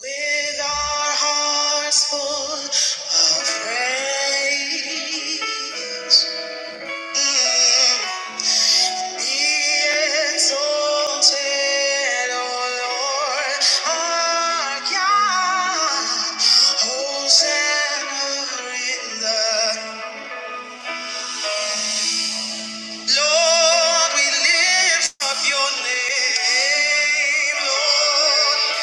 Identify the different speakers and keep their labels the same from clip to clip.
Speaker 1: With our hearts full of praise, mm, be exalted, O Lord, our God. Hosanna in the Lord, we lift up your name, Lord.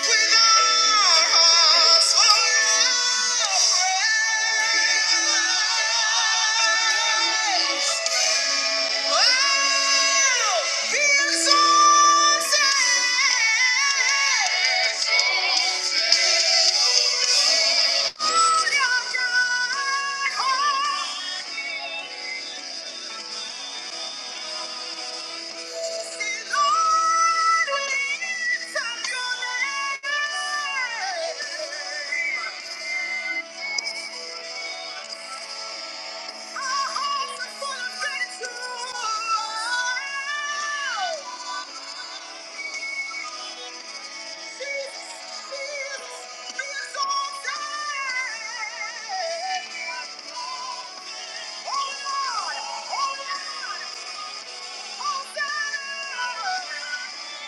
Speaker 1: With our hearts forever. Oh, be exalted. Exalted. Oh, Lord! Oh, Lord! Oh, God!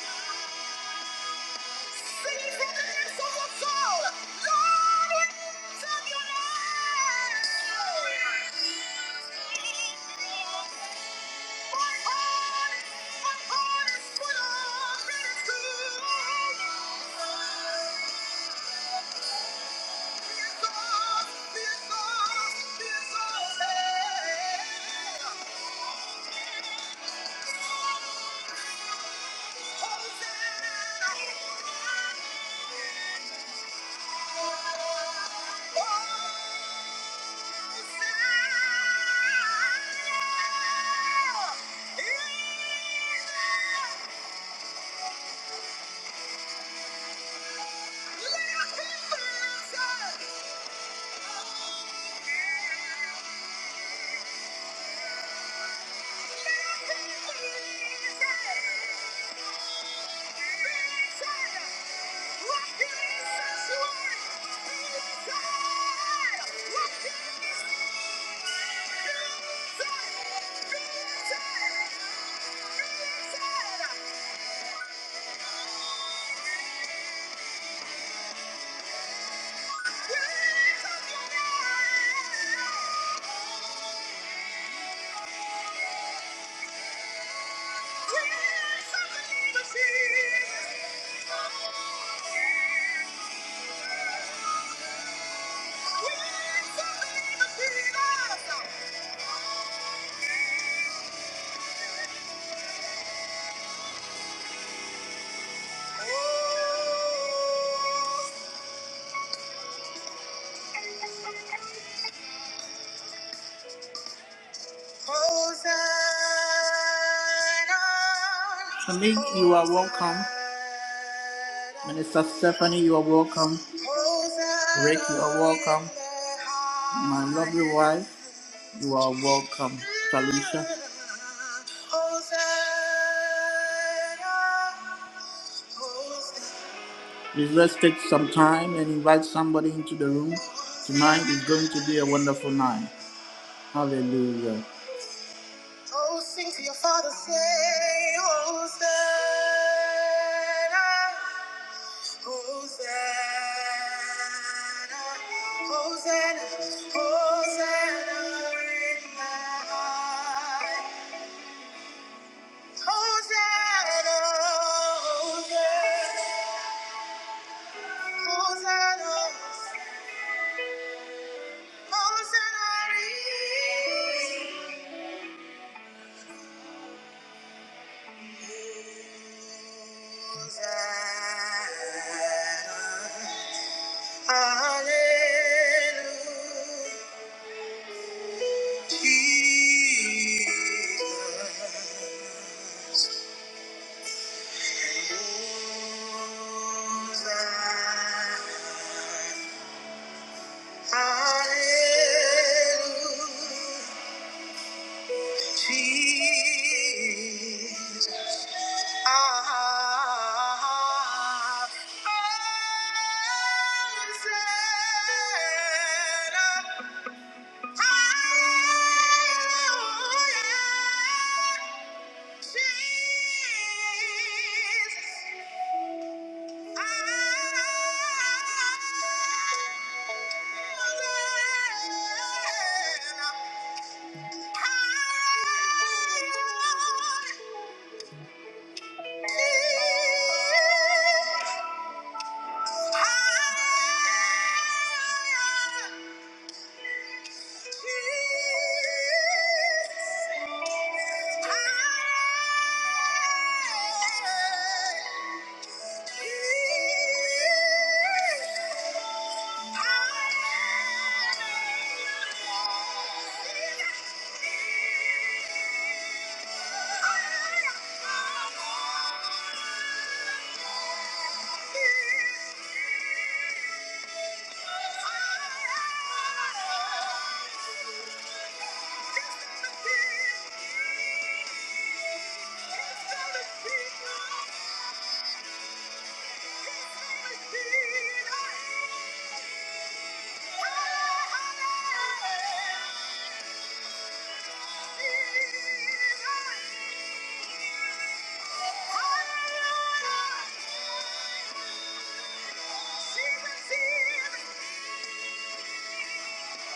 Speaker 1: Hosanna! let Yeah. Jesus. Malik, you are welcome. Minister Stephanie, you are welcome. Rick, you are welcome. My lovely wife, you are welcome. Talisha. Please let's take some time and invite somebody into the room. Tonight is going to be a wonderful night. Hallelujah. Oh, sing to your father, say, Hosanna, Hosanna, Hosanna, Hosanna in the high. Hosanna, Hosanna, Hosanna. Hallelujah. Hallelujah. Thank you. Thank you see, She was here. Yeah.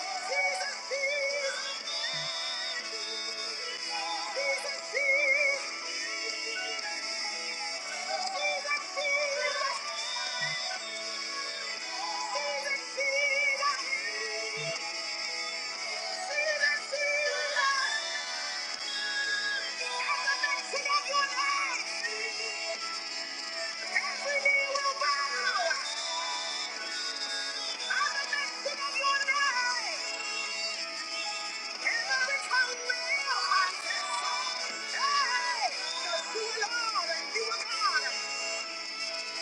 Speaker 1: Every knee will bow. Automatic of your name. Every tongue will confess. Hey, that you are and Thank you.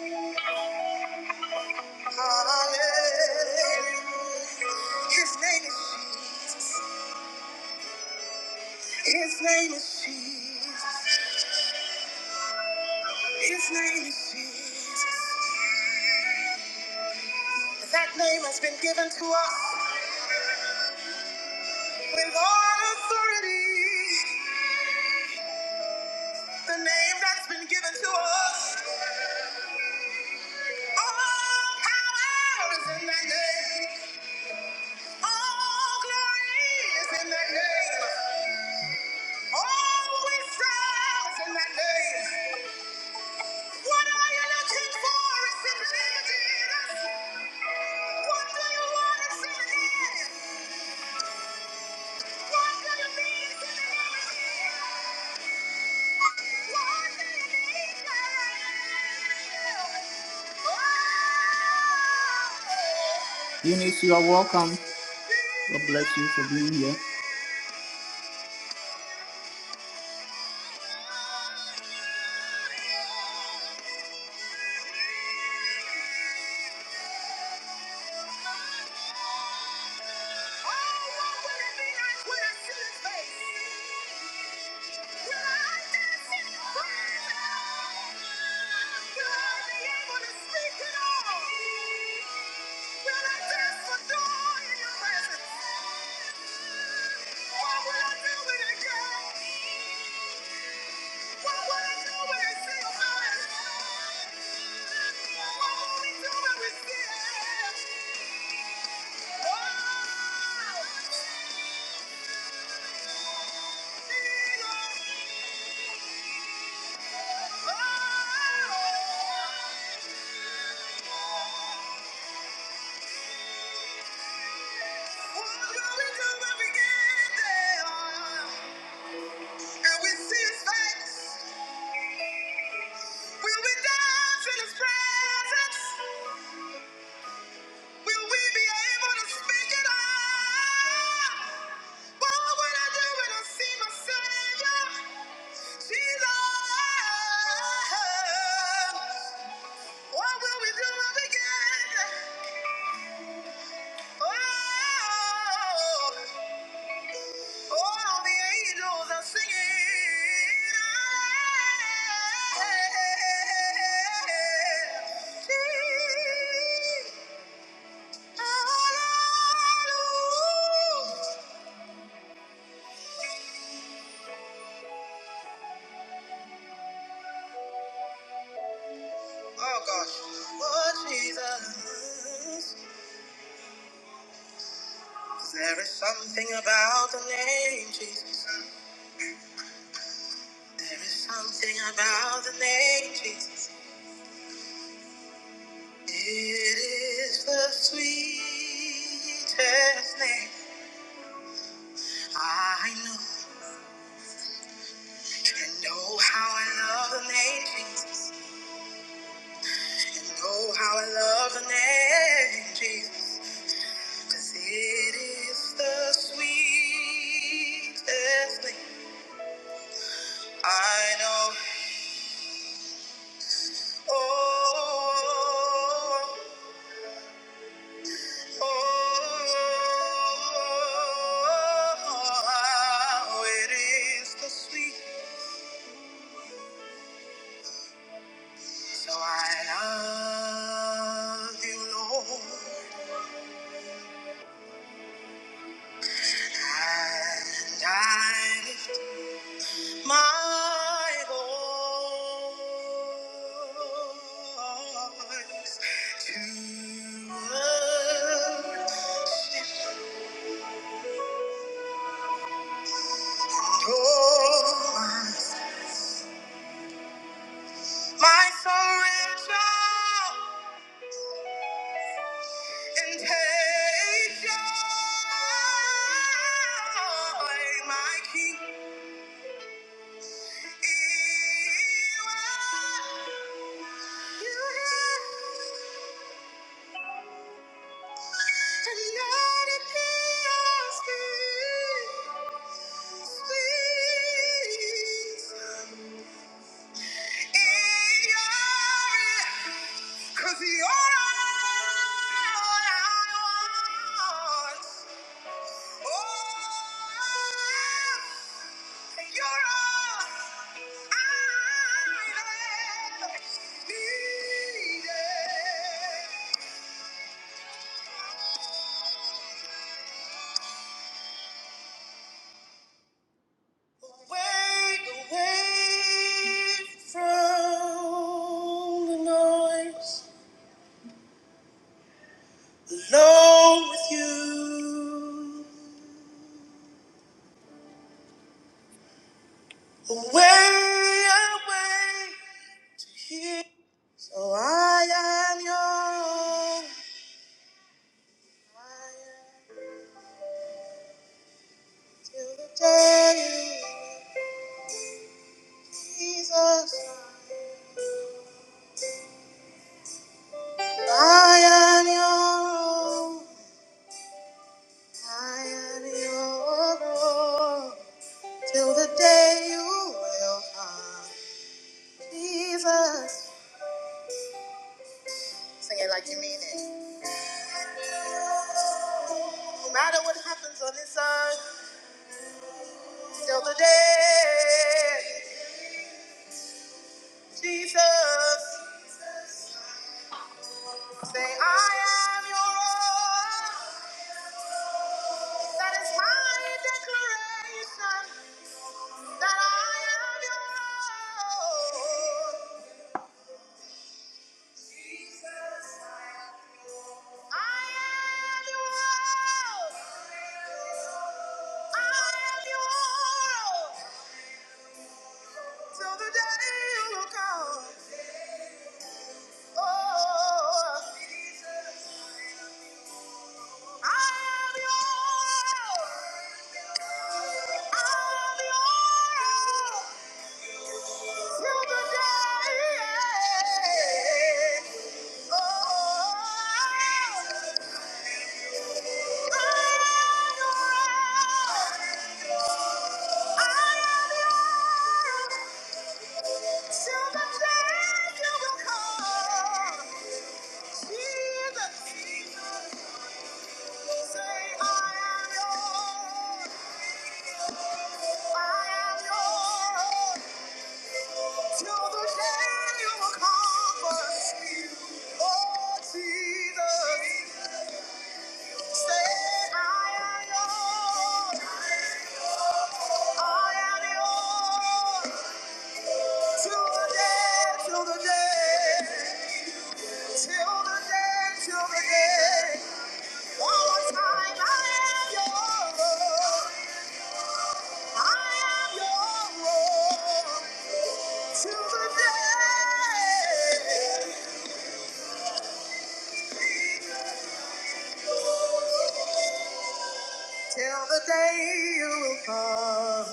Speaker 1: Hallelujah. His name is Jesus. His name is Jesus. His name is Jesus. That name has been given to us with all authority. The name that's been given to us. All power is in that name. All glory is in that name. All wisdom is in that name. What Oh. Eunice, you are welcome. God bless you for being here. Will I dance for joy in your presence? Why would I do it again? Why would I do it and say I'm not? Why would we do it with sin? Oh, Jesus. Oh. What will we do when we get there? Oh. All the angels are singing. Hallelujah. Oh gosh. Oh Jesus. There is something about the name Jesus. There is something about the name Jesus. It is the sweetest name. I know. And know how I love the name Jesus. And know how I love the name Jesus. Cause it is the sweetest thing I know. Oh, oh, oh, it is the sweet. So I love you, Lord. And I My voice to adore. My surrender and take joy. My King, is will. You hear? And let it be your spirit, please. Cause you're ours. Away, away from the noise. Alone with you, away and away to here. So I am yours. I am till the day you, Jesus. I am your own. I am your own. Till the day you will come, Jesus. Sing it like you mean it. No matter what happens on this earth. till the day. Jesus, say I am your own. That is my declaration that I am your own. Jesus, I am your, own. I am your own. I am your own. Till the day you will come. Oh, Jesus. Jesus. Till the day, till the day. till the day. One more time, I am yours. I am yours. Till the day, till the day you will come.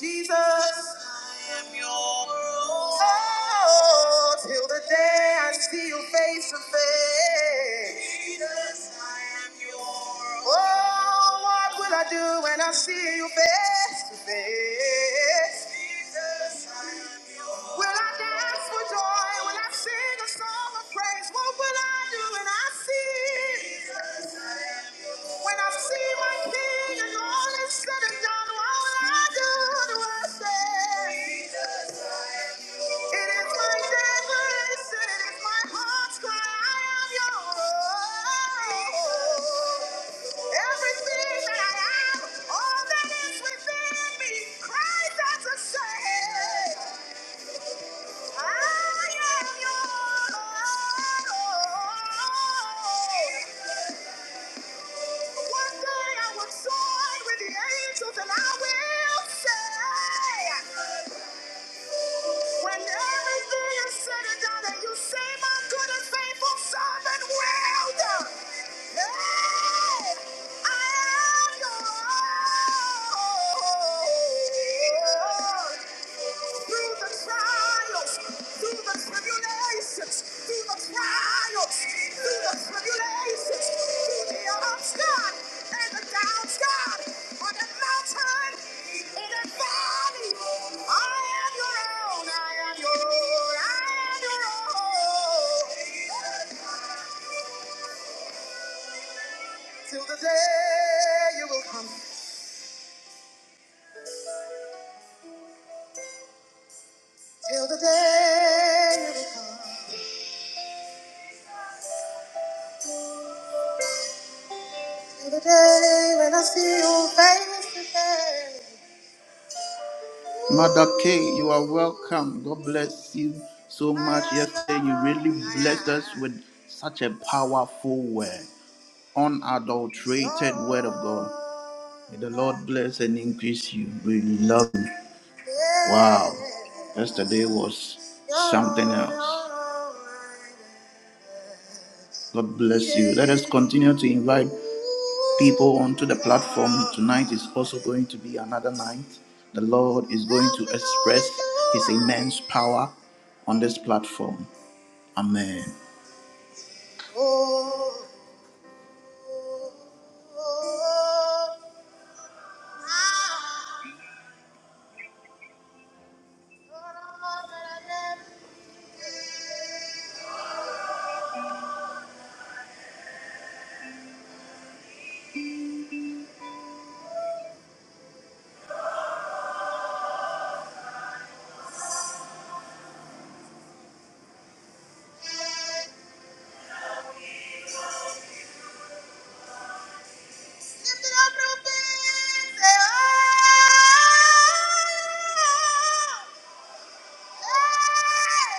Speaker 1: Jesus, I am your own. oh, till the day I see you face to face. Jesus, I am your own. oh, what will I do when I see you face to face? Jesus, I am your own. will I dance for joy? Will I sing a song of praise? What will I do when I see? When I see my king and all is said and done, all I do to worship. It is my devotion, it is my heart's cry, I am your own. Everything that I am, all that is within me, cries out to say, I am your own. One day I will soar with the angels and I will say, when everything is said and done and you say, my good and faithful servant, well done. Hey, I am yours Through the trials, through the tribulations, through the trials, through the tribulations, through the ups, and the downs, God, I am your own, I am your own, I am your own. Till the day you will come, till the day you will come, till the day when I see you face to face. Mother K, you are welcome. God bless you so much. Yesterday, you really blessed us with such a powerful word, unadulterated word of God. May the Lord bless and increase you. We love you. Wow. Yesterday was something else. God bless you. Let us continue to invite people onto the platform. Tonight is also going to be another night. The Lord is going to express His immense power on this platform. Amen.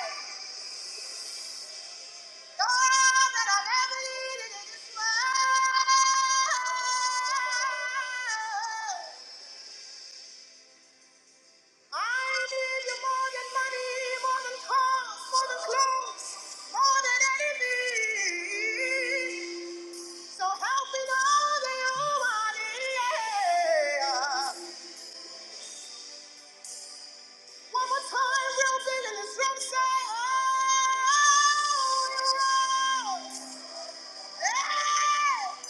Speaker 1: Oh, that I never needed it this much. I need you more than money, more than cars, more than clothes, more than anything. So help me know that you are near. One more time, real big in this room, say, oh, you're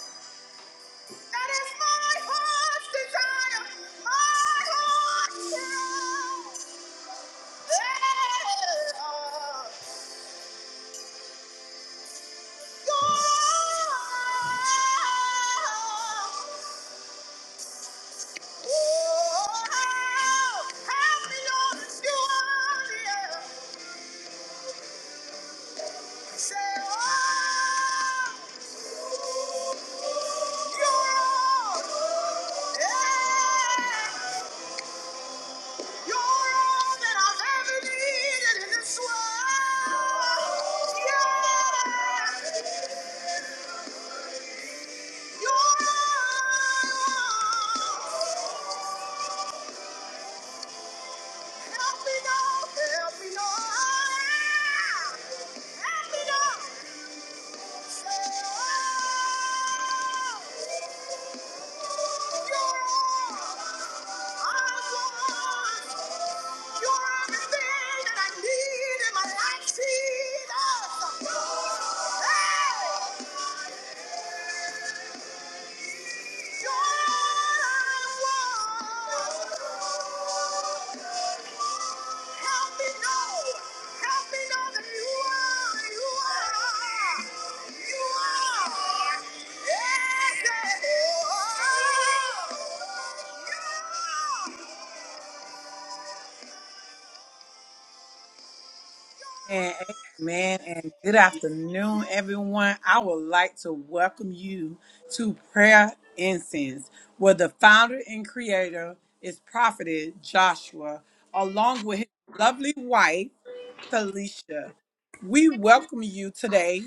Speaker 1: That is my heart's desire. My heart's desire. Yeah. Oh, oh, how beyond you are, yeah. Say, oh, you're all, yeah. You're all that I've ever needed in this world. Yeah. You're all. Help me now, help me now. Help me now. You're all I want. You're everything that I need in my life, Jesus. Hey!
Speaker 2: Amen, amen, and good afternoon, everyone. I would like to welcome you to Prayer Incense, where the founder and creator is Prophet Joshua, along with his lovely wife. Talisha. We welcome you today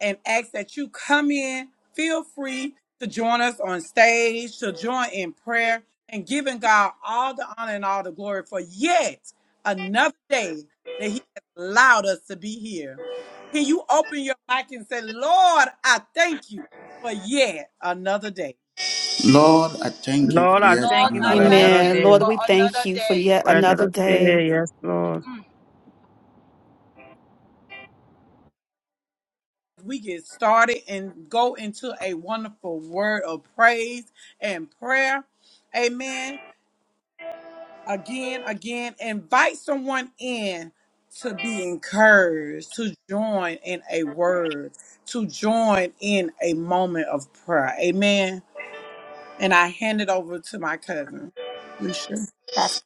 Speaker 2: and ask that you come in. Feel free to join us on stage, to join in prayer, and giving God all the honor and all the glory for yet another day that He has allowed us to be here. Can you open your mic and say, Lord, I thank you for yet another day?
Speaker 1: Lord, I thank you
Speaker 3: Lord,
Speaker 1: for
Speaker 3: I
Speaker 1: yet
Speaker 3: thank
Speaker 4: Lord,
Speaker 3: you
Speaker 4: I
Speaker 3: for
Speaker 1: another day.
Speaker 4: thank
Speaker 3: another
Speaker 4: you
Speaker 5: Amen.
Speaker 3: day.
Speaker 5: Lord,
Speaker 4: for
Speaker 5: we thank
Speaker 4: another
Speaker 5: you for
Speaker 4: day.
Speaker 5: yet
Speaker 3: For
Speaker 5: another
Speaker 3: another
Speaker 5: day.
Speaker 3: day, yes, Lord.
Speaker 4: Mm.
Speaker 2: We get started and go into a wonderful word of praise and prayer. Amen. again, again, invite someone in to be encouraged, to join in a word, to join in a moment of prayer. Amen. And I hand it over to my cousin, Alicia. Prophet.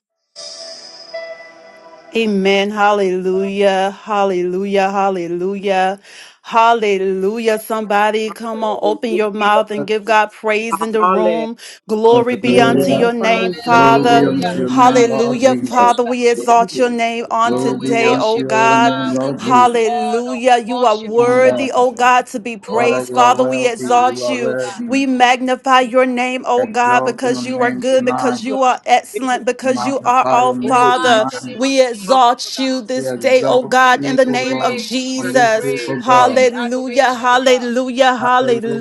Speaker 5: Amen. Hallelujah. Hallelujah. Hallelujah. Hallelujah. Somebody come on, open your mouth and
Speaker 2: Hallelujah.
Speaker 5: give God praise in the
Speaker 2: Hallelujah.
Speaker 5: room. Glory be unto
Speaker 1: Hallelujah.
Speaker 3: Amen.
Speaker 5: your
Speaker 3: Father,
Speaker 5: name,
Speaker 3: we bless
Speaker 1: Glory be
Speaker 5: Father.
Speaker 3: you.
Speaker 1: unto
Speaker 4: Hallelujah.
Speaker 1: your
Speaker 3: Amen.
Speaker 1: name, Lord
Speaker 4: Hallelujah.
Speaker 5: Hallelujah.
Speaker 2: Hey,
Speaker 1: Jesus.
Speaker 5: Father, we exalt your
Speaker 6: Thank
Speaker 5: name on
Speaker 4: Oh,
Speaker 1: Glory
Speaker 4: we
Speaker 1: be
Speaker 5: today,
Speaker 1: unto
Speaker 5: oh
Speaker 4: worship you,
Speaker 1: your
Speaker 4: oh
Speaker 1: holy
Speaker 5: God.
Speaker 1: name,
Speaker 4: God. We
Speaker 1: Lord
Speaker 4: give you
Speaker 1: Jesus.
Speaker 4: honor. We
Speaker 5: Hallelujah. You are
Speaker 4: worship you, oh
Speaker 1: And,
Speaker 5: worthy,
Speaker 4: God.
Speaker 1: uh,
Speaker 5: oh God, to be
Speaker 1: Father,
Speaker 4: Oh
Speaker 5: praised.
Speaker 1: you
Speaker 4: God,
Speaker 1: are
Speaker 4: we
Speaker 5: Father,
Speaker 4: say
Speaker 5: we
Speaker 1: worthy.
Speaker 4: thank
Speaker 1: You
Speaker 5: exalt
Speaker 1: are
Speaker 4: you, oh
Speaker 5: you.
Speaker 4: God.
Speaker 1: worthy.
Speaker 5: We magnify your name, oh God,
Speaker 1: Exalt your
Speaker 5: because you
Speaker 4: In the
Speaker 5: are
Speaker 1: name
Speaker 5: good,
Speaker 4: name of
Speaker 1: tonight.
Speaker 5: because
Speaker 2: you are
Speaker 5: you are
Speaker 4: Jesus.
Speaker 2: giving
Speaker 5: excellent, because you are
Speaker 1: Magnify your
Speaker 5: all
Speaker 4: In the
Speaker 2: glory
Speaker 1: name
Speaker 5: Father.
Speaker 4: mighty
Speaker 1: tonight.
Speaker 4: name of
Speaker 5: We
Speaker 2: God.
Speaker 4: Jesus, oh
Speaker 5: exalt
Speaker 4: God.
Speaker 5: you
Speaker 1: We
Speaker 5: this day, oh
Speaker 1: exalt
Speaker 4: We
Speaker 5: God, in
Speaker 4: give
Speaker 1: you,
Speaker 5: the
Speaker 4: you
Speaker 1: O
Speaker 5: name of
Speaker 1: Lord,
Speaker 4: praise. We
Speaker 1: on
Speaker 4: give
Speaker 2: Worship
Speaker 4: you
Speaker 1: this
Speaker 5: Jesus.
Speaker 1: day,
Speaker 2: you.
Speaker 1: O
Speaker 4: praise. We give
Speaker 1: God.
Speaker 4: you
Speaker 5: Hallelujah,
Speaker 4: adoration, oh God.
Speaker 5: hallelujah,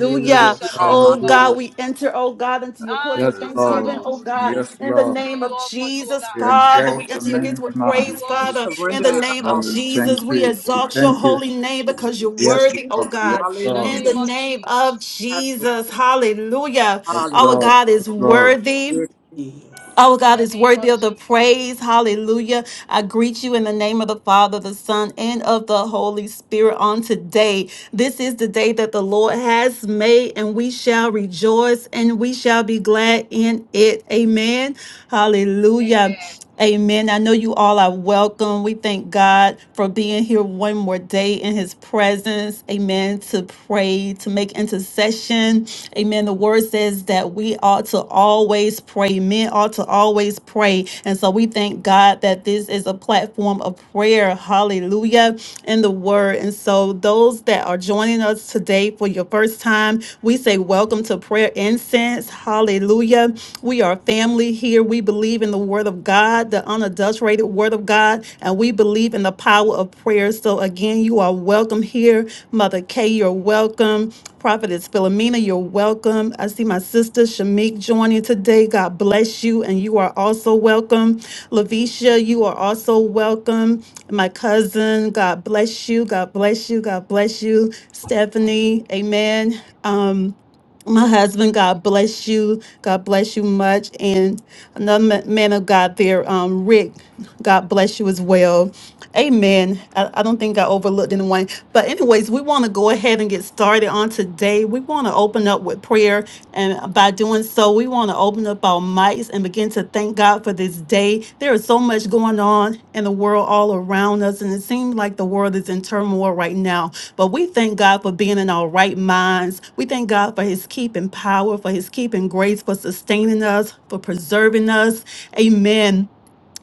Speaker 4: We bless
Speaker 2: You
Speaker 4: your
Speaker 2: all
Speaker 4: name,
Speaker 2: are
Speaker 4: oh
Speaker 5: Oh God,
Speaker 1: Hallelujah.
Speaker 4: God.
Speaker 5: we enter, oh God, into your courts
Speaker 4: Thank
Speaker 1: Yes,
Speaker 5: with
Speaker 4: you, Holy
Speaker 1: Lord.
Speaker 2: hallelujah.
Speaker 5: thanksgiving, oh
Speaker 4: Ghost.
Speaker 5: God,
Speaker 1: Yes,
Speaker 5: in the
Speaker 1: Lord.
Speaker 5: name
Speaker 4: We
Speaker 5: of
Speaker 4: offer you, oh
Speaker 5: Jesus,
Speaker 1: We
Speaker 4: God.
Speaker 5: Father.
Speaker 1: exalt
Speaker 5: We
Speaker 1: your
Speaker 5: enter your
Speaker 2: David.
Speaker 5: gates
Speaker 1: name
Speaker 5: with
Speaker 4: We
Speaker 5: praise,
Speaker 1: tonight.
Speaker 2: We
Speaker 4: worship
Speaker 5: Father,
Speaker 4: you, O
Speaker 5: in
Speaker 2: surrender
Speaker 5: the
Speaker 2: it
Speaker 4: God.
Speaker 5: name of
Speaker 1: Lord,
Speaker 2: all. It's
Speaker 1: we
Speaker 5: Jesus.
Speaker 1: thank
Speaker 5: We
Speaker 1: you. We
Speaker 5: exalt your
Speaker 1: thank you.
Speaker 5: holy name
Speaker 2: over.
Speaker 5: because you're
Speaker 1: Yes,
Speaker 5: worthy, oh
Speaker 1: Lord. Yes,
Speaker 5: God,
Speaker 4: In the
Speaker 1: Lord.
Speaker 5: in the
Speaker 2: Hallelujah.
Speaker 4: name of
Speaker 5: name of
Speaker 4: Jesus.
Speaker 2: Have your
Speaker 5: Jesus. Hallelujah.
Speaker 1: Yes,
Speaker 5: Our
Speaker 2: hallelujah.
Speaker 1: Lord.
Speaker 5: God is
Speaker 1: Yes, Lord.
Speaker 5: worthy.
Speaker 2: Yes.
Speaker 5: Our
Speaker 4: In
Speaker 5: God
Speaker 4: the
Speaker 5: is
Speaker 4: name
Speaker 5: worthy
Speaker 4: of
Speaker 5: of the
Speaker 4: Jesus.
Speaker 5: praise. Hallelujah. I greet you in the name of the Father, the Son, and of the Holy Spirit on today. This is the day that the Lord has made, and we shall rejoice and we shall be glad in it. Amen. Hallelujah.
Speaker 4: Amen.
Speaker 5: Amen. I know you all are welcome. We thank God for being here one more day in his presence. Amen. To pray, to make intercession. Amen. The word says that we ought to always pray. Men ought to always pray. And so we thank God that this is a platform of prayer. Hallelujah. In the word. And so those that are joining us today for your first time, we say welcome to prayer incense. Hallelujah one. We are family here. We believe in the word of God, the unadulterated word of God, and we believe in the power of prayer. So again, you are welcome here. Mother Kay, you're welcome. Prophetess Philomena, you're welcome. I see my sister Shamik joining today. God bless you, and you are also welcome. Lavisha, you are also welcome. My cousin, God bless you. God bless you. God bless you. Stephanie, amen. Um my husband, God bless you. God bless you much. And another ma- man of God there, um, Rick, God bless you as well. Amen. I, I don't think I overlooked anyone. But, anyways, we want to go ahead and get started on today. We want to open up with prayer. And by doing so, we want to open up our mics and begin to thank God for this day. There is so much going on in the world all around us, and it seems like the world is in turmoil right now. But we thank God for being in our right minds. We thank God for his keeping power, for his keeping grace, for sustaining us, for preserving us. Amen.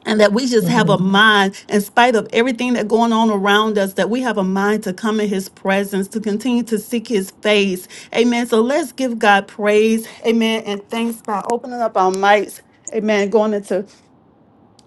Speaker 5: And that we just have a
Speaker 3: Mhm.
Speaker 5: mind, in spite of everything that's going on around us, that we have a mind to come in his presence, to continue to seek his face. Amen. So let's give God praise. Amen. And thanks by opening up our mics. Amen. Going into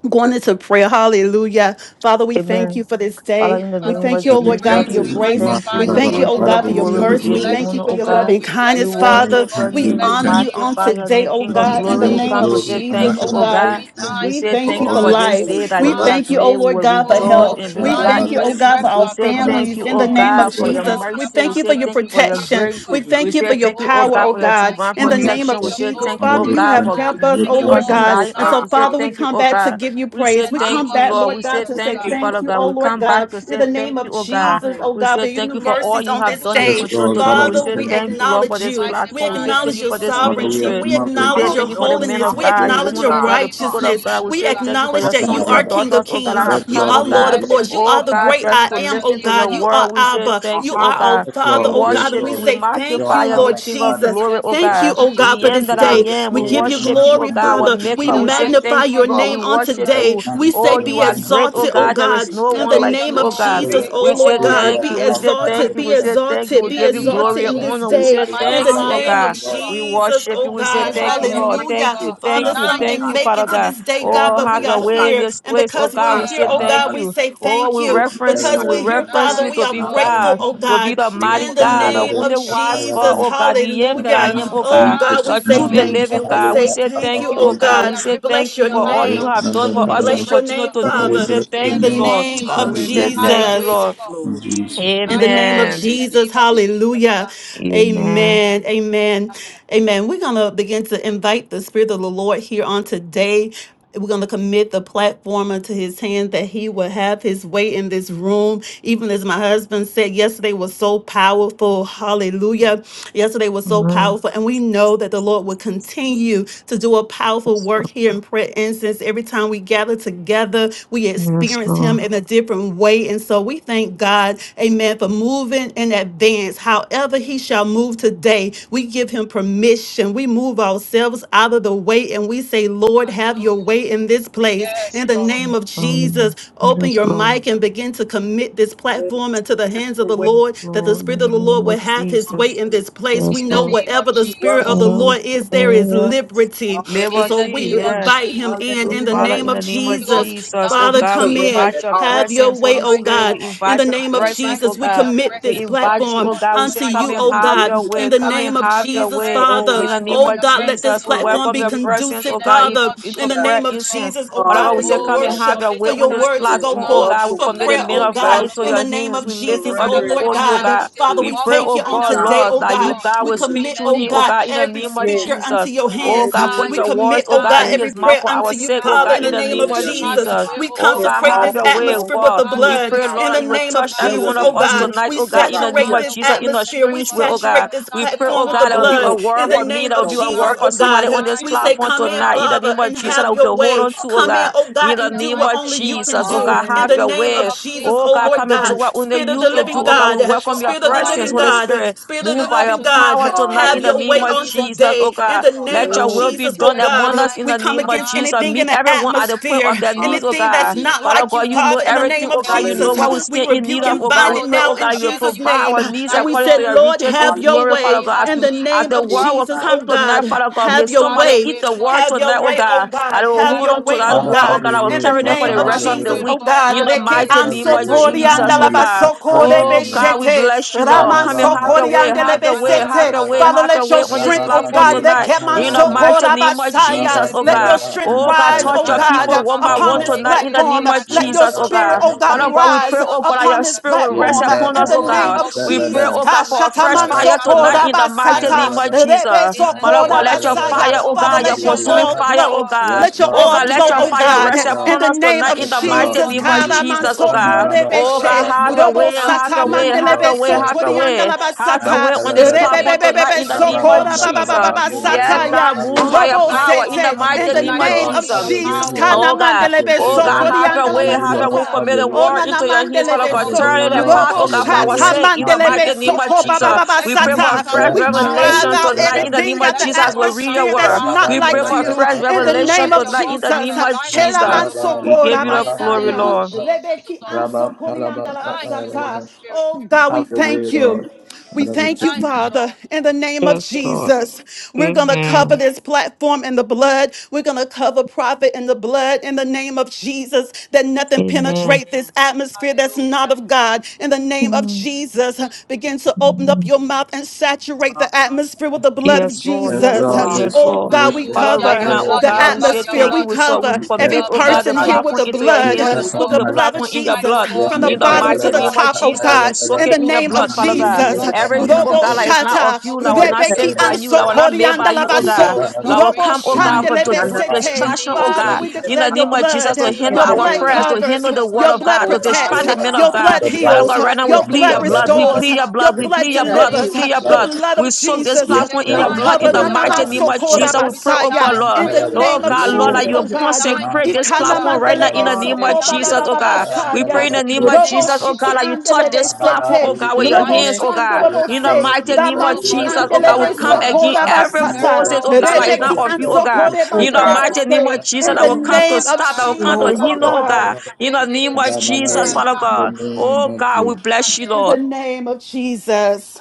Speaker 5: Going into prayer, hallelujah. Father, we thank
Speaker 3: Amen.
Speaker 5: you for this
Speaker 3: Father,
Speaker 5: day.
Speaker 3: in the
Speaker 5: We
Speaker 4: Father,
Speaker 3: name
Speaker 4: we
Speaker 5: thank
Speaker 3: of
Speaker 5: you,
Speaker 1: Father,
Speaker 5: oh
Speaker 4: give you
Speaker 1: we
Speaker 3: Jesus,
Speaker 5: Lord God, for
Speaker 1: thank
Speaker 4: praise.
Speaker 3: we
Speaker 5: your
Speaker 4: We
Speaker 1: you.
Speaker 5: grace.
Speaker 1: Man,
Speaker 3: thank you.
Speaker 4: magnify
Speaker 5: We
Speaker 3: We
Speaker 4: your
Speaker 5: thank you,
Speaker 1: Baba.
Speaker 4: name,
Speaker 3: give
Speaker 5: oh
Speaker 4: O
Speaker 3: you
Speaker 1: Father,
Speaker 3: the
Speaker 5: God, for
Speaker 1: we
Speaker 4: God.
Speaker 5: your
Speaker 2: Yes.
Speaker 1: give you
Speaker 3: glory.
Speaker 1: all the
Speaker 3: We
Speaker 4: We
Speaker 5: mercy. We
Speaker 3: give you
Speaker 1: glory
Speaker 5: thank
Speaker 4: bless
Speaker 5: you
Speaker 4: you,
Speaker 1: for
Speaker 3: honor,
Speaker 5: for
Speaker 1: this
Speaker 3: oh
Speaker 4: O
Speaker 5: your
Speaker 1: day.
Speaker 3: God.
Speaker 4: God.
Speaker 5: loving
Speaker 4: We
Speaker 3: We
Speaker 4: bless
Speaker 5: kindness,
Speaker 4: your
Speaker 1: And I
Speaker 4: name,
Speaker 1: will
Speaker 4: O
Speaker 5: Father.
Speaker 3: worship
Speaker 4: God.
Speaker 3: your
Speaker 1: thank
Speaker 4: We
Speaker 5: We
Speaker 1: you.
Speaker 3: name.
Speaker 1: We
Speaker 3: We
Speaker 4: bless
Speaker 5: honor
Speaker 4: your
Speaker 1: thank
Speaker 5: you
Speaker 4: name,
Speaker 1: you.
Speaker 4: O
Speaker 5: on
Speaker 3: magnify
Speaker 4: God.
Speaker 3: your
Speaker 5: today,
Speaker 3: name,
Speaker 5: oh
Speaker 1: We
Speaker 3: King of
Speaker 1: will
Speaker 4: In
Speaker 5: God, in
Speaker 1: give
Speaker 4: the
Speaker 1: you
Speaker 3: glory.
Speaker 5: the
Speaker 1: all
Speaker 3: We
Speaker 1: the
Speaker 4: name
Speaker 5: name
Speaker 3: come
Speaker 4: of
Speaker 5: of
Speaker 3: to say
Speaker 1: glory,
Speaker 5: Jesus,
Speaker 1: honor,
Speaker 4: Jesus,
Speaker 3: thank
Speaker 4: O
Speaker 3: you,
Speaker 5: oh
Speaker 1: and
Speaker 3: oh
Speaker 4: God,
Speaker 5: God.
Speaker 3: God.
Speaker 4: we
Speaker 1: adoration
Speaker 3: We
Speaker 5: We
Speaker 4: thank you,
Speaker 3: say
Speaker 4: we
Speaker 1: for
Speaker 5: thank
Speaker 3: thank
Speaker 5: you
Speaker 3: you
Speaker 5: for
Speaker 1: all
Speaker 3: for
Speaker 1: you
Speaker 4: thank
Speaker 3: this
Speaker 4: you,
Speaker 1: have
Speaker 5: life.
Speaker 2: Holy
Speaker 3: day
Speaker 1: done
Speaker 4: we
Speaker 3: that
Speaker 5: We
Speaker 1: for
Speaker 3: you have
Speaker 4: thank
Speaker 5: thank
Speaker 4: you.
Speaker 1: us.
Speaker 5: you, oh
Speaker 3: made. We
Speaker 5: Lord
Speaker 3: will
Speaker 5: God, for
Speaker 4: Oh
Speaker 1: Man,
Speaker 3: rejoice
Speaker 4: God,
Speaker 1: Baba.
Speaker 3: and
Speaker 4: we
Speaker 5: health.
Speaker 3: be
Speaker 5: We
Speaker 4: thank
Speaker 3: glad
Speaker 4: you
Speaker 5: thank
Speaker 3: in
Speaker 1: Father,
Speaker 5: you,
Speaker 4: for
Speaker 5: oh
Speaker 4: the
Speaker 3: it.
Speaker 5: God,
Speaker 4: breath
Speaker 5: for
Speaker 4: you
Speaker 3: We
Speaker 5: our
Speaker 4: have
Speaker 2: God.
Speaker 3: say
Speaker 4: given
Speaker 1: Father,
Speaker 4: us,
Speaker 3: thank
Speaker 5: families
Speaker 3: you,
Speaker 4: O
Speaker 1: we
Speaker 5: in
Speaker 3: oh
Speaker 5: the
Speaker 1: thank you
Speaker 4: God.
Speaker 5: name of
Speaker 2: Thank
Speaker 3: God,
Speaker 2: you
Speaker 3: for
Speaker 1: for
Speaker 2: for
Speaker 3: your
Speaker 2: keeping
Speaker 1: God.
Speaker 5: Jesus.
Speaker 4: Lord, we
Speaker 2: our,
Speaker 5: We
Speaker 4: have
Speaker 3: mercy. We
Speaker 5: thank
Speaker 4: come
Speaker 5: you
Speaker 4: to
Speaker 5: for
Speaker 3: say
Speaker 5: your
Speaker 3: thank you for your
Speaker 2: our
Speaker 4: appreciate
Speaker 5: protection.
Speaker 4: you, O
Speaker 3: grace.
Speaker 5: We
Speaker 4: God.
Speaker 2: children.
Speaker 3: We
Speaker 5: thank you
Speaker 3: say
Speaker 5: for
Speaker 2: Heavenly
Speaker 5: your
Speaker 3: thank you, oh
Speaker 4: Oh
Speaker 2: Father,
Speaker 5: power,
Speaker 3: God,
Speaker 4: God,
Speaker 5: oh
Speaker 3: for
Speaker 4: we
Speaker 3: your
Speaker 5: God,
Speaker 4: thank
Speaker 3: divine
Speaker 4: you,
Speaker 5: in
Speaker 4: O
Speaker 5: the
Speaker 2: morning.
Speaker 1: Yes,
Speaker 4: God.
Speaker 5: name of
Speaker 3: protection.
Speaker 4: Take
Speaker 3: We
Speaker 1: Lord.
Speaker 4: your
Speaker 3: say
Speaker 5: Jesus.
Speaker 3: thank you,
Speaker 1: Father,
Speaker 4: glory,
Speaker 5: Father,
Speaker 3: oh
Speaker 1: we
Speaker 4: take
Speaker 5: you
Speaker 4: your
Speaker 3: God,
Speaker 5: have
Speaker 1: thank
Speaker 3: for
Speaker 1: you.
Speaker 5: kept
Speaker 4: glory,
Speaker 5: us,
Speaker 1: We
Speaker 4: take
Speaker 5: oh
Speaker 3: leading
Speaker 4: your
Speaker 2: Thank
Speaker 5: Lord
Speaker 3: us
Speaker 1: thank you.
Speaker 3: and
Speaker 2: you,
Speaker 4: honor
Speaker 5: God.
Speaker 2: oh
Speaker 3: guiding
Speaker 5: And
Speaker 4: tonight,
Speaker 3: us.
Speaker 5: so,
Speaker 2: God.
Speaker 3: We
Speaker 4: O God.
Speaker 3: say
Speaker 5: Father, we
Speaker 3: thank you,
Speaker 5: come
Speaker 3: oh
Speaker 2: Hallelujah.
Speaker 5: back to
Speaker 3: God.
Speaker 5: give you
Speaker 3: We
Speaker 4: In
Speaker 3: say
Speaker 5: praise.
Speaker 4: the
Speaker 5: We
Speaker 2: Rise
Speaker 4: name
Speaker 5: come
Speaker 3: thank you,
Speaker 4: of
Speaker 5: back,
Speaker 3: Lord. We
Speaker 5: Lord God,
Speaker 3: say
Speaker 5: to
Speaker 4: Jesus, oh
Speaker 5: say
Speaker 3: thank you,
Speaker 4: God.
Speaker 2: away for
Speaker 3: Father
Speaker 5: thank
Speaker 2: us,
Speaker 5: you,
Speaker 3: God.
Speaker 5: oh
Speaker 3: We
Speaker 5: Lord
Speaker 3: come back
Speaker 5: God,
Speaker 3: to
Speaker 5: in
Speaker 3: say
Speaker 5: the
Speaker 2: Lord God.
Speaker 5: name
Speaker 3: thank
Speaker 5: of
Speaker 3: you, oh God.
Speaker 5: Jesus,
Speaker 2: Hallelujah.
Speaker 5: oh
Speaker 3: We
Speaker 5: God,
Speaker 3: say
Speaker 5: for your
Speaker 3: thank
Speaker 5: new
Speaker 3: you for
Speaker 4: In the
Speaker 3: all
Speaker 5: mercies
Speaker 3: you
Speaker 5: on
Speaker 4: name
Speaker 3: have
Speaker 4: of
Speaker 5: this
Speaker 2: Lord
Speaker 3: done and you
Speaker 2: God.
Speaker 5: day.
Speaker 1: Yes,
Speaker 4: Jesus,
Speaker 3: continue to
Speaker 4: oh
Speaker 1: Lord.
Speaker 3: do.
Speaker 4: God.
Speaker 1: Father,
Speaker 3: We
Speaker 1: we
Speaker 5: Father,
Speaker 3: say
Speaker 2: Taking up
Speaker 5: we
Speaker 1: thank you.
Speaker 3: thank you,
Speaker 2: the
Speaker 3: Lord, for
Speaker 5: acknowledge
Speaker 4: We
Speaker 3: this
Speaker 5: you.
Speaker 2: things
Speaker 5: We
Speaker 3: platform. We
Speaker 2: unseen,
Speaker 4: magnify
Speaker 3: say
Speaker 4: your
Speaker 2: Heavenly
Speaker 3: thank
Speaker 5: acknowledge
Speaker 3: you
Speaker 5: your
Speaker 4: name,
Speaker 3: for
Speaker 4: oh
Speaker 2: Father,
Speaker 5: sovereignty
Speaker 3: this
Speaker 2: Lord.
Speaker 1: Father,
Speaker 4: God.
Speaker 1: we
Speaker 5: sovereignty.
Speaker 3: ministry.
Speaker 5: We
Speaker 2: You
Speaker 3: We
Speaker 1: acknowledge
Speaker 2: are
Speaker 3: say
Speaker 1: you.
Speaker 5: acknowledge
Speaker 2: all
Speaker 5: your
Speaker 3: thank you for the
Speaker 1: We
Speaker 2: knowing,
Speaker 3: men
Speaker 5: holiness.
Speaker 3: of
Speaker 2: all
Speaker 5: We
Speaker 1: acknowledge
Speaker 3: God,
Speaker 1: your
Speaker 3: the
Speaker 5: acknowledge
Speaker 2: seeing,
Speaker 3: women
Speaker 4: In
Speaker 5: your
Speaker 3: of
Speaker 4: the
Speaker 1: servant.
Speaker 2: God.
Speaker 3: God,
Speaker 2: You
Speaker 3: the
Speaker 4: name of
Speaker 3: people
Speaker 2: are.
Speaker 3: of God.
Speaker 5: righteousness.
Speaker 3: We
Speaker 4: Jesus,
Speaker 5: We
Speaker 4: oh
Speaker 3: say
Speaker 2: We
Speaker 4: God.
Speaker 3: thank you
Speaker 2: thank
Speaker 3: for
Speaker 5: acknowledge
Speaker 2: you,
Speaker 1: Man,
Speaker 3: your
Speaker 5: that
Speaker 2: Heavenly
Speaker 5: you
Speaker 3: sons
Speaker 5: are
Speaker 2: Father,
Speaker 3: and
Speaker 1: Baba.
Speaker 2: for
Speaker 5: King of
Speaker 3: daughters, oh
Speaker 2: the
Speaker 3: God, that
Speaker 5: Kings.
Speaker 2: blood
Speaker 1: Yes,
Speaker 3: have
Speaker 5: You
Speaker 3: come,
Speaker 4: Father,
Speaker 3: oh
Speaker 5: are
Speaker 1: Lord.
Speaker 4: we
Speaker 1: Yes,
Speaker 5: Lord
Speaker 3: God.
Speaker 5: of
Speaker 1: Lord.
Speaker 4: bless
Speaker 2: that
Speaker 4: your
Speaker 5: Lords. You
Speaker 4: name,
Speaker 3: Oh
Speaker 5: are
Speaker 4: oh
Speaker 5: the
Speaker 3: God,
Speaker 4: God.
Speaker 5: great
Speaker 2: is
Speaker 4: We
Speaker 3: just
Speaker 5: I
Speaker 3: to
Speaker 4: bless
Speaker 5: am,
Speaker 4: your
Speaker 5: oh
Speaker 3: listen to
Speaker 4: name, oh
Speaker 2: in
Speaker 3: your
Speaker 5: God.
Speaker 4: God.
Speaker 5: You
Speaker 3: word.
Speaker 5: are
Speaker 3: We say
Speaker 5: Abba.
Speaker 2: our
Speaker 3: thank
Speaker 5: You
Speaker 3: you, oh
Speaker 5: are
Speaker 2: heart.
Speaker 5: our
Speaker 3: God.
Speaker 1: Yes,
Speaker 3: We
Speaker 5: Father, oh
Speaker 1: Lord. Yes,
Speaker 5: God. And
Speaker 3: worship
Speaker 5: we
Speaker 3: you.
Speaker 1: Lord.
Speaker 3: We
Speaker 5: say
Speaker 1: You
Speaker 5: thank
Speaker 3: magnify
Speaker 1: are
Speaker 5: you,
Speaker 3: your
Speaker 5: Lord
Speaker 3: name,
Speaker 1: Abba,
Speaker 3: King of
Speaker 1: Father.
Speaker 5: Jesus.
Speaker 4: In
Speaker 3: glory,
Speaker 4: the
Speaker 3: oh
Speaker 4: name
Speaker 5: Thank
Speaker 1: Lord,
Speaker 4: of
Speaker 5: you,
Speaker 3: God.
Speaker 1: we
Speaker 5: oh
Speaker 3: I
Speaker 2: Our
Speaker 1: just
Speaker 5: God,
Speaker 4: Jesus.
Speaker 5: for
Speaker 1: thank
Speaker 3: am
Speaker 5: this
Speaker 3: that
Speaker 1: you,
Speaker 3: I
Speaker 2: power,
Speaker 5: day.
Speaker 1: Lord, the
Speaker 3: am.
Speaker 5: We
Speaker 3: We
Speaker 2: God.
Speaker 5: give
Speaker 1: glory,
Speaker 5: you
Speaker 1: honor,
Speaker 3: worship you,
Speaker 1: and
Speaker 3: oh
Speaker 5: glory,
Speaker 3: God, our
Speaker 5: Father.
Speaker 1: adoration to
Speaker 5: We
Speaker 4: In
Speaker 3: maker.
Speaker 2: I
Speaker 1: you
Speaker 4: the
Speaker 2: want
Speaker 3: We
Speaker 1: unto
Speaker 3: say
Speaker 4: mighty
Speaker 1: your
Speaker 2: you
Speaker 5: magnify
Speaker 1: name.
Speaker 2: to
Speaker 3: thank
Speaker 4: name
Speaker 2: lift
Speaker 3: you,
Speaker 5: your
Speaker 4: of
Speaker 2: them
Speaker 3: Lord.
Speaker 2: up
Speaker 3: We
Speaker 5: name on
Speaker 4: Jesus, oh
Speaker 2: unto
Speaker 3: worship
Speaker 1: That
Speaker 4: God.
Speaker 2: today
Speaker 1: we
Speaker 5: today.
Speaker 3: you.
Speaker 5: We
Speaker 1: magnify
Speaker 5: say
Speaker 3: Oh,
Speaker 1: your
Speaker 3: you
Speaker 5: be
Speaker 3: are
Speaker 1: name
Speaker 3: great, oh
Speaker 5: exalted, oh
Speaker 1: today.
Speaker 3: God. There
Speaker 5: God,
Speaker 3: is
Speaker 2: every
Speaker 4: We
Speaker 3: no
Speaker 4: say,
Speaker 5: in the
Speaker 1: Father,
Speaker 3: one
Speaker 2: individual
Speaker 4: take
Speaker 2: that
Speaker 1: we
Speaker 3: like
Speaker 4: your
Speaker 5: name
Speaker 3: you,
Speaker 5: of
Speaker 3: oh
Speaker 2: is
Speaker 1: thank
Speaker 2: in the
Speaker 1: you,
Speaker 3: God.
Speaker 4: glory,
Speaker 5: Jesus,
Speaker 2: faith.
Speaker 1: Lord.
Speaker 4: take
Speaker 5: oh
Speaker 3: We
Speaker 4: your
Speaker 1: We
Speaker 3: say
Speaker 5: Lord
Speaker 2: Lord
Speaker 1: say
Speaker 4: honor,
Speaker 2: God,
Speaker 1: you
Speaker 5: God.
Speaker 4: oh
Speaker 2: that
Speaker 1: are
Speaker 2: you
Speaker 3: thank
Speaker 5: Be
Speaker 1: the
Speaker 3: you.
Speaker 4: God.
Speaker 3: We
Speaker 2: touch
Speaker 1: Alpha
Speaker 3: say
Speaker 2: the
Speaker 1: and
Speaker 2: mind
Speaker 3: thank
Speaker 5: exalted,
Speaker 2: of
Speaker 3: you.
Speaker 2: the
Speaker 5: be
Speaker 3: We say
Speaker 1: Omega.
Speaker 3: thank
Speaker 2: Lord.
Speaker 1: The
Speaker 3: you.
Speaker 2: God, like never
Speaker 5: exalted,
Speaker 3: We
Speaker 4: In
Speaker 2: before.
Speaker 5: be
Speaker 3: give
Speaker 4: the
Speaker 3: you
Speaker 1: beginning
Speaker 4: name of
Speaker 5: exalted
Speaker 3: glory and
Speaker 5: in
Speaker 1: and
Speaker 5: this
Speaker 3: honor.
Speaker 1: the
Speaker 3: We
Speaker 4: Jesus,
Speaker 1: end.
Speaker 5: day
Speaker 4: we
Speaker 3: say
Speaker 1: I
Speaker 5: in
Speaker 1: am
Speaker 5: the
Speaker 3: thank
Speaker 1: that
Speaker 3: you,
Speaker 1: I
Speaker 4: magnify
Speaker 3: oh
Speaker 4: your
Speaker 5: name
Speaker 2: Hallelujah,
Speaker 5: of
Speaker 3: God.
Speaker 1: am,
Speaker 4: name, oh
Speaker 1: Lord.
Speaker 4: God.
Speaker 3: We
Speaker 2: Jesus,
Speaker 5: Jesus,
Speaker 3: worship
Speaker 1: I
Speaker 3: you.
Speaker 5: oh
Speaker 3: We
Speaker 1: am
Speaker 2: Father.
Speaker 3: say
Speaker 4: We
Speaker 5: God.
Speaker 1: that
Speaker 3: thank
Speaker 2: So
Speaker 3: you,
Speaker 4: bless
Speaker 2: we
Speaker 4: your
Speaker 1: I am.
Speaker 2: pray
Speaker 3: Lord.
Speaker 4: name, oh
Speaker 5: Hallelujah.
Speaker 2: that
Speaker 3: Thank
Speaker 2: we
Speaker 3: you.
Speaker 4: God.
Speaker 2: receive,
Speaker 5: Father,
Speaker 3: Thank you.
Speaker 5: some
Speaker 4: Thank
Speaker 1: Rabba,
Speaker 4: you,
Speaker 3: Thank
Speaker 5: didn't
Speaker 2: Lord
Speaker 3: you,
Speaker 2: God,
Speaker 4: Holy
Speaker 5: make it
Speaker 3: Father
Speaker 5: to
Speaker 3: God.
Speaker 4: Spirit.
Speaker 5: this
Speaker 2: something,
Speaker 5: day,
Speaker 1: rabba,
Speaker 5: God,
Speaker 3: Oh,
Speaker 5: but we
Speaker 3: have
Speaker 5: are
Speaker 3: your
Speaker 2: Lord
Speaker 3: way
Speaker 2: God,
Speaker 3: in
Speaker 1: rabba.
Speaker 5: here.
Speaker 2: that we
Speaker 3: this
Speaker 5: And
Speaker 3: place. Oh
Speaker 5: because we're
Speaker 3: God,
Speaker 2: desire
Speaker 3: we
Speaker 2: to
Speaker 5: here,
Speaker 3: say
Speaker 4: Yes, oh
Speaker 2: see
Speaker 5: oh
Speaker 3: thank
Speaker 5: God, we
Speaker 3: you.
Speaker 4: God.
Speaker 2: you,
Speaker 5: say
Speaker 2: Lord God.
Speaker 3: Oh,
Speaker 5: thank
Speaker 3: we
Speaker 2: Gather
Speaker 5: you.
Speaker 2: a
Speaker 3: reference
Speaker 2: hunger
Speaker 3: you.
Speaker 5: Because
Speaker 2: like
Speaker 3: We
Speaker 5: we're
Speaker 2: never
Speaker 5: here,
Speaker 2: before,
Speaker 3: reference
Speaker 5: Father,
Speaker 3: you
Speaker 4: Thank
Speaker 5: we
Speaker 3: to
Speaker 2: Heavenly
Speaker 5: are
Speaker 4: you,
Speaker 3: be
Speaker 2: Father,
Speaker 4: Lord.
Speaker 2: Lord
Speaker 5: grateful,
Speaker 3: God,
Speaker 2: God.
Speaker 5: oh
Speaker 3: to
Speaker 2: We
Speaker 3: be
Speaker 5: God.
Speaker 3: the
Speaker 2: pray,
Speaker 3: mighty
Speaker 5: In
Speaker 2: Lord
Speaker 5: the
Speaker 2: God, that
Speaker 3: God,
Speaker 2: you
Speaker 3: the
Speaker 5: name
Speaker 2: set
Speaker 5: of
Speaker 3: only
Speaker 2: their
Speaker 3: wise
Speaker 2: altars back,
Speaker 3: God,
Speaker 5: Jesus,
Speaker 3: oh God, the I am that I
Speaker 5: hallelujah.
Speaker 2: God.
Speaker 3: am,
Speaker 4: Lord.
Speaker 3: oh
Speaker 5: Oh
Speaker 3: God.
Speaker 1: Jesus,
Speaker 4: Thank
Speaker 5: God, we
Speaker 4: you,
Speaker 3: The
Speaker 5: say
Speaker 3: truth
Speaker 1: Mandu
Speaker 2: Hallelujah,
Speaker 4: Lord.
Speaker 3: and
Speaker 2: Lord
Speaker 5: thank
Speaker 2: God.
Speaker 5: you.
Speaker 3: living
Speaker 5: We
Speaker 3: God. We
Speaker 5: say
Speaker 1: Mahaluka,
Speaker 3: say
Speaker 5: thank
Speaker 3: thank
Speaker 5: you,
Speaker 3: you,
Speaker 4: Oh,
Speaker 3: oh
Speaker 5: oh
Speaker 4: Daddy,
Speaker 3: God.
Speaker 1: Apambiliya,
Speaker 2: Hallelujah,
Speaker 4: we
Speaker 3: We
Speaker 5: God.
Speaker 4: are
Speaker 3: say
Speaker 4: grateful to be
Speaker 2: Jesus,
Speaker 5: Bless
Speaker 3: thank
Speaker 4: in
Speaker 3: you
Speaker 5: your
Speaker 4: your
Speaker 3: for
Speaker 2: Lord
Speaker 4: house,
Speaker 2: God.
Speaker 3: all
Speaker 4: oh
Speaker 3: you
Speaker 4: God.
Speaker 5: name.
Speaker 4: We
Speaker 2: We
Speaker 3: have
Speaker 4: say
Speaker 3: done
Speaker 4: thank you for
Speaker 3: for
Speaker 4: being
Speaker 3: us
Speaker 4: in
Speaker 3: and
Speaker 4: your
Speaker 3: you
Speaker 1: Yandalabalaba.
Speaker 5: Bless your
Speaker 4: presence, oh
Speaker 3: continue
Speaker 5: name,
Speaker 4: God.
Speaker 3: to do.
Speaker 1: Father, we
Speaker 3: We
Speaker 5: Father,
Speaker 3: say
Speaker 1: bless
Speaker 2: wish-
Speaker 4: In
Speaker 1: your
Speaker 4: the
Speaker 5: in
Speaker 3: thank
Speaker 5: the
Speaker 3: you,
Speaker 4: name
Speaker 1: name,
Speaker 4: of
Speaker 3: Lord.
Speaker 1: O
Speaker 5: name
Speaker 1: God,
Speaker 5: of
Speaker 4: Jesus,
Speaker 1: we
Speaker 3: We
Speaker 4: we say,
Speaker 3: say
Speaker 1: give
Speaker 2: Hallelujah,
Speaker 1: you
Speaker 4: have your
Speaker 3: thank you,
Speaker 4: way,
Speaker 5: Jesus.
Speaker 1: praise.
Speaker 4: oh
Speaker 3: Lord.
Speaker 4: God.
Speaker 1: In
Speaker 2: Lord.
Speaker 1: Jesus.
Speaker 5: In the
Speaker 4: Have your
Speaker 5: name of
Speaker 4: way
Speaker 3: Amen.
Speaker 4: in the
Speaker 5: Jesus,
Speaker 4: name of Jesus, oh
Speaker 5: hallelujah.
Speaker 4: God.
Speaker 3: Amen.
Speaker 5: Amen. Amen.
Speaker 4: Amen.
Speaker 5: Amen. We're going to begin to invite the Spirit of the Lord here on today. We're going to commit the platform into his hand that he will have his way in this room. Even as my husband said, yesterday was so powerful. Hallelujah. Yesterday was so
Speaker 3: Amen.
Speaker 5: powerful. And we know that the Lord will continue to do a powerful
Speaker 3: Yes,
Speaker 5: work
Speaker 3: Lord.
Speaker 5: here in prayer instance. Every time we gather together, we
Speaker 3: Yes,
Speaker 5: experience
Speaker 3: Lord.
Speaker 5: him in a different way. And so we thank God, amen, for moving in advance. However, he shall move today. We give him permission. We move ourselves out of the way and we we say, Lord, have your
Speaker 4: Hallelujah.
Speaker 5: way in this place.
Speaker 4: Yes,
Speaker 5: In the
Speaker 4: Lord.
Speaker 5: name
Speaker 3: Yes,
Speaker 5: of Jesus,
Speaker 3: Lord.
Speaker 5: open
Speaker 3: Yes,
Speaker 5: your
Speaker 3: Lord.
Speaker 5: mic and begin to commit this
Speaker 2: Yes,
Speaker 5: platform
Speaker 2: God.
Speaker 5: into the
Speaker 2: Have
Speaker 5: hands of
Speaker 2: your
Speaker 5: the
Speaker 2: way.
Speaker 3: Yes,
Speaker 5: Lord, that the
Speaker 3: Lord.
Speaker 5: Spirit
Speaker 3: In the
Speaker 5: of the Lord
Speaker 3: name
Speaker 5: will
Speaker 3: of
Speaker 5: have his way
Speaker 3: Jesus.
Speaker 5: in
Speaker 2: Hallelujah.
Speaker 5: this place.
Speaker 3: Yes,
Speaker 4: In
Speaker 5: We
Speaker 4: the
Speaker 5: know
Speaker 3: Lord.
Speaker 4: name of
Speaker 5: whatever the
Speaker 2: We
Speaker 5: Spirit
Speaker 2: welcome
Speaker 5: of the
Speaker 4: Jesus.
Speaker 2: you
Speaker 5: Lord
Speaker 2: here.
Speaker 5: is, there is
Speaker 3: Father,
Speaker 5: liberty. And
Speaker 2: Hallelujah.
Speaker 4: In
Speaker 5: so
Speaker 4: the
Speaker 3: Liberty,
Speaker 5: we
Speaker 4: name of
Speaker 3: yes.
Speaker 5: invite him
Speaker 4: Jesus.
Speaker 5: in
Speaker 3: So,
Speaker 5: in
Speaker 2: Hallelujah.
Speaker 5: the
Speaker 3: Father,
Speaker 2: Have
Speaker 5: name
Speaker 3: in
Speaker 5: of
Speaker 3: the
Speaker 2: your
Speaker 3: name
Speaker 2: way.
Speaker 3: of
Speaker 4: Because
Speaker 5: Jesus.
Speaker 4: we
Speaker 3: Jesus, oh
Speaker 4: thank
Speaker 5: Father,
Speaker 2: We
Speaker 4: you.
Speaker 3: God,
Speaker 5: come
Speaker 3: we
Speaker 4: We
Speaker 2: surrender
Speaker 5: in.
Speaker 3: invite
Speaker 4: invite
Speaker 2: it
Speaker 4: you
Speaker 3: your
Speaker 4: in
Speaker 2: all to you,
Speaker 4: our
Speaker 5: Have your
Speaker 3: presence.
Speaker 4: mix
Speaker 5: way,
Speaker 3: Holy
Speaker 5: oh
Speaker 2: Father.
Speaker 4: tonight, oh
Speaker 3: Spirit,
Speaker 5: God.
Speaker 3: we
Speaker 4: God.
Speaker 5: In
Speaker 3: invite
Speaker 5: the
Speaker 3: your
Speaker 5: name of
Speaker 4: We
Speaker 2: Lord.
Speaker 3: presence, oh
Speaker 4: invite
Speaker 5: Jesus,
Speaker 2: Our
Speaker 5: we
Speaker 4: you in
Speaker 3: God.
Speaker 4: your
Speaker 5: commit
Speaker 3: We
Speaker 5: this
Speaker 2: lives
Speaker 4: presence, oh God,
Speaker 3: invite
Speaker 4: this
Speaker 3: you,
Speaker 5: platform
Speaker 3: oh
Speaker 4: morning,
Speaker 3: God. We say,
Speaker 5: unto
Speaker 4: tonight, oh
Speaker 3: come
Speaker 5: you,
Speaker 3: and
Speaker 4: God.
Speaker 2: are to
Speaker 5: oh
Speaker 3: have
Speaker 2: you.
Speaker 5: God.
Speaker 3: your
Speaker 4: We
Speaker 2: Hallelujah.
Speaker 4: say
Speaker 5: In
Speaker 3: way.
Speaker 5: the
Speaker 3: Come and
Speaker 5: name
Speaker 4: thank you
Speaker 5: of
Speaker 4: for
Speaker 3: have
Speaker 4: your
Speaker 3: your
Speaker 5: Jesus,
Speaker 3: way.
Speaker 4: presence.
Speaker 5: Father,
Speaker 2: Glory
Speaker 3: In the
Speaker 2: to
Speaker 4: Thank you
Speaker 2: you.
Speaker 3: name
Speaker 4: for
Speaker 5: oh
Speaker 3: of
Speaker 4: your
Speaker 5: God, let this
Speaker 4: presence,
Speaker 3: Jesus,
Speaker 4: oh
Speaker 3: we
Speaker 4: God.
Speaker 5: platform
Speaker 3: welcome
Speaker 5: be
Speaker 3: your
Speaker 2: Hallelujah.
Speaker 3: presence,
Speaker 4: In
Speaker 5: conducive,
Speaker 3: oh
Speaker 4: the
Speaker 3: God, in-
Speaker 4: name
Speaker 5: Father.
Speaker 4: of
Speaker 3: into
Speaker 5: In the
Speaker 3: prayer
Speaker 5: name
Speaker 4: Jesus,
Speaker 5: of
Speaker 4: oh God.
Speaker 3: incense.
Speaker 5: Jesus, oh
Speaker 3: Father
Speaker 5: God,
Speaker 3: God, we
Speaker 5: for
Speaker 3: say,
Speaker 5: your
Speaker 4: Oh
Speaker 3: come
Speaker 4: God,
Speaker 3: and
Speaker 2: Hallelujah.
Speaker 4: we
Speaker 3: have
Speaker 5: worship,
Speaker 3: your
Speaker 4: commit
Speaker 3: way
Speaker 5: for
Speaker 4: this
Speaker 3: on
Speaker 5: your
Speaker 2: Holy
Speaker 4: time
Speaker 3: this
Speaker 4: to
Speaker 5: word to
Speaker 4: you,
Speaker 2: Spirit,
Speaker 4: oh
Speaker 2: we
Speaker 5: go
Speaker 3: platform, oh
Speaker 4: God.
Speaker 5: forth,
Speaker 4: We
Speaker 3: God. We
Speaker 2: welcome
Speaker 4: say,
Speaker 5: for
Speaker 3: commit
Speaker 4: let
Speaker 3: the
Speaker 2: you.
Speaker 5: prayer,
Speaker 4: your
Speaker 3: men
Speaker 5: oh
Speaker 4: will
Speaker 2: We
Speaker 3: of
Speaker 4: be
Speaker 3: God
Speaker 4: done,
Speaker 5: God.
Speaker 2: welcome
Speaker 4: oh
Speaker 3: into
Speaker 5: In
Speaker 2: you.
Speaker 5: the
Speaker 3: your
Speaker 4: God.
Speaker 5: name
Speaker 3: hands.
Speaker 5: of
Speaker 2: We
Speaker 3: We lift him
Speaker 5: Jesus,
Speaker 3: up
Speaker 4: Spirit
Speaker 5: oh
Speaker 2: surrender
Speaker 4: of the
Speaker 2: it
Speaker 5: Lord
Speaker 3: before
Speaker 4: living
Speaker 2: all
Speaker 3: you, oh
Speaker 4: God,
Speaker 5: God.
Speaker 4: we
Speaker 3: God.
Speaker 4: say, we
Speaker 5: Father,
Speaker 3: We
Speaker 2: unto
Speaker 5: we
Speaker 3: pray,
Speaker 4: welcome
Speaker 5: thank
Speaker 3: oh
Speaker 5: you
Speaker 4: you in
Speaker 2: you.
Speaker 5: on
Speaker 3: God,
Speaker 4: our
Speaker 5: today,
Speaker 2: God.
Speaker 3: Lord,
Speaker 5: oh
Speaker 4: midst, oh
Speaker 3: that you,
Speaker 5: God.
Speaker 4: God.
Speaker 3: God,
Speaker 5: We
Speaker 3: will
Speaker 2: Hallelujah.
Speaker 3: speak
Speaker 4: In
Speaker 5: commit,
Speaker 4: the
Speaker 3: to
Speaker 5: oh
Speaker 3: him,
Speaker 4: name
Speaker 3: oh
Speaker 4: of
Speaker 5: God,
Speaker 3: God, in the
Speaker 5: every
Speaker 3: name
Speaker 4: Jesus, oh
Speaker 3: of
Speaker 2: Yes,
Speaker 4: God.
Speaker 5: speaker
Speaker 2: God.
Speaker 5: unto
Speaker 3: Jesus.
Speaker 5: your
Speaker 4: We say,
Speaker 3: Oh God,
Speaker 5: hands.
Speaker 3: put
Speaker 2: Hallelujah.
Speaker 5: We.
Speaker 4: thank
Speaker 3: your
Speaker 4: you,
Speaker 5: We
Speaker 4: we say,
Speaker 3: words,
Speaker 5: commit,
Speaker 3: oh
Speaker 5: oh
Speaker 3: God,
Speaker 5: God,
Speaker 3: in
Speaker 4: thank
Speaker 2: Thank
Speaker 4: you,
Speaker 5: every
Speaker 3: his
Speaker 2: you,
Speaker 4: Spirit
Speaker 3: mouth
Speaker 5: prayer
Speaker 4: of
Speaker 3: for
Speaker 4: the
Speaker 3: our
Speaker 5: unto
Speaker 4: living
Speaker 5: you,
Speaker 3: sake, oh
Speaker 4: God.
Speaker 2: God.
Speaker 5: Father, in
Speaker 3: God,
Speaker 5: the
Speaker 3: in the
Speaker 5: name
Speaker 3: name
Speaker 5: of
Speaker 4: Say,
Speaker 3: of
Speaker 4: you
Speaker 2: Hallelujah,
Speaker 4: have
Speaker 2: Lord
Speaker 4: your
Speaker 3: Jesus.
Speaker 5: Jesus.
Speaker 2: God.
Speaker 4: way,
Speaker 5: We
Speaker 4: oh
Speaker 3: Oh
Speaker 2: It
Speaker 4: God.
Speaker 3: God,
Speaker 5: consecrate
Speaker 3: have
Speaker 5: this
Speaker 3: your
Speaker 2: all
Speaker 3: way, oh,
Speaker 2: belongs
Speaker 5: atmosphere
Speaker 2: to
Speaker 5: with the
Speaker 3: God.
Speaker 4: Have
Speaker 2: you,
Speaker 3: We
Speaker 2: oh
Speaker 4: your
Speaker 5: blood
Speaker 4: way
Speaker 3: pray,
Speaker 2: God. Without
Speaker 5: in
Speaker 3: Lord,
Speaker 4: this
Speaker 5: the
Speaker 3: that you
Speaker 2: you,
Speaker 3: will
Speaker 4: month.
Speaker 5: name of
Speaker 3: touch
Speaker 4: Have
Speaker 3: every
Speaker 2: Where
Speaker 4: your
Speaker 3: one
Speaker 5: Jesus,
Speaker 2: would
Speaker 3: of
Speaker 4: way,
Speaker 2: we
Speaker 5: oh
Speaker 4: oh
Speaker 3: us
Speaker 2: be?
Speaker 4: God.
Speaker 5: God.
Speaker 3: tonight,
Speaker 5: We
Speaker 3: oh God,
Speaker 2: Lord
Speaker 3: in
Speaker 2: God,
Speaker 3: the
Speaker 2: we
Speaker 3: name
Speaker 5: saturate
Speaker 4: Have
Speaker 2: are
Speaker 3: of
Speaker 4: your
Speaker 5: this
Speaker 3: Jesus,
Speaker 4: way
Speaker 3: in
Speaker 4: in
Speaker 3: a
Speaker 4: the
Speaker 5: atmosphere. We
Speaker 4: name
Speaker 3: strange way,
Speaker 4: of
Speaker 3: oh God.
Speaker 2: here.
Speaker 5: saturate
Speaker 4: Jesus.
Speaker 5: this
Speaker 3: We
Speaker 4: Come in
Speaker 3: pray,
Speaker 4: your
Speaker 5: platform
Speaker 3: oh
Speaker 5: with the
Speaker 3: God, that
Speaker 4: power,
Speaker 3: will
Speaker 2: Lord,
Speaker 4: oh
Speaker 3: be a
Speaker 2: your
Speaker 5: blood
Speaker 4: God.
Speaker 5: in
Speaker 3: word
Speaker 5: the
Speaker 3: for
Speaker 2: grace,
Speaker 3: me,
Speaker 5: name
Speaker 3: that will
Speaker 5: of
Speaker 3: be
Speaker 2: your
Speaker 3: a word
Speaker 5: Jesus,
Speaker 2: mercy
Speaker 3: for
Speaker 4: Father,
Speaker 5: oh
Speaker 4: we
Speaker 2: is
Speaker 4: say,
Speaker 3: somebody
Speaker 5: God.
Speaker 3: on this
Speaker 4: thank
Speaker 5: We
Speaker 4: you.
Speaker 5: say,
Speaker 2: sufficient, Heavenly
Speaker 3: platform
Speaker 5: Come in,
Speaker 4: Thank
Speaker 3: tonight, in
Speaker 4: you
Speaker 2: Father.
Speaker 3: the
Speaker 4: for
Speaker 5: Father,
Speaker 3: name
Speaker 4: your
Speaker 3: of
Speaker 5: and
Speaker 3: Jesus,
Speaker 2: To
Speaker 3: that
Speaker 5: have
Speaker 3: we
Speaker 4: presence.
Speaker 5: your
Speaker 3: can hold
Speaker 5: way.
Speaker 3: on to, oh
Speaker 2: cover us.
Speaker 5: Come in,
Speaker 3: God,
Speaker 5: oh God,
Speaker 3: in the
Speaker 4: in
Speaker 5: and
Speaker 4: the
Speaker 5: do
Speaker 3: name
Speaker 5: what
Speaker 3: of
Speaker 4: mighty
Speaker 5: only
Speaker 4: name
Speaker 5: you
Speaker 4: of
Speaker 5: can
Speaker 3: Jesus, oh
Speaker 5: do
Speaker 3: God,
Speaker 4: Jesus,
Speaker 5: in
Speaker 2: Hallelujah.
Speaker 4: O
Speaker 3: have
Speaker 5: the
Speaker 4: God,
Speaker 3: your
Speaker 5: name
Speaker 4: King
Speaker 5: of
Speaker 3: way.
Speaker 4: of
Speaker 5: Jesus,
Speaker 3: Oh
Speaker 4: Kings,
Speaker 5: oh
Speaker 3: God,
Speaker 4: Lord of
Speaker 5: Lord
Speaker 3: come and do
Speaker 5: God.
Speaker 4: Lords.
Speaker 3: what only
Speaker 5: Spirit of
Speaker 3: you
Speaker 5: the
Speaker 3: can
Speaker 4: Show
Speaker 3: do,
Speaker 5: living
Speaker 4: up
Speaker 3: oh God.
Speaker 4: this,
Speaker 5: God,
Speaker 3: We
Speaker 4: show
Speaker 3: welcome your
Speaker 4: up
Speaker 5: Spirit of the
Speaker 4: tonight,
Speaker 3: presence,
Speaker 4: O
Speaker 5: living
Speaker 3: Holy
Speaker 4: God.
Speaker 2: Hallelujah.
Speaker 5: God,
Speaker 3: Spirit.
Speaker 5: Spirit of
Speaker 4: Show
Speaker 5: the
Speaker 3: Move by
Speaker 4: up
Speaker 3: your
Speaker 5: living God.
Speaker 4: tonight, O
Speaker 3: power
Speaker 5: God.
Speaker 4: God.
Speaker 3: tonight
Speaker 5: Have
Speaker 3: in the
Speaker 5: your
Speaker 4: In
Speaker 3: name
Speaker 5: way
Speaker 4: the
Speaker 2: Hallelujah.
Speaker 3: of
Speaker 5: on
Speaker 4: name of
Speaker 3: Jesus, oh
Speaker 5: today
Speaker 3: God.
Speaker 5: in
Speaker 4: Jesus, O
Speaker 5: the
Speaker 4: God.
Speaker 5: name
Speaker 3: Let
Speaker 5: of
Speaker 3: your will
Speaker 2: Glory
Speaker 3: be
Speaker 2: to
Speaker 5: Jesus,
Speaker 4: We
Speaker 2: your
Speaker 5: oh
Speaker 3: done
Speaker 4: say
Speaker 5: God.
Speaker 3: among us in
Speaker 4: thank
Speaker 5: We
Speaker 4: you,
Speaker 3: the
Speaker 4: we
Speaker 5: come
Speaker 4: say
Speaker 3: name of
Speaker 5: against
Speaker 3: Jesus.
Speaker 4: thank you.
Speaker 2: name.
Speaker 5: anything in
Speaker 3: Meet
Speaker 5: the
Speaker 3: everyone at the point
Speaker 5: atmosphere,
Speaker 3: of their
Speaker 4: In the
Speaker 3: needs, oh
Speaker 5: anything
Speaker 4: name of
Speaker 5: that's
Speaker 3: God.
Speaker 2: Hallelujah.
Speaker 5: not
Speaker 3: Father
Speaker 5: like
Speaker 4: Jesus, O
Speaker 5: you,
Speaker 3: God, you
Speaker 4: God.
Speaker 3: know
Speaker 5: Father, in the
Speaker 4: Father, we
Speaker 5: name
Speaker 3: everything,
Speaker 5: of
Speaker 3: oh
Speaker 4: depend
Speaker 3: God.
Speaker 4: on
Speaker 3: You
Speaker 4: you,
Speaker 3: know
Speaker 5: Jesus.
Speaker 4: O
Speaker 3: what we
Speaker 2: Hallelujah.
Speaker 4: God.
Speaker 5: We
Speaker 3: stand in
Speaker 2: Lord
Speaker 3: need
Speaker 2: God.
Speaker 5: rebuke
Speaker 3: of,
Speaker 2: We
Speaker 5: and
Speaker 3: oh God.
Speaker 5: bind
Speaker 2: bind
Speaker 3: We
Speaker 5: it
Speaker 4: Oh,
Speaker 3: pray,
Speaker 4: that
Speaker 5: now
Speaker 3: oh
Speaker 4: we
Speaker 5: in
Speaker 3: God, you
Speaker 2: up
Speaker 3: will
Speaker 4: depend
Speaker 2: the
Speaker 4: on
Speaker 5: Jesus'
Speaker 4: you
Speaker 2: press.
Speaker 3: provide
Speaker 4: this
Speaker 5: name.
Speaker 3: our needs
Speaker 5: And
Speaker 4: tonight,
Speaker 5: we
Speaker 4: O
Speaker 3: according to
Speaker 5: said,
Speaker 4: God.
Speaker 3: your
Speaker 5: Lord,
Speaker 3: riches
Speaker 5: have
Speaker 3: in
Speaker 2: Hallelujah.
Speaker 5: your
Speaker 4: In
Speaker 3: glory,
Speaker 4: the
Speaker 3: Father
Speaker 5: way
Speaker 4: name
Speaker 3: God. As,
Speaker 4: of
Speaker 5: in
Speaker 3: we,
Speaker 5: the
Speaker 4: Jesus,
Speaker 3: as
Speaker 5: name
Speaker 3: the
Speaker 4: O
Speaker 5: of
Speaker 3: word
Speaker 4: God.
Speaker 3: will
Speaker 5: Jesus,
Speaker 2: Hallelujah.
Speaker 3: come
Speaker 5: oh
Speaker 3: tonight,
Speaker 5: God.
Speaker 3: Father God, may
Speaker 5: Have
Speaker 4: You
Speaker 5: your
Speaker 4: have
Speaker 3: somebody
Speaker 4: your
Speaker 5: way.
Speaker 3: eat
Speaker 4: way,
Speaker 3: the
Speaker 4: O
Speaker 3: word
Speaker 4: God.
Speaker 5: Have your
Speaker 3: tonight, oh
Speaker 5: way, oh
Speaker 3: God.
Speaker 5: God.
Speaker 3: That they
Speaker 4: You
Speaker 3: will
Speaker 5: Have
Speaker 4: have
Speaker 3: hold
Speaker 4: your
Speaker 5: your
Speaker 3: on to
Speaker 5: way,
Speaker 4: way,
Speaker 3: that
Speaker 5: oh
Speaker 1: Father,
Speaker 4: Lord.
Speaker 3: word,
Speaker 1: have
Speaker 3: oh
Speaker 5: God.
Speaker 3: God.
Speaker 1: your
Speaker 3: I will
Speaker 5: In the
Speaker 1: way,
Speaker 3: carry them for
Speaker 1: Father,
Speaker 5: name
Speaker 3: the
Speaker 4: We
Speaker 5: of
Speaker 1: have
Speaker 3: rest
Speaker 4: have
Speaker 1: your
Speaker 4: your
Speaker 3: of the
Speaker 5: Jesus,
Speaker 4: way,
Speaker 1: way,
Speaker 4: O
Speaker 5: oh
Speaker 3: week.
Speaker 4: God.
Speaker 5: God.
Speaker 3: In
Speaker 4: Have
Speaker 3: the
Speaker 4: your
Speaker 5: Reke
Speaker 4: way
Speaker 1: Father,
Speaker 3: mighty
Speaker 1: have
Speaker 4: this
Speaker 3: name
Speaker 1: your
Speaker 3: of
Speaker 4: tonight,
Speaker 1: way,
Speaker 4: O
Speaker 5: ansotori
Speaker 4: God.
Speaker 3: Jesus, oh
Speaker 1: Mandu
Speaker 3: God.
Speaker 5: andalabasoko
Speaker 4: In the
Speaker 3: Oh
Speaker 4: name
Speaker 1: Kapanalaba,
Speaker 3: God, we
Speaker 4: of
Speaker 5: Orebeshete,
Speaker 3: bless
Speaker 4: Jesus,
Speaker 3: you,
Speaker 4: oh
Speaker 3: Lord.
Speaker 5: Raman
Speaker 4: God.
Speaker 3: Come and have your
Speaker 1: Rababandalaba,
Speaker 3: way,
Speaker 4: Ba
Speaker 3: have your
Speaker 4: ba
Speaker 3: way,
Speaker 4: ba ba
Speaker 3: have
Speaker 5: Sokoriandelebesete.
Speaker 3: your
Speaker 4: ba ba
Speaker 1: Mantalabalaga,
Speaker 3: way,
Speaker 4: ba
Speaker 5: Father,
Speaker 4: ba
Speaker 3: have
Speaker 4: ba ba ba ba ba la la la la la la la
Speaker 3: your
Speaker 5: let
Speaker 3: way
Speaker 4: ye
Speaker 5: your
Speaker 3: on
Speaker 4: kere
Speaker 3: this
Speaker 5: strength,
Speaker 4: de
Speaker 5: oh
Speaker 4: be be
Speaker 3: platform
Speaker 1: Rababandi
Speaker 5: God,
Speaker 4: be,
Speaker 5: let
Speaker 3: tonight.
Speaker 5: Keman
Speaker 4: Ba
Speaker 3: In the
Speaker 4: ka
Speaker 1: Kapalabalaba.
Speaker 4: la
Speaker 3: mighty
Speaker 4: la ba
Speaker 3: name of
Speaker 4: shi kere
Speaker 3: Jesus,
Speaker 4: de
Speaker 1: Rabat,
Speaker 5: Sokorabasaya.
Speaker 3: oh
Speaker 4: be
Speaker 5: Let
Speaker 4: be
Speaker 5: your
Speaker 3: God.
Speaker 1: Talaba,
Speaker 4: be,
Speaker 5: strength
Speaker 3: Oh God,
Speaker 5: rise,
Speaker 4: ka
Speaker 3: touch
Speaker 5: oh
Speaker 4: ka
Speaker 1: Eleva,
Speaker 3: your
Speaker 5: God,
Speaker 3: people one
Speaker 1: Elusta
Speaker 3: by
Speaker 5: upon
Speaker 3: one
Speaker 4: Rabalalalalababa
Speaker 5: this
Speaker 1: Nalaba,
Speaker 3: tonight in the
Speaker 5: platform.
Speaker 3: name
Speaker 4: yekelelebebebe.
Speaker 3: of
Speaker 4: na na
Speaker 1: Yan
Speaker 5: Let your
Speaker 3: Jesus,
Speaker 4: mekelelebe
Speaker 3: oh
Speaker 4: ba, ba.
Speaker 5: spirit,
Speaker 3: God.
Speaker 5: oh God,
Speaker 3: Father
Speaker 1: Talaba,
Speaker 4: In
Speaker 3: God,
Speaker 4: the
Speaker 3: we
Speaker 5: rise
Speaker 3: pray,
Speaker 4: name
Speaker 3: oh
Speaker 4: of
Speaker 3: God, that
Speaker 5: upon
Speaker 3: your
Speaker 5: this
Speaker 4: Jesus,
Speaker 3: spirit
Speaker 4: oh
Speaker 3: will
Speaker 4: God.
Speaker 3: rest
Speaker 5: platform.
Speaker 1: Yanta
Speaker 3: upon
Speaker 5: In
Speaker 1: na
Speaker 3: us,
Speaker 5: the
Speaker 3: oh
Speaker 4: Oh
Speaker 5: name
Speaker 1: alu
Speaker 3: God.
Speaker 5: of
Speaker 4: God, we
Speaker 3: We pray,
Speaker 4: depend
Speaker 5: Jesus,
Speaker 1: sabada.
Speaker 4: on
Speaker 3: oh
Speaker 4: you.
Speaker 3: God, for a
Speaker 4: Let your
Speaker 3: fresh
Speaker 5: Kashataman
Speaker 1: Rabba
Speaker 4: spirit
Speaker 3: fire
Speaker 4: come
Speaker 3: tonight
Speaker 1: palaba.
Speaker 4: alive
Speaker 3: in
Speaker 4: there
Speaker 3: the
Speaker 4: tonight,
Speaker 3: mighty
Speaker 4: oh
Speaker 5: Sokorabasata.
Speaker 3: name
Speaker 4: God.
Speaker 3: of
Speaker 1: Ayabalaba.
Speaker 3: Jesus.
Speaker 5: Rebe
Speaker 4: In the
Speaker 1: Nam
Speaker 3: Father
Speaker 4: name
Speaker 3: God,
Speaker 4: of
Speaker 3: let your
Speaker 4: Jesus, oh
Speaker 3: fire,
Speaker 5: Sokorabasaya.
Speaker 1: halabalabalaba.
Speaker 3: oh
Speaker 4: God, we
Speaker 5: Father,
Speaker 1: Nam
Speaker 3: God, your
Speaker 4: commit
Speaker 5: let your
Speaker 4: this
Speaker 3: consuming
Speaker 4: time
Speaker 6: you.
Speaker 5: oil
Speaker 1: bilibriyapa.
Speaker 4: to you,
Speaker 3: fire,
Speaker 4: oh
Speaker 3: oh
Speaker 5: flow.
Speaker 4: God.
Speaker 3: God.
Speaker 1: Yes,
Speaker 5: Let your
Speaker 3: Oh
Speaker 4: Let
Speaker 5: oil
Speaker 1: Lord.
Speaker 3: God,
Speaker 4: your
Speaker 1: Yes,
Speaker 3: let
Speaker 5: flow,
Speaker 3: your
Speaker 4: spirit
Speaker 5: oh
Speaker 1: Lord.
Speaker 3: fire
Speaker 4: move,
Speaker 5: God,
Speaker 1: Yes,
Speaker 3: rest
Speaker 4: oh
Speaker 1: Lord.
Speaker 5: in
Speaker 3: upon
Speaker 4: God.
Speaker 5: the
Speaker 3: us
Speaker 5: name
Speaker 3: tonight
Speaker 5: of
Speaker 3: in
Speaker 1: Yes,
Speaker 4: In
Speaker 3: the
Speaker 4: the
Speaker 1: Lord.
Speaker 3: mighty
Speaker 4: name
Speaker 5: Jesus,
Speaker 4: of
Speaker 3: name of
Speaker 1: Mandi.
Speaker 4: Jesus,
Speaker 5: Karaman
Speaker 3: Jesus,
Speaker 4: oh
Speaker 3: oh
Speaker 4: God.
Speaker 3: God.
Speaker 1: Rabba
Speaker 3: Oh God,
Speaker 1: Rabba
Speaker 5: Sokorebeshe,
Speaker 4: Oh
Speaker 3: have
Speaker 4: God,
Speaker 3: your
Speaker 4: we
Speaker 1: Malaba.
Speaker 5: Robo
Speaker 3: way, have
Speaker 4: thank you,
Speaker 5: Sata
Speaker 3: your
Speaker 4: oh
Speaker 3: way,
Speaker 1: Yes,
Speaker 4: God. We
Speaker 3: have
Speaker 4: say,
Speaker 5: Mandelebe
Speaker 3: your
Speaker 1: Lord.
Speaker 3: way,
Speaker 4: take
Speaker 1: Yes,
Speaker 4: your
Speaker 3: have your
Speaker 1: Lord.
Speaker 4: glory, oh
Speaker 3: way.
Speaker 5: Sokoriandalaba
Speaker 4: God
Speaker 3: Have your
Speaker 1: Man
Speaker 5: Sata,
Speaker 3: way on this
Speaker 4: in the
Speaker 1: halabalaba.
Speaker 3: platform
Speaker 4: name of
Speaker 3: tonight
Speaker 5: Rebebebebe
Speaker 3: in the
Speaker 4: Jesus,
Speaker 1: Rabba
Speaker 4: oh
Speaker 3: name of
Speaker 4: God.
Speaker 5: Sokora Baba
Speaker 1: bandalaba.
Speaker 3: Jesus.
Speaker 1: Have
Speaker 5: Baba
Speaker 1: your
Speaker 4: Move
Speaker 1: will,
Speaker 4: with
Speaker 3: Yes,
Speaker 1: Lord.
Speaker 4: this
Speaker 5: Sataya,
Speaker 3: God,
Speaker 4: to
Speaker 1: Have
Speaker 3: move
Speaker 1: your
Speaker 3: by
Speaker 4: move
Speaker 1: will,
Speaker 3: your
Speaker 5: Robo
Speaker 1: Lord.
Speaker 4: tonight, oh
Speaker 3: power in
Speaker 4: God.
Speaker 3: the
Speaker 5: Sete,
Speaker 1: Have
Speaker 4: Move
Speaker 1: your
Speaker 5: in
Speaker 3: mighty
Speaker 5: the
Speaker 1: will,
Speaker 3: name
Speaker 4: tonight, oh
Speaker 3: of
Speaker 5: name
Speaker 4: God,
Speaker 1: Lord.
Speaker 5: of
Speaker 4: in
Speaker 1: Have
Speaker 3: Jesus.
Speaker 4: your
Speaker 1: your will,
Speaker 5: Jesus,
Speaker 4: power, oh
Speaker 1: Lord.
Speaker 5: Kana
Speaker 3: Oh
Speaker 4: God.
Speaker 3: God,
Speaker 1: Have your
Speaker 5: Mandelebe
Speaker 1: will,
Speaker 3: oh
Speaker 4: In the
Speaker 3: God,
Speaker 1: Lord.
Speaker 4: name
Speaker 3: have
Speaker 1: Have
Speaker 4: of
Speaker 3: your
Speaker 1: your
Speaker 3: way,
Speaker 5: Sokoriandalaba
Speaker 1: will,
Speaker 4: Jesus,
Speaker 3: have your
Speaker 4: oh
Speaker 3: way.
Speaker 1: Lord.
Speaker 3: We
Speaker 5: Sata,
Speaker 1: Have
Speaker 4: God.
Speaker 3: Commit
Speaker 1: your
Speaker 3: the war
Speaker 1: will,
Speaker 3: into
Speaker 5: Onana
Speaker 1: Lord.
Speaker 3: your hands, Father
Speaker 4: Oh
Speaker 5: Mandelebe
Speaker 1: Have
Speaker 3: God.
Speaker 4: God,
Speaker 1: your
Speaker 4: we
Speaker 5: So,
Speaker 1: way,
Speaker 3: Turn it
Speaker 4: thank
Speaker 1: Lord.
Speaker 3: apart,
Speaker 4: you,
Speaker 5: Robo
Speaker 3: oh
Speaker 1: Have
Speaker 4: oh
Speaker 1: your
Speaker 3: God, for
Speaker 4: God.
Speaker 1: way,
Speaker 3: our
Speaker 5: Shata
Speaker 1: Lord.
Speaker 3: sake in the
Speaker 4: In
Speaker 1: Mandi
Speaker 5: Mandelebe
Speaker 3: mighty
Speaker 4: the
Speaker 3: name
Speaker 4: name
Speaker 3: of
Speaker 5: Soko
Speaker 4: of
Speaker 5: Baba
Speaker 3: Jesus.
Speaker 1: kushete.
Speaker 4: Jesus.
Speaker 5: Baba
Speaker 3: We
Speaker 4: Let your
Speaker 3: pray for
Speaker 4: word
Speaker 3: a
Speaker 5: Sata.
Speaker 4: come
Speaker 3: fresh
Speaker 4: with
Speaker 1: Mende
Speaker 5: We
Speaker 1: me
Speaker 4: power,
Speaker 5: drive
Speaker 4: oh
Speaker 3: revelation
Speaker 1: elu
Speaker 5: out
Speaker 4: God.
Speaker 3: tonight in the
Speaker 1: bravande
Speaker 3: name
Speaker 5: everything
Speaker 3: of
Speaker 5: out the
Speaker 4: Let your
Speaker 1: libriata.
Speaker 3: Jesus. We
Speaker 4: word
Speaker 3: read
Speaker 4: come
Speaker 3: your
Speaker 5: atmosphere
Speaker 4: with
Speaker 5: that's
Speaker 3: word.
Speaker 4: power
Speaker 5: not
Speaker 3: We
Speaker 1: Rababanda
Speaker 3: pray
Speaker 5: like
Speaker 1: la
Speaker 3: for
Speaker 4: tonight,
Speaker 3: a
Speaker 4: oh
Speaker 5: you you
Speaker 3: fresh
Speaker 1: brata.
Speaker 4: God.
Speaker 5: in the
Speaker 3: revelation
Speaker 5: name
Speaker 1: Rababanda
Speaker 4: Let
Speaker 5: of
Speaker 4: your
Speaker 3: tonight
Speaker 4: word
Speaker 3: in the
Speaker 4: come
Speaker 5: Jesus.
Speaker 3: name
Speaker 4: in
Speaker 3: of
Speaker 4: life tonight,
Speaker 3: Jesus.
Speaker 4: oh God.
Speaker 3: We
Speaker 1: Yantalaba
Speaker 5: kelamansoko
Speaker 3: give you the
Speaker 4: In the
Speaker 1: Rabandi
Speaker 3: glory,
Speaker 4: name
Speaker 5: Basaya,
Speaker 4: of
Speaker 3: Lord.
Speaker 1: libriata.
Speaker 4: Jesus, oh
Speaker 5: rebeki
Speaker 4: God.
Speaker 1: Rabam
Speaker 5: ansokori
Speaker 1: talaba.
Speaker 5: andala
Speaker 4: Thank you, Holy
Speaker 5: Basata.
Speaker 1: Rababanda.
Speaker 4: Spirit.
Speaker 5: Oh God, we
Speaker 1: Have your way,
Speaker 5: thank you.
Speaker 1: Lord.
Speaker 5: We
Speaker 1: Father, we
Speaker 5: thank you,
Speaker 1: thank
Speaker 4: Thank you,
Speaker 1: you.
Speaker 5: Father,
Speaker 4: Lord.
Speaker 5: in the name of
Speaker 3: Yes, Lord.
Speaker 5: Jesus. We're going to cover
Speaker 3: Amen.
Speaker 4: Amen.
Speaker 5: this platform in the blood. We're going to cover prophet in the blood in the name of Jesus, that nothing
Speaker 3: Amen.
Speaker 5: penetrate this atmosphere that's not
Speaker 4: Hallelujah.
Speaker 5: of God. In the name of
Speaker 3: Mm.
Speaker 5: Jesus,
Speaker 4: Mm.
Speaker 5: begin to open up your mouth and saturate the atmosphere atmosphere with the blood of
Speaker 3: Yes, Lord.
Speaker 1: Yes,
Speaker 3: Yes,
Speaker 5: Jesus.
Speaker 1: Lord,
Speaker 3: Lord.
Speaker 1: we
Speaker 3: Yes,
Speaker 5: Oh
Speaker 3: Lord.
Speaker 5: God,
Speaker 1: saturate
Speaker 5: we
Speaker 1: the
Speaker 3: Father,
Speaker 4: Hallelujah.
Speaker 3: right
Speaker 5: cover
Speaker 4: Your
Speaker 3: now,
Speaker 1: atmosphere
Speaker 3: oh
Speaker 1: with the
Speaker 5: the
Speaker 4: blood, your
Speaker 3: God, we
Speaker 1: blood
Speaker 4: blood,
Speaker 3: say
Speaker 4: your
Speaker 5: atmosphere.
Speaker 3: thank
Speaker 5: We
Speaker 3: you.
Speaker 4: blood,
Speaker 3: We
Speaker 4: oh
Speaker 3: so
Speaker 4: God.
Speaker 3: we
Speaker 5: cover
Speaker 1: and
Speaker 2: Hallelujah.
Speaker 1: check
Speaker 5: every
Speaker 3: commit,
Speaker 4: Your
Speaker 3: oh
Speaker 1: that
Speaker 3: God,
Speaker 4: blood,
Speaker 3: the
Speaker 5: person
Speaker 4: oh
Speaker 5: here
Speaker 4: God.
Speaker 1: about.
Speaker 4: We
Speaker 5: with
Speaker 3: platform
Speaker 5: the
Speaker 3: into
Speaker 4: speak
Speaker 3: your
Speaker 4: your
Speaker 5: blood,
Speaker 1: the
Speaker 3: hands.
Speaker 4: blood,
Speaker 2: Hallelujah.
Speaker 3: We
Speaker 4: oh
Speaker 5: with
Speaker 3: soak
Speaker 5: the
Speaker 4: God.
Speaker 3: the
Speaker 5: blood
Speaker 1: Papa
Speaker 5: of
Speaker 3: platform in your
Speaker 4: Tonight,
Speaker 5: Jesus,
Speaker 4: oh
Speaker 3: blood.
Speaker 1: Thank
Speaker 4: God,
Speaker 5: from the
Speaker 2: Yes,
Speaker 3: In
Speaker 4: in
Speaker 3: the
Speaker 2: sir,
Speaker 5: bottom
Speaker 2: they
Speaker 4: every
Speaker 5: to
Speaker 3: mighty
Speaker 2: did
Speaker 5: the
Speaker 3: name
Speaker 2: like
Speaker 3: of
Speaker 4: corner,
Speaker 5: top.
Speaker 4: oh
Speaker 5: Oh
Speaker 3: Jesus,
Speaker 4: God.
Speaker 3: we
Speaker 5: God,
Speaker 3: soak
Speaker 5: in the
Speaker 3: it in your
Speaker 4: Oh
Speaker 5: name
Speaker 4: God,
Speaker 5: of
Speaker 3: blood,
Speaker 4: we
Speaker 3: Father
Speaker 4: speak your
Speaker 3: God.
Speaker 5: Jesus.
Speaker 2: in
Speaker 4: blood,
Speaker 2: the
Speaker 4: oh God,
Speaker 2: name
Speaker 3: Everything,
Speaker 2: of
Speaker 3: oh
Speaker 5: Robo
Speaker 4: wherever
Speaker 3: God,
Speaker 4: we
Speaker 3: that is not
Speaker 2: Jesus.
Speaker 4: are,
Speaker 5: shata,
Speaker 3: of
Speaker 4: oh God,
Speaker 3: you,
Speaker 4: we
Speaker 3: that was
Speaker 2: Next
Speaker 3: not
Speaker 4: speak
Speaker 2: time,
Speaker 4: your
Speaker 5: rebeki
Speaker 3: sent
Speaker 2: that
Speaker 3: by
Speaker 4: blood
Speaker 3: you,
Speaker 5: anso
Speaker 3: that was
Speaker 2: I
Speaker 4: tonight,
Speaker 3: not
Speaker 4: oh
Speaker 3: made
Speaker 4: God.
Speaker 3: by
Speaker 5: korianda
Speaker 3: you, oh
Speaker 2: will do
Speaker 5: labaso,
Speaker 3: God.
Speaker 4: Let your
Speaker 2: the
Speaker 3: That
Speaker 4: blood
Speaker 3: will
Speaker 5: robo
Speaker 4: ring
Speaker 3: come, oh
Speaker 2: release.
Speaker 3: God,
Speaker 4: tonight, oh
Speaker 3: for to,
Speaker 4: God.
Speaker 2: I'm
Speaker 3: to
Speaker 2: not going
Speaker 4: In the
Speaker 5: shandelebesete.
Speaker 3: distraction,
Speaker 4: name
Speaker 2: to
Speaker 3: oh
Speaker 2: do
Speaker 4: of
Speaker 2: the
Speaker 5: Father,
Speaker 3: God.
Speaker 5: we
Speaker 3: In
Speaker 2: release
Speaker 4: Jesus,
Speaker 3: the
Speaker 5: declare
Speaker 4: oh
Speaker 5: your
Speaker 3: name
Speaker 4: God.
Speaker 3: of Jesus,
Speaker 5: blood.
Speaker 3: to
Speaker 4: We
Speaker 2: in
Speaker 3: handle
Speaker 5: Your
Speaker 4: mark
Speaker 2: the
Speaker 3: our
Speaker 5: blood
Speaker 2: name
Speaker 4: our
Speaker 2: of,
Speaker 3: prayers, to
Speaker 4: lives
Speaker 1: you.
Speaker 4: with
Speaker 5: covers,
Speaker 3: handle
Speaker 4: your
Speaker 3: the word
Speaker 5: your
Speaker 3: of
Speaker 4: precious
Speaker 5: blood
Speaker 3: God,
Speaker 2: oh
Speaker 3: to
Speaker 4: blood
Speaker 2: God,
Speaker 4: tonight,
Speaker 5: protects,
Speaker 3: distract
Speaker 4: oh
Speaker 2: oh
Speaker 3: the
Speaker 4: God.
Speaker 3: men of
Speaker 5: your
Speaker 2: God,
Speaker 3: God.
Speaker 5: blood
Speaker 3: Father
Speaker 2: oh
Speaker 5: heals,
Speaker 3: God,
Speaker 2: God,
Speaker 3: right
Speaker 4: Saturate
Speaker 3: now we
Speaker 4: this
Speaker 2: your
Speaker 5: your
Speaker 3: plead
Speaker 4: place
Speaker 3: your
Speaker 5: blood
Speaker 4: with
Speaker 2: blood,
Speaker 4: your
Speaker 3: blood,
Speaker 2: oh
Speaker 3: we
Speaker 2: God,
Speaker 4: blood,
Speaker 5: restores,
Speaker 4: oh
Speaker 3: plead your
Speaker 4: God.
Speaker 3: blood,
Speaker 5: your
Speaker 3: we
Speaker 2: we
Speaker 5: blood
Speaker 3: plead your
Speaker 4: In
Speaker 2: shall
Speaker 4: the
Speaker 3: blood, we
Speaker 2: feel
Speaker 5: delivers.
Speaker 4: name
Speaker 2: the
Speaker 3: plead
Speaker 4: of
Speaker 3: your
Speaker 5: The
Speaker 2: flow
Speaker 3: blood.
Speaker 2: of
Speaker 4: Jesus, oh
Speaker 5: blood
Speaker 3: We
Speaker 5: of
Speaker 4: God.
Speaker 2: the
Speaker 3: soak
Speaker 2: Lord.
Speaker 3: this
Speaker 5: Jesus,
Speaker 4: We
Speaker 1: Yet
Speaker 4: say
Speaker 3: platform in
Speaker 5: we
Speaker 3: your
Speaker 1: na
Speaker 4: thank
Speaker 3: blood
Speaker 4: you
Speaker 3: in
Speaker 5: cover.
Speaker 4: for
Speaker 3: the
Speaker 2: Hallelujah.
Speaker 5: Na-
Speaker 1: elu
Speaker 4: your
Speaker 5: na-
Speaker 3: mighty
Speaker 5: man-
Speaker 4: blood.
Speaker 2: The
Speaker 3: name
Speaker 5: So
Speaker 1: zabalu
Speaker 3: of
Speaker 2: blood,
Speaker 3: Jesus. We
Speaker 1: skelere,
Speaker 4: We
Speaker 3: pray,
Speaker 4: say
Speaker 3: oh
Speaker 5: Nanamasokorabasaya.
Speaker 3: God,
Speaker 4: thank
Speaker 1: nan
Speaker 4: you
Speaker 5: In
Speaker 4: for
Speaker 3: Lord.
Speaker 5: the
Speaker 4: your
Speaker 1: kelere,
Speaker 3: Lord
Speaker 5: name
Speaker 4: blood.
Speaker 5: of
Speaker 1: rus
Speaker 3: God, Lord,
Speaker 5: Jesus,
Speaker 3: that
Speaker 2: glory
Speaker 3: you
Speaker 2: to
Speaker 4: We
Speaker 5: oh
Speaker 3: will
Speaker 1: kelere,
Speaker 2: your
Speaker 4: say
Speaker 5: God.
Speaker 4: thank you
Speaker 3: consecrate
Speaker 1: nan
Speaker 4: for
Speaker 3: this
Speaker 4: your
Speaker 1: ya
Speaker 3: platform
Speaker 4: blood.
Speaker 3: right now in
Speaker 5: Ikanamandelebe
Speaker 3: the
Speaker 4: We
Speaker 3: name
Speaker 4: say
Speaker 3: of
Speaker 5: soko baba
Speaker 4: thank
Speaker 3: Jesus,
Speaker 4: you
Speaker 2: hallelujah.
Speaker 3: oh
Speaker 5: baba
Speaker 4: for your
Speaker 3: God.
Speaker 4: blood.
Speaker 3: We
Speaker 2: Do
Speaker 3: pray
Speaker 5: basaya.
Speaker 3: in
Speaker 1: sandalaba
Speaker 2: the
Speaker 3: the name
Speaker 4: In
Speaker 2: release.
Speaker 4: the
Speaker 3: of
Speaker 5: Robo
Speaker 4: name
Speaker 3: Jesus,
Speaker 4: of
Speaker 3: oh God,
Speaker 1: muskitaba,
Speaker 5: shiti
Speaker 3: that you
Speaker 4: Jesus, oh
Speaker 3: touch
Speaker 4: God.
Speaker 5: andelebe
Speaker 3: this
Speaker 1: rababa
Speaker 3: platform,
Speaker 5: sete.
Speaker 3: oh
Speaker 4: We
Speaker 3: God, with
Speaker 4: say
Speaker 2: In
Speaker 3: your
Speaker 2: the
Speaker 5: Robo
Speaker 4: thank you
Speaker 1: bilgriyata,
Speaker 2: name
Speaker 3: hands,
Speaker 2: of
Speaker 4: for
Speaker 3: oh
Speaker 4: your
Speaker 5: shando
Speaker 3: God.
Speaker 2: Jesus,
Speaker 4: blood, oh
Speaker 5: robo
Speaker 1: yet
Speaker 3: In the
Speaker 4: God.
Speaker 1: lo
Speaker 5: se.
Speaker 3: mighty name of
Speaker 4: Oh
Speaker 2: do
Speaker 5: Ramansi
Speaker 4: God,
Speaker 1: distakrida
Speaker 2: the
Speaker 4: your
Speaker 3: Jesus, oh God,
Speaker 4: blood,
Speaker 3: we
Speaker 1: tukevere
Speaker 5: andelebe
Speaker 4: oh
Speaker 2: release.
Speaker 3: come
Speaker 4: God,
Speaker 1: bla,
Speaker 4: your
Speaker 5: soko
Speaker 3: again
Speaker 4: blood
Speaker 2: I'm
Speaker 4: is
Speaker 2: not
Speaker 3: every
Speaker 1: nan
Speaker 4: very
Speaker 5: rabasata.
Speaker 2: going to
Speaker 1: e
Speaker 3: forces, oh
Speaker 2: do
Speaker 3: God,
Speaker 4: powerful,
Speaker 2: the
Speaker 3: that
Speaker 4: oh
Speaker 3: is
Speaker 4: God.
Speaker 3: not
Speaker 5: Rebeki
Speaker 1: rababa
Speaker 3: of you, oh
Speaker 2: release.
Speaker 3: God.
Speaker 5: ansoko
Speaker 1: luski
Speaker 2: Oh
Speaker 4: In
Speaker 3: In
Speaker 4: the
Speaker 3: the
Speaker 2: God,
Speaker 1: sandalaba,
Speaker 4: name
Speaker 2: oh,
Speaker 5: rebandelebe
Speaker 3: mighty
Speaker 4: of
Speaker 3: name
Speaker 5: se.
Speaker 3: of
Speaker 4: Jesus,
Speaker 3: Jesus,
Speaker 5: In
Speaker 4: oh
Speaker 3: that
Speaker 5: the
Speaker 1: paralere,
Speaker 3: will
Speaker 4: God.
Speaker 2: hallelujah.
Speaker 3: come to
Speaker 5: name of
Speaker 3: stop, that will come to
Speaker 2: Hello,
Speaker 5: Jesus, oh
Speaker 4: Makarabababa.
Speaker 3: hinder, oh
Speaker 5: God.
Speaker 3: God. In the
Speaker 2: hallelujah.
Speaker 3: name of
Speaker 1: rababa
Speaker 3: Jesus,
Speaker 2: Yes,
Speaker 3: Father
Speaker 2: God.
Speaker 4: Lekerebeshikarababa.
Speaker 1: the
Speaker 3: God.
Speaker 1: name
Speaker 3: Oh
Speaker 1: of
Speaker 3: God, we
Speaker 1: Jesus.
Speaker 3: bless you,
Speaker 5: In
Speaker 4: Amen.
Speaker 5: the
Speaker 3: Lord.
Speaker 5: name of Jesus.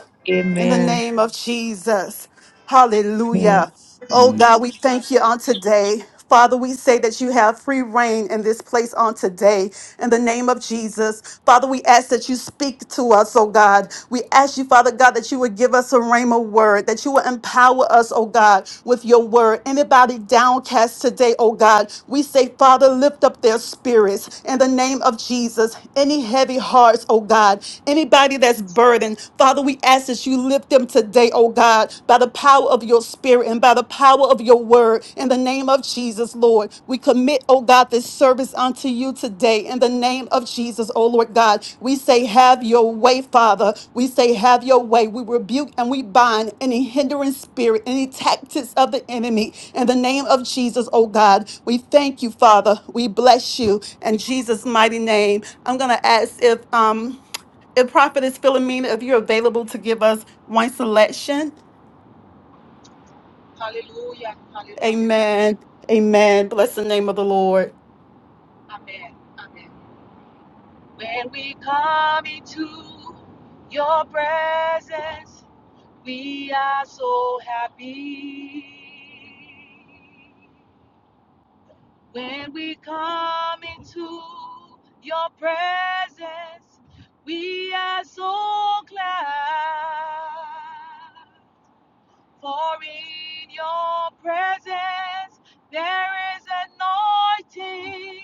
Speaker 5: in the
Speaker 3: Amen.
Speaker 5: name of Jesus. Hallelujah. Oh God, we thank you
Speaker 4: Amen.
Speaker 5: on today. Father, we say that you have free reign in this place on today in the name of Jesus. Father, we ask that you speak to us, oh God. We ask you, Father God, that you would give us a rhema word, that you would empower us, oh God, with your word. Anybody downcast today, oh God, we say, Father, lift up their spirits in the name of Jesus. Any heavy hearts, oh God, anybody that's burdened burden. Father, we ask that you lift them today, oh God, by the power of your spirit and by the power of your word. In the name of Jesus, Lord, we commit, oh God, this service unto you today. In the name of Jesus, oh Lord God, we say, have your way, Father. We say, have your way. We rebuke and we bind any hindering spirit, any tactics of the enemy. In the name of Jesus, oh God, we thank you, Father. We bless you in Jesus' mighty name. I'm going to ask if, um, and Prophetess Philomena, if you're available to give us one selection.
Speaker 4: Hallelujah. Hallelujah.
Speaker 5: Amen. Amen. Bless the name of the Lord.
Speaker 4: Amen. Amen. When we come into your presence, we are so happy. When we come into your presence, we are so glad. For in your presence, there is anointing.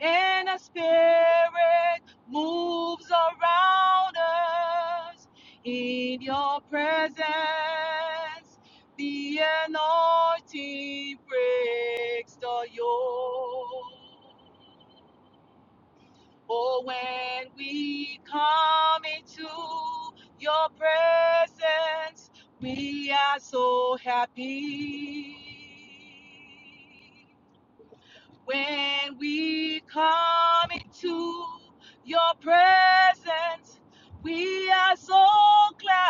Speaker 4: and a spirit moves around us in your presence. The anointing breaks the yoke. Oh, when we come into your presence, we are so happy. When we come into your presence, we are so glad.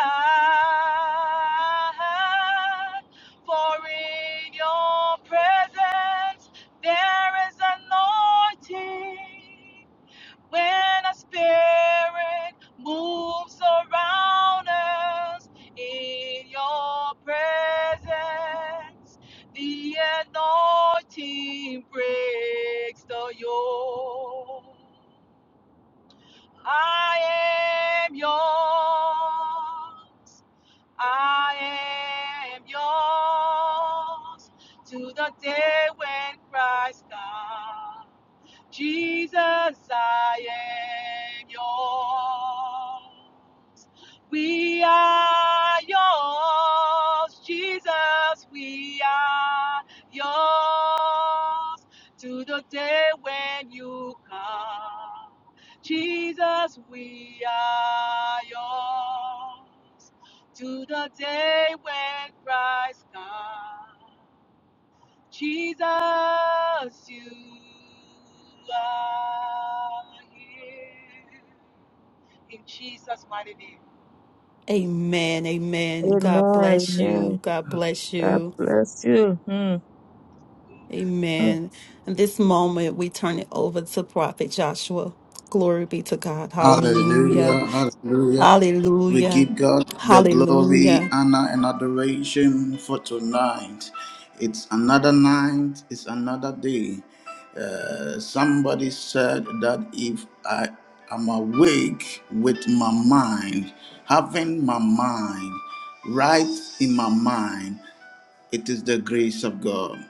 Speaker 4: For in your presence, there is anointing. When our spirit moves around us in your presence, the anointing breaks the yoke. I am yours. I am yours. To the day when Christ comes. Jesus, I am yours. We are yours. Jesus, we are yours. To the day when you come. Jesus, we are yours. To the day when Christ comes. Jesus, you are here. In Jesus' mighty name.
Speaker 5: Amen. Amen. God
Speaker 3: Amen.
Speaker 5: bless you.
Speaker 3: Amen.
Speaker 5: God bless
Speaker 3: God
Speaker 5: you.
Speaker 3: bless you. Mm, mm.
Speaker 5: Amen. In this moment, we turn it over to Prophet Joshua. Glory be to God.
Speaker 1: Hallelujah,
Speaker 5: Hallelujah.
Speaker 1: hallelujah, We
Speaker 5: Hallelujah.
Speaker 1: give God the glory,
Speaker 5: Hallelujah.
Speaker 1: honor, and adoration for tonight. It's another night, it's another day. Uh, somebody said that if I am awake with my mind, having my mind right in my mind, it is the grace of God.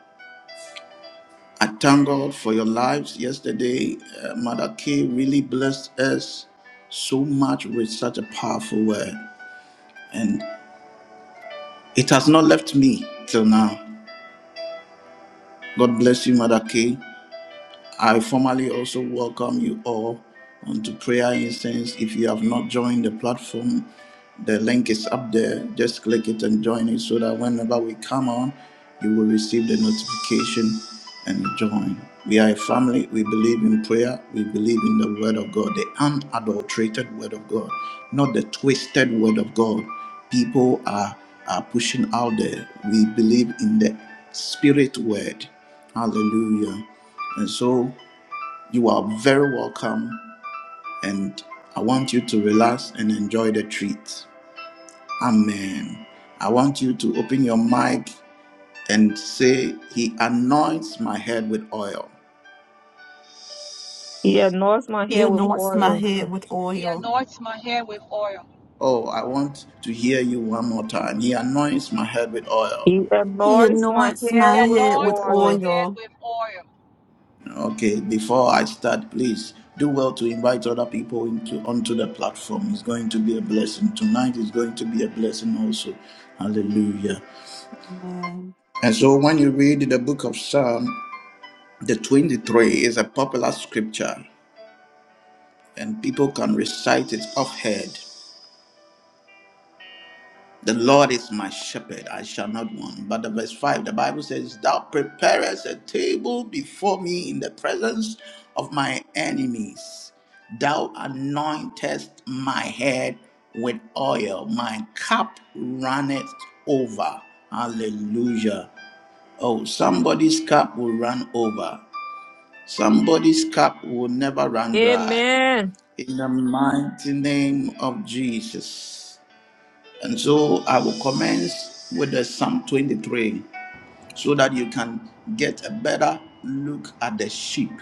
Speaker 1: I thank God for your lives. Yesterday, uh, Mother K really blessed us so much with such a powerful word. And It has not left me till now. God bless you, Mother K. I formally also welcome you all onto Prayer Incense. If you have not joined the platform, the link is up there. Just click it and join it so that whenever we come on, you will receive the notification and join. We are a family. We believe in prayer. We believe in the Word of God, the unadulterated Word of God, not the twisted Word of God. People are, are pushing out there. We believe in the Spirit Word. Hallelujah. And so you are very welcome, and I want you to relax and enjoy the treat. Amen. I want you to open your mic and say, He anoints my head with oil.
Speaker 3: He anoints my
Speaker 5: He
Speaker 3: hair with
Speaker 5: anoints my
Speaker 3: oil.
Speaker 5: head with
Speaker 4: He
Speaker 5: oil.
Speaker 4: anoints my head with oil.
Speaker 1: Oh, I want to hear you one more time. He anoints my head with oil.
Speaker 3: He
Speaker 5: He
Speaker 3: anoints my
Speaker 5: anoints
Speaker 3: hair
Speaker 5: my
Speaker 4: He
Speaker 3: with
Speaker 5: head with
Speaker 4: anoints my
Speaker 3: oil.
Speaker 4: head
Speaker 5: oil.
Speaker 4: with oil.
Speaker 1: Okay, before I start, please do well to invite other people into onto the platform. It's going to be a blessing. Tonight is going to be a blessing also. Hallelujah.
Speaker 5: Amen.
Speaker 1: And so when you read the book of Psalm, the 23 is a popular scripture and people can recite it offhand. The Lord is my shepherd, I shall not want. But the verse 5, the Bible says, Thou preparest a table before me in the presence of my enemies. Thou anointest my head with oil, my cup runneth over. Hallelujah. Oh, somebody's cup will run over. Somebody's cup will never run dry.
Speaker 3: Amen.
Speaker 1: In the mighty name of Jesus. And so I will commence with the Psalm 23 so that you can get a better look at the sheep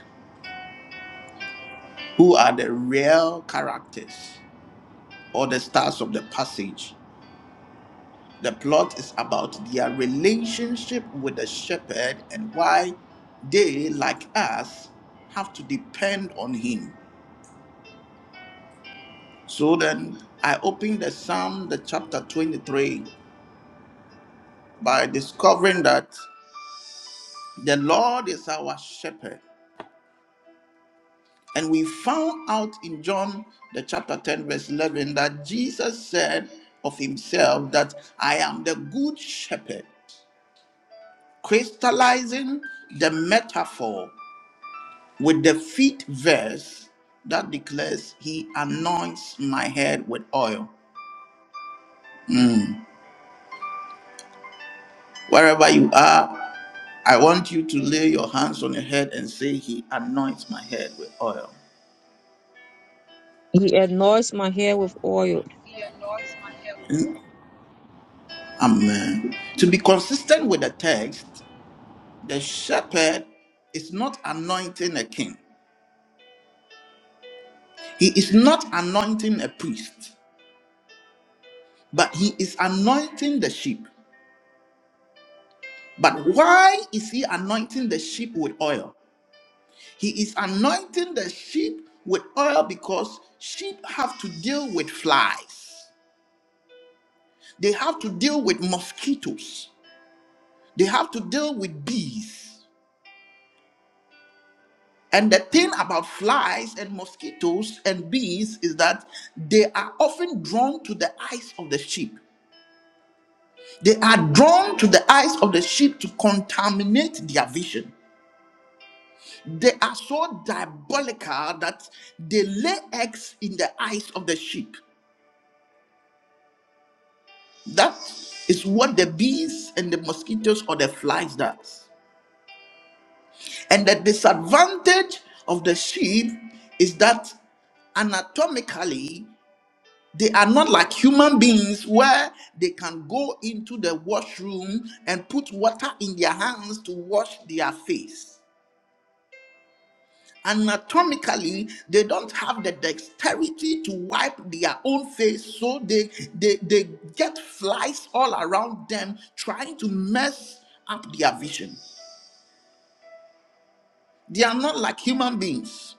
Speaker 1: who are the real characters or the stars of the passage. The plot is about their relationship with the shepherd and why they, like us, have to depend on him. So then I opened the Psalm, the chapter 23, by discovering that the Lord is our shepherd. And we found out in John, the chapter 10, verse 11, that Jesus said of himself that I am the good shepherd, crystallizing the metaphor with the fifth verse that declares he anoints my head with oil. Hmm. Wherever you are, I want you to lay your hands on your head and say, He anoints my head with oil.
Speaker 3: He anoints my hair with oil.
Speaker 4: He anoints my head with oil.
Speaker 1: Amen. To be consistent with the text, the shepherd is not anointing a king, he is not anointing a priest, but he is anointing the sheep. But why is he anointing the sheep with oil? He is anointing the sheep with oil because sheep have to deal with flies. They have to deal with mosquitoes. They have to deal with bees. And the thing about flies and mosquitoes and bees is that they are often drawn to the eyes of the sheep. They are drawn to the eyes of the sheep to contaminate their vision. They are so diabolical that they lay eggs in the eyes of the sheep. That is what the bees and the mosquitoes or the flies does. And the disadvantage of the sheep is that anatomically They are not like human beings where they can go into the washroom and put water in their hands to wash their face. Anatomically, they don't have the dexterity to wipe their own face, so they, they, they get flies all around them trying to mess up their vision. They are not like human beings.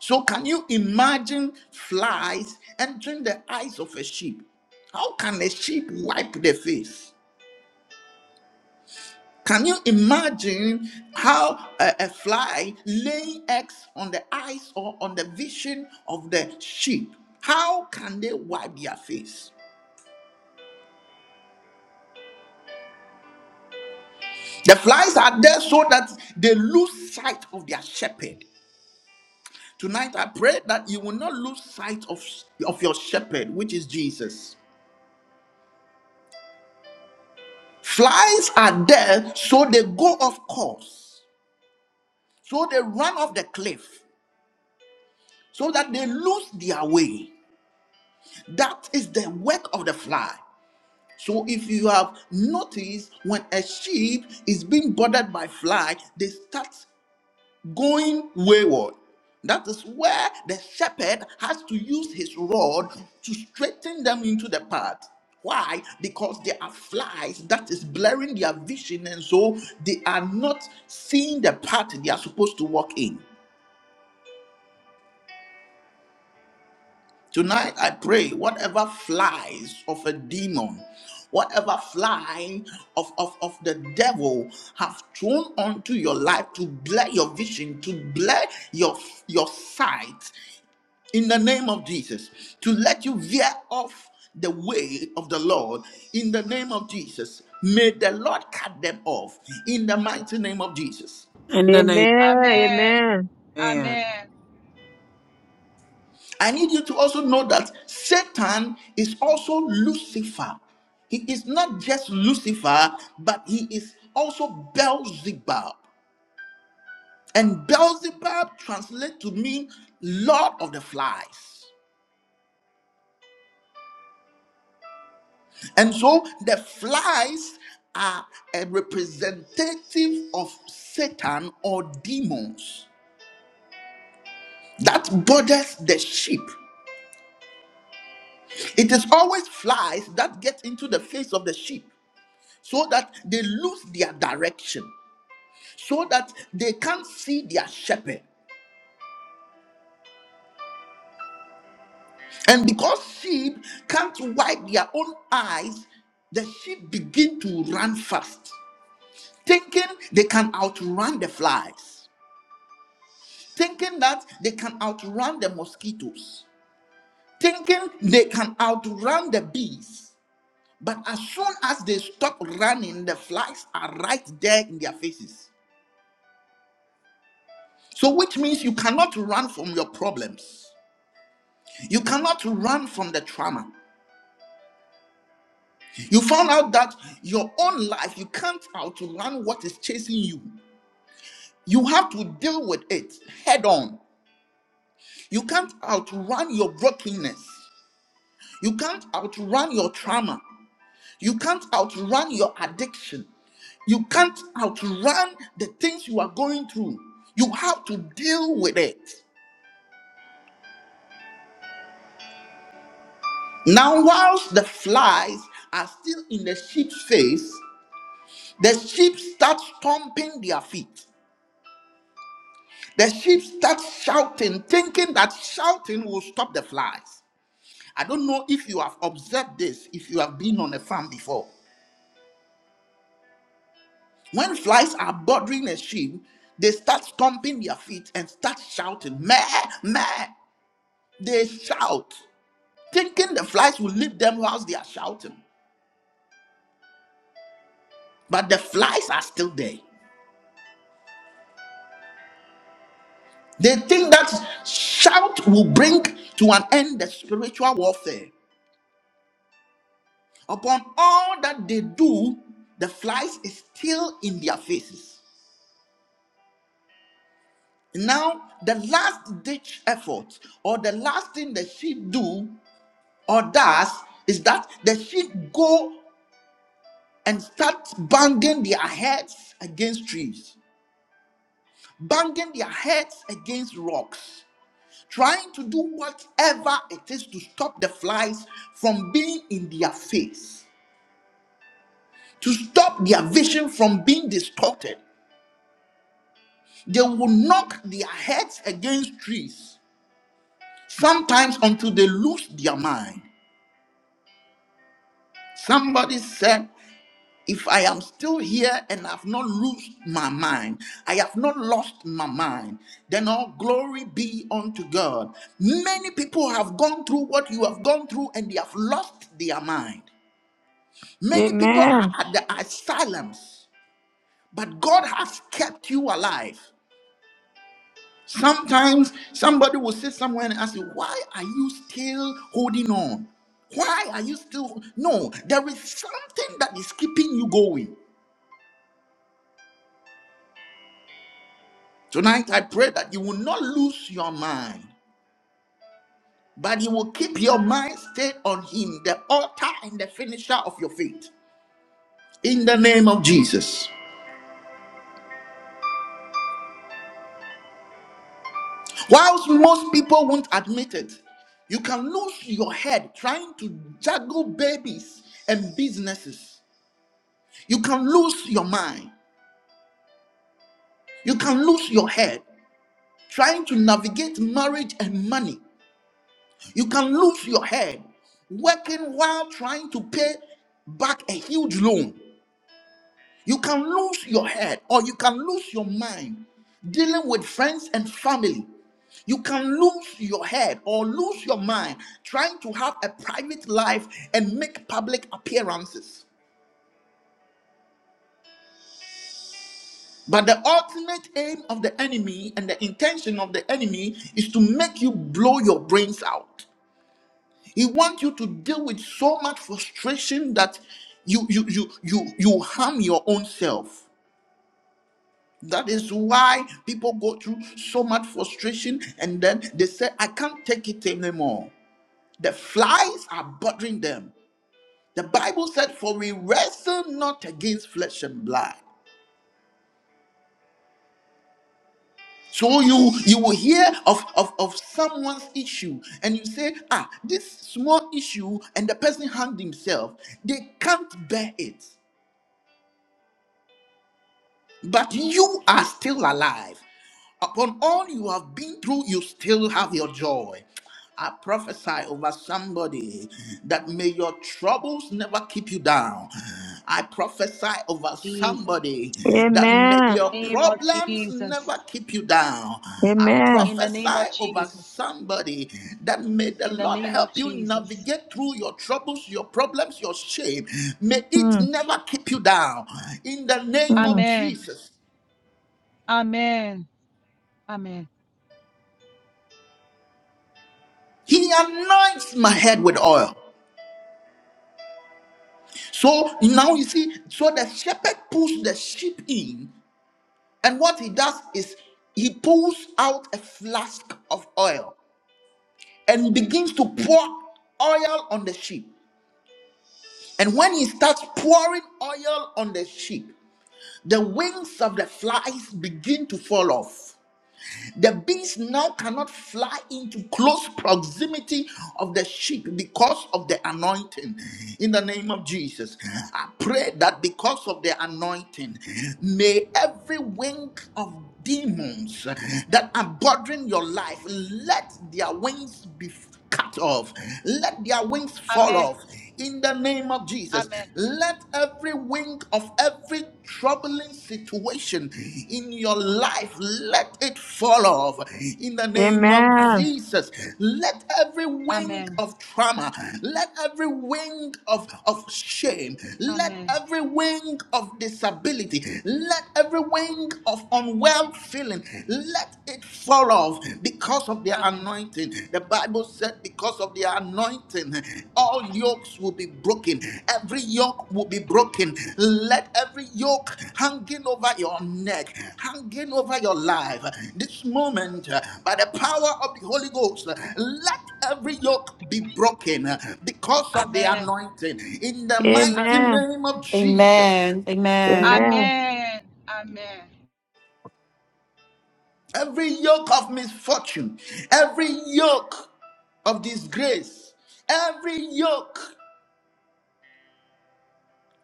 Speaker 1: So, can you imagine flies entering the eyes of a sheep? How can a sheep wipe their face? Can you imagine how a, a fly laying eggs on the eyes or on the vision of the sheep? How can they wipe their face? The flies are there so that they lose sight of their shepherd. Tonight, I pray that you will not lose sight of, of your shepherd, which is Jesus. Flies are there so they go off course, so they run off the cliff, so that they lose their way. That is the work of the fly. So if you have noticed, when a sheep is being bothered by fly, they start going wayward. That is where the shepherd has to use his rod to straighten them into the path. Why? Because there are flies that is blurring their vision, and so they are not seeing the path they are supposed to walk in. Tonight, I pray whatever flies of a demon, whatever flying of, of, of the devil have thrown onto your life to blur your vision, to blur your, your sight in the name of Jesus, to let you veer off the way of the Lord in the name of Jesus. May the Lord cut them off in the mighty name of Jesus.
Speaker 2: In the name
Speaker 3: Amen.
Speaker 4: Amen.
Speaker 3: Amen.
Speaker 2: of man.
Speaker 4: Amen.
Speaker 1: I need you to also know that Satan is also Lucifer. He is not just Lucifer, but he is also Beelzebub. And Beelzebub translates to mean Lord of the Flies. And so the flies are a representative of Satan or demons that borders the sheep. It is always flies that get into the face of the sheep so that they lose their direction. so that they can't see their shepherd. And because sheep can't wipe their own eyes, the sheep begin to run fast, thinking they can outrun the flies, thinking that they can outrun the mosquitoes, thinking they can outrun the bees. But as soon as they stop running, the flies are right there in their faces. So, which means you cannot run from your problems. You cannot run from the trauma. You found out that your own life, you can't outrun what is chasing you. You have to deal with it head on. You can't outrun your brokenness. You can't outrun your trauma. You can't outrun your addiction. You can't outrun the things you are going through. You have to deal with it. Now, whilst the flies are still in the sheep's face, the sheep start stomping their feet. The sheep start shouting, thinking that shouting will stop the flies. I don't know if you have observed this, if you have been on a farm before. When flies are bothering a sheep, they start stomping their feet and start shouting, meh, meh. They shout, thinking the flies will leave them whilst they are shouting. But the flies are still there. They think that shout will bring to an end the spiritual warfare. Upon all that they do, the flies is still in their faces. Now, the last ditch effort, or the last thing the sheep do or does, is that the sheep go and start banging their heads against trees, banging their heads against rocks, trying to do whatever it is to stop the flies from being in their face, to stop their vision from being distorted, They will knock their heads against trees, sometimes until they lose their mind. Somebody said, If I am still here and I've not lost my mind, I have not lost my mind, then all glory be unto God. Many people have gone through what you have gone through and they have lost their mind. Many people are
Speaker 3: Amen.
Speaker 1: at the asylums, but God has kept you alive. Sometimes somebody will sit somewhere and ask you, Why are you still holding on? Why are you still? No, there is something that is keeping you going. Tonight, I pray that you will not lose your mind, but you will keep your mind stayed on Him, the author and the finisher of your faith, in the name of Jesus. Whilst most people won't admit it, you can lose your head trying to juggle babies and businesses. You can lose your mind. You can lose your head trying to navigate marriage and money. You can lose your head working while trying to pay back a huge loan. You can lose your head or you can lose your mind dealing with friends and family. You can lose your head or lose your mind trying to have a private life and make public appearances. But the ultimate aim of the enemy and the intention of the enemy is to make you blow your brains out. He wants you to deal with so much frustration that you you you you you harm your own self. That is why people go through so much frustration and then they say, I can't take it anymore. The flies are bothering them. The Bible said, For we wrestle not against flesh and blood. So you you will hear of, of, of someone's issue and you say, ah, this small issue, and the person harmed himself. They can't bear it. but you are still alive. Upon all you have been through, you still have your joy. I prophesy over somebody that may your troubles never keep you down. I prophesy over
Speaker 4: Jesus.
Speaker 1: somebody that may
Speaker 3: Amen.
Speaker 1: your
Speaker 4: Name of
Speaker 1: problems never
Speaker 4: Jesus.
Speaker 1: keep you down. I
Speaker 3: Amen.
Speaker 4: In the name of
Speaker 1: prophesy over
Speaker 4: Jesus.
Speaker 1: somebody that may the
Speaker 4: In the
Speaker 1: Lord
Speaker 4: name of
Speaker 1: help you
Speaker 4: Jesus.
Speaker 1: navigate through your troubles, your problems, your shame. May it
Speaker 3: Mm,
Speaker 1: never keep you down. In the name of
Speaker 3: mm.
Speaker 4: Amen.
Speaker 1: Jesus.
Speaker 4: Amen. Amen.
Speaker 1: He anoints my head with oil. So now you see, so the shepherd pulls the sheep in, and what he does is he pulls out a flask of oil and begins to pour oil on the sheep. And when he starts pouring oil on the sheep, the wings of the flies begin to fall off. The bees now cannot fly into close proximity of the sheep because of the anointing. In the name of Jesus, I pray that because of the anointing, may every wing of demons that are bothering your life, let their wings be cut off. Let their wings fall
Speaker 4: Amen.
Speaker 1: off in the name of Jesus.
Speaker 4: Amen.
Speaker 1: Let every wing of every troubling situation in your life let it fall off in the name of
Speaker 3: Amen.
Speaker 4: Amen.
Speaker 1: Jesus. Let every wing
Speaker 4: Amen.
Speaker 1: of trauma, let every wing of, of shame, let
Speaker 4: Amen.
Speaker 1: every wing of disability, let every wing of unwell feeling, let it fall off because of their
Speaker 4: Amen.
Speaker 1: anointing. The Bible said, because of their anointing, all yokes will be broken. Every yoke will be broken. Let every yoke hanging over your neck, hanging over your life, this moment, uh, by the power of the Holy Ghost, uh, let every yoke be broken uh, because of the
Speaker 4: Amen.
Speaker 1: anointing. In the mighty
Speaker 4: Amen.
Speaker 3: Amen.
Speaker 1: name of Jesus.
Speaker 5: Amen. Amen.
Speaker 3: Amen.
Speaker 4: Amen. Amen.
Speaker 1: Every yoke of misfortune, every yoke of disgrace, every yoke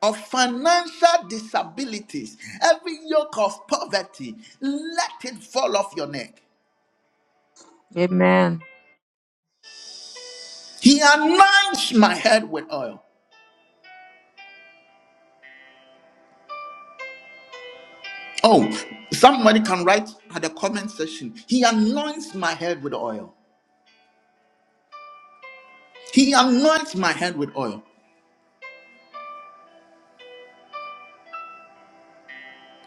Speaker 1: of financial disabilities, every yoke of poverty, let it fall off your neck.
Speaker 3: Amen.
Speaker 1: He anoints my head with oil. Oh, somebody can write at the comment section. He anoints my head with oil. He anoints my head with oil.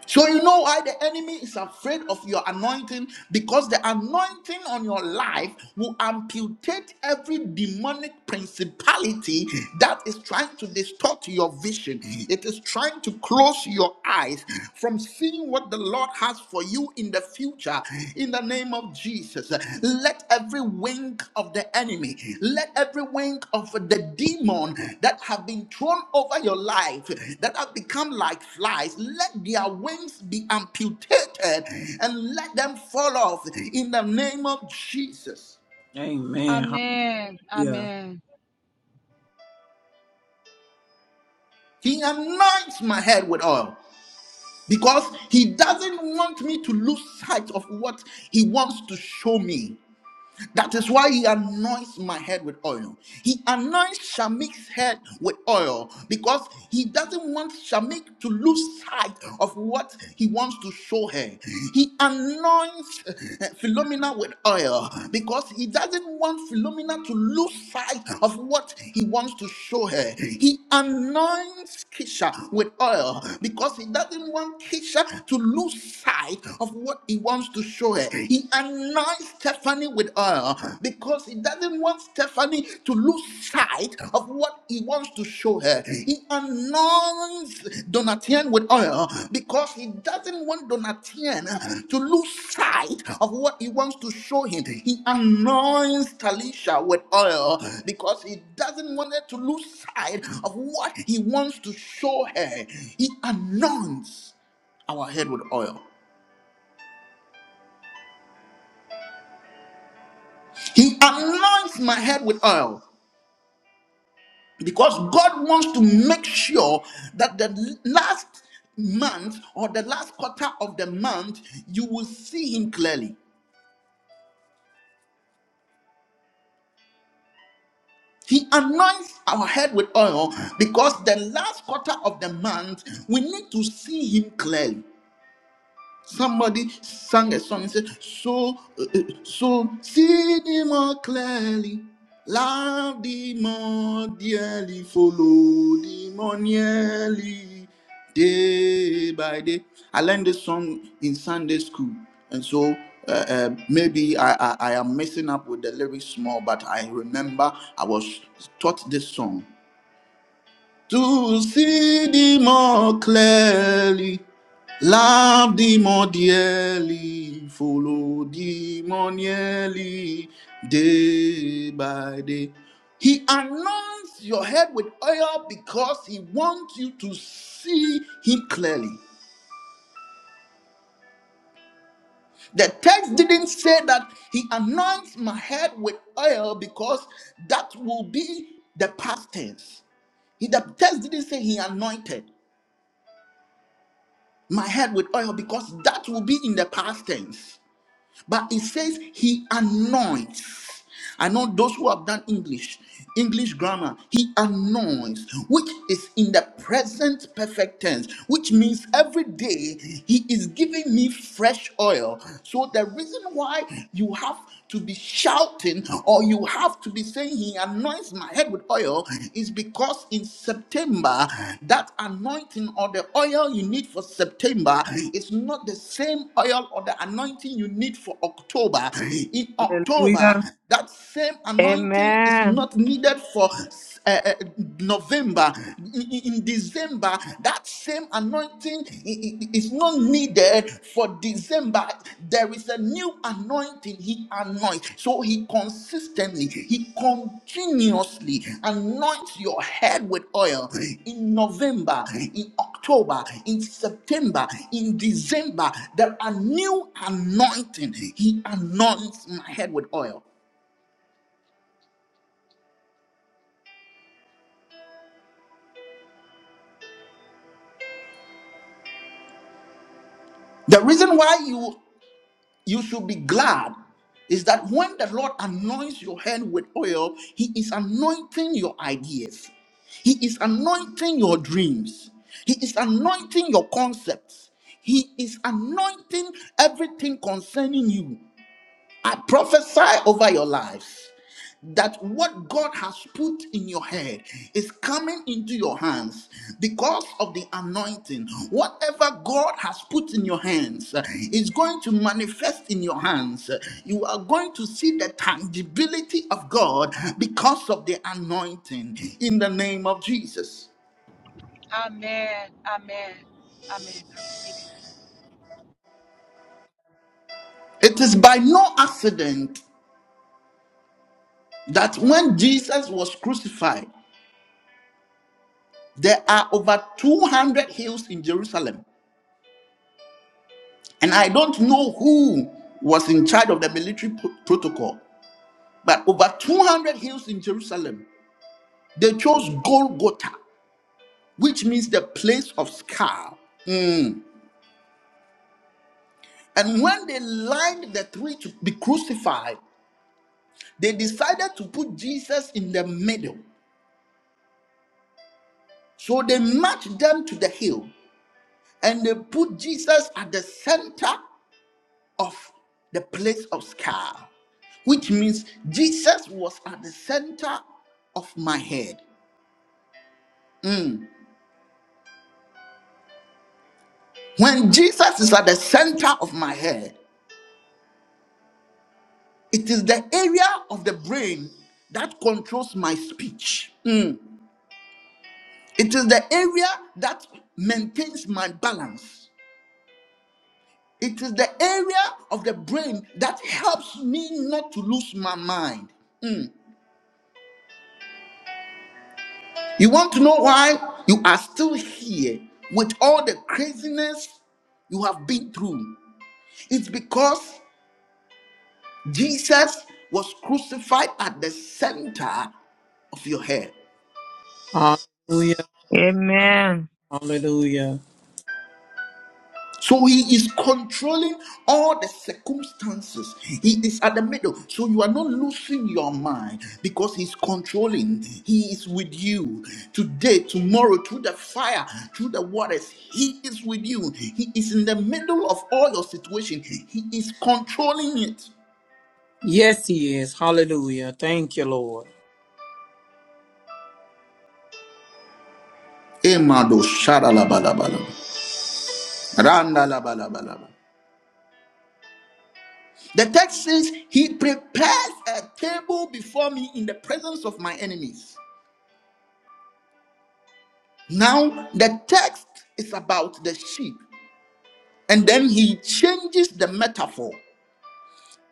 Speaker 1: So you know why the enemy is afraid of your anointing because the anointing on your life will amputate every demonic principality that is trying to distort your vision. It is trying to close your eyes from seeing what the Lord has for you in the future in the name of Jesus. Let every wing of the enemy, let every wing of the demon that have been thrown over your life, that have become like flies, let their wings be amputated and let them fall off in the name of Jesus.
Speaker 2: Amen.
Speaker 4: Amen.
Speaker 2: Hallelujah.
Speaker 4: Amen.
Speaker 1: He anoints my head with oil because he doesn't want me to lose sight of what he wants to show me. That is why he anoints my head with oil. He anoints Shamik's head with oil because he doesn't want Shamik to lose sight of what he wants to show her. He anoints uh, Philomena with oil because he doesn't want Philomena to lose sight of what he wants to show her. He anoints Kisha with oil because he doesn't want Kisha to lose sight of what he wants comes to show her. He anoints Stephanie with oil because he doesn't want Stephanie to lose sight of what he wants to show her. He anoints Donatien with oil because he doesn't want Donatien to lose sight of what he wants to show him. He anoints Talisha with oil because he doesn't want her to lose sight of what he wants to show her. He anoints our head with oil. He anoints my head with oil because God wants to make sure that the last month or the last quarter of the month you will see Him clearly. He anoints our head with oil because the last quarter of the month we need to see Him clearly. Somebody sang a song and said, So, uh, uh, so see thee more clearly, love thee more dearly, follow thee more nearly, day by day. I learned this song in Sunday school, and so uh, uh, maybe I, I, I am messing up with the lyrics more, but I remember I was taught this song to see thee more clearly, love thee more dearly, follow thee more nearly, day by day. He anoints your head with oil because he wants you to see him clearly. The text didn't say that he anoints my head with oil because that will be the past tense. He- The text didn't say he anointed. my head with oil because that will be in the past tense. But it says he anoints. I know those who have done English, English grammar, he anoints, which is in the present perfect tense, which means every day he is giving me fresh oil. So the reason why you have to be shouting or you have to be saying, He anoints my head with oil, is because in September, that anointing or the oil you need for September is not the same oil or the anointing you need for October. In October,
Speaker 2: Hallelujah.
Speaker 1: that same anointing is
Speaker 3: Amen.
Speaker 1: not needed for uh, uh, November, in, in- December, that same anointing i- i- is not needed for December. There is a new anointing he anoints. So he consistently, he continuously anoints your head with oil in November, in October, in September, in December. There are new anointing. He anoints my head with oil. The reason why you you should be glad is that when the Lord anoints your head with oil, He is anointing your ideas, He is anointing your dreams, He is anointing your concepts, He is anointing everything concerning you. I prophesy over your lives that what God has put in your head is coming into your hands because of the anointing. Whatever God has put in your hands uh, is going to manifest in your hands. You are going to see the tangibility of God because of the anointing in the name of Jesus.
Speaker 4: Amen. Amen. Amen. I receive it.
Speaker 1: It is by no accident that when Jesus was crucified, there are over 200 hills in Jerusalem. And I don't know who was in charge of the military pro- protocol, but over 200 hills in Jerusalem, they chose Golgotha, which means the place of scar. Mm. And when they lined the three to be crucified, they decided to put Jesus in the middle. So they marched them to the hill and they put Jesus at the center of the place of scar, which means Jesus was at the center of my head. Mm. When Jesus is at the center of my head, it is the area of the brain that controls my speech. Mm. It is the area that maintains my balance. It is the area of the brain that helps me not to lose my mind. Mm. You want to know why you are still here with all the craziness you have been through? It's because Jesus was crucified at the center of your head.
Speaker 2: Hallelujah.
Speaker 3: Amen.
Speaker 2: Hallelujah.
Speaker 1: So he is controlling all the circumstances. He is at the middle. So you are not losing your mind because he's controlling. He is with you today, tomorrow, through the fire, through the waters. He is with you. He is in the middle of all your situation. He is controlling it.
Speaker 2: Yes, he is. Hallelujah. Thank you, Lord.
Speaker 1: Emado shadalabalabalaba, randalabalabalaba. The text says, He prepares a table before me in the presence of my enemies. Now, the text is about the sheep, and then he changes the metaphor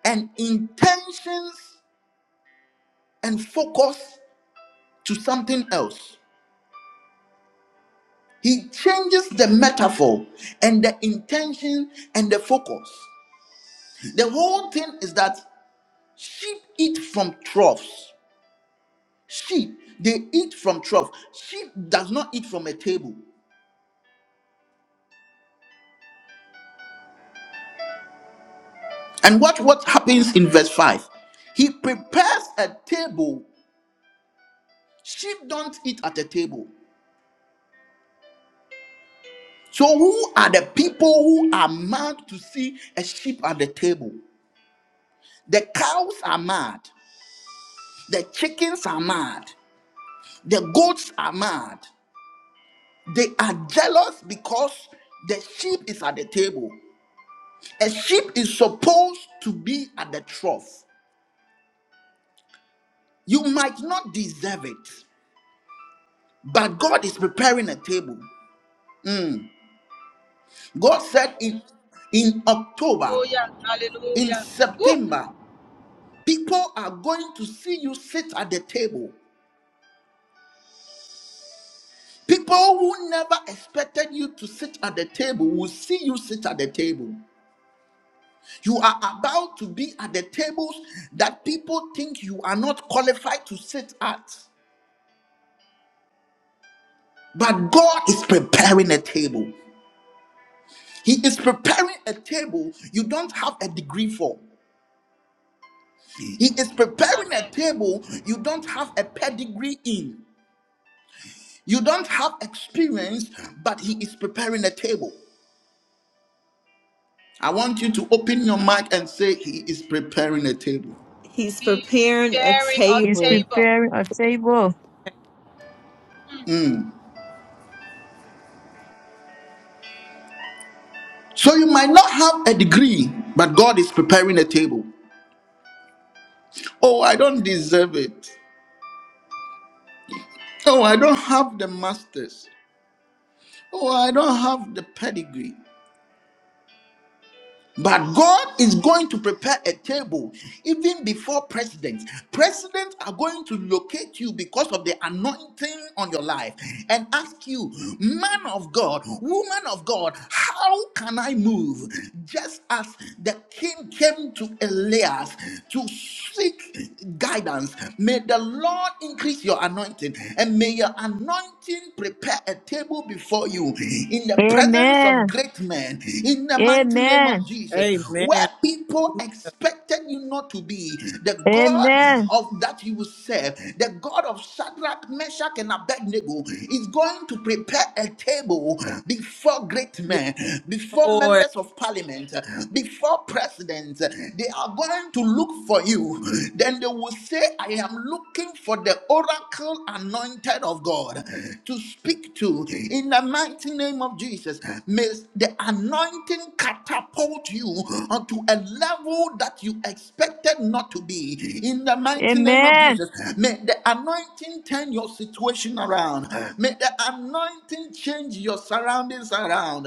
Speaker 1: and intentions and focus to something else. He changes the metaphor and the intention and the focus. The whole thing is that sheep eat from troughs. Sheep, they eat from trough. Sheep does not eat from a table. And watch what happens in verse 5. He prepares a table Sheep don't eat at the table. So, who are the people who are mad to see a sheep at the table? The cows are mad. The chickens are mad. The goats are mad. They are jealous because the sheep is at the table. A sheep is supposed to be at the trough. You might not deserve it, but God is preparing a table. Mm. God said in, in October,
Speaker 4: Hallelujah.
Speaker 1: in
Speaker 4: Hallelujah. Woo.
Speaker 1: September. People are going to see you sit at the table. People who never expected you to sit at the table will see you sit at the table. You are about to be at the tables that people think you are not qualified to sit at. But God is preparing a table. He is preparing a table you don't have a degree for. He is preparing a
Speaker 4: Amen.
Speaker 1: table you don't have a pedigree in. You don't have experience, but He is preparing a table. I want you to open your mouth and say, He is preparing a table.
Speaker 5: He's
Speaker 4: He's
Speaker 5: preparing a
Speaker 4: bearing a
Speaker 3: He's
Speaker 5: table.
Speaker 4: table.
Speaker 3: preparing a table.
Speaker 4: Mm.
Speaker 1: Mm. So you might not have a degree, but God is preparing a table. Oh, I don't deserve it. Oh, I don't have the masters. Oh, I don't have the pedigree. But God is going to prepare a table even before presidents. Presidents are going to locate you because of the anointing on your life and ask you, man of God, woman of God, how can I move? Just as the king came to Elias to seek guidance, may the Lord increase your anointing and may your anointing prepare a table before you in the presence of
Speaker 3: Amen.
Speaker 1: great men men in the mighty name
Speaker 3: Amen.
Speaker 1: of Jesus. Where
Speaker 2: Amen.
Speaker 1: people expected you not to be, the God
Speaker 3: Amen.
Speaker 1: of that you will serve, the God of Shadrach, Meshach, and Abednego, is going to prepare a table before great
Speaker 2: Yes,
Speaker 1: men, before
Speaker 2: Lord.
Speaker 1: members of parliament, before presidents. They are going to look for you. Then they will say, I am looking for the oracle anointed of God to speak to in the mighty name name of Jesus, may the anointing catapult you onto a level that you expected not to be. In the mighty name of
Speaker 3: Amen.
Speaker 1: Jesus, may the anointing turn your situation around. May the anointing change your surroundings around.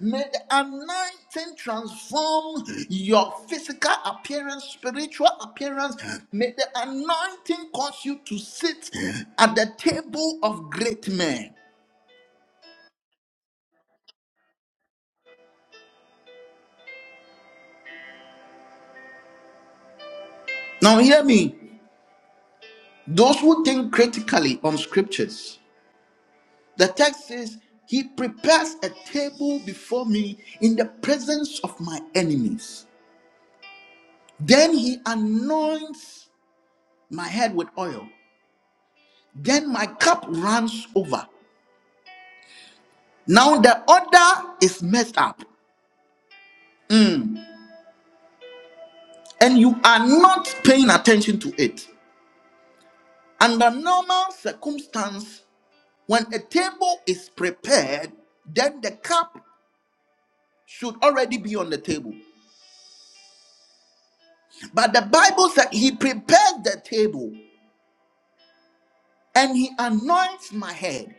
Speaker 1: May the anointing transform your physical appearance, spiritual appearance. May the anointing cause you to sit at the table of great men. Now, hear me. Those who think critically on scriptures, the text says, He prepares a table before me in the presence of my enemies. Then He anoints my head with oil. Then my cup runs over. Now the order is messed up. Mm. And you are not paying attention to it. Under normal circumstance, when a table is prepared, then the cup should already be on the table. But the Bible said he prepares the table and he anoints my head.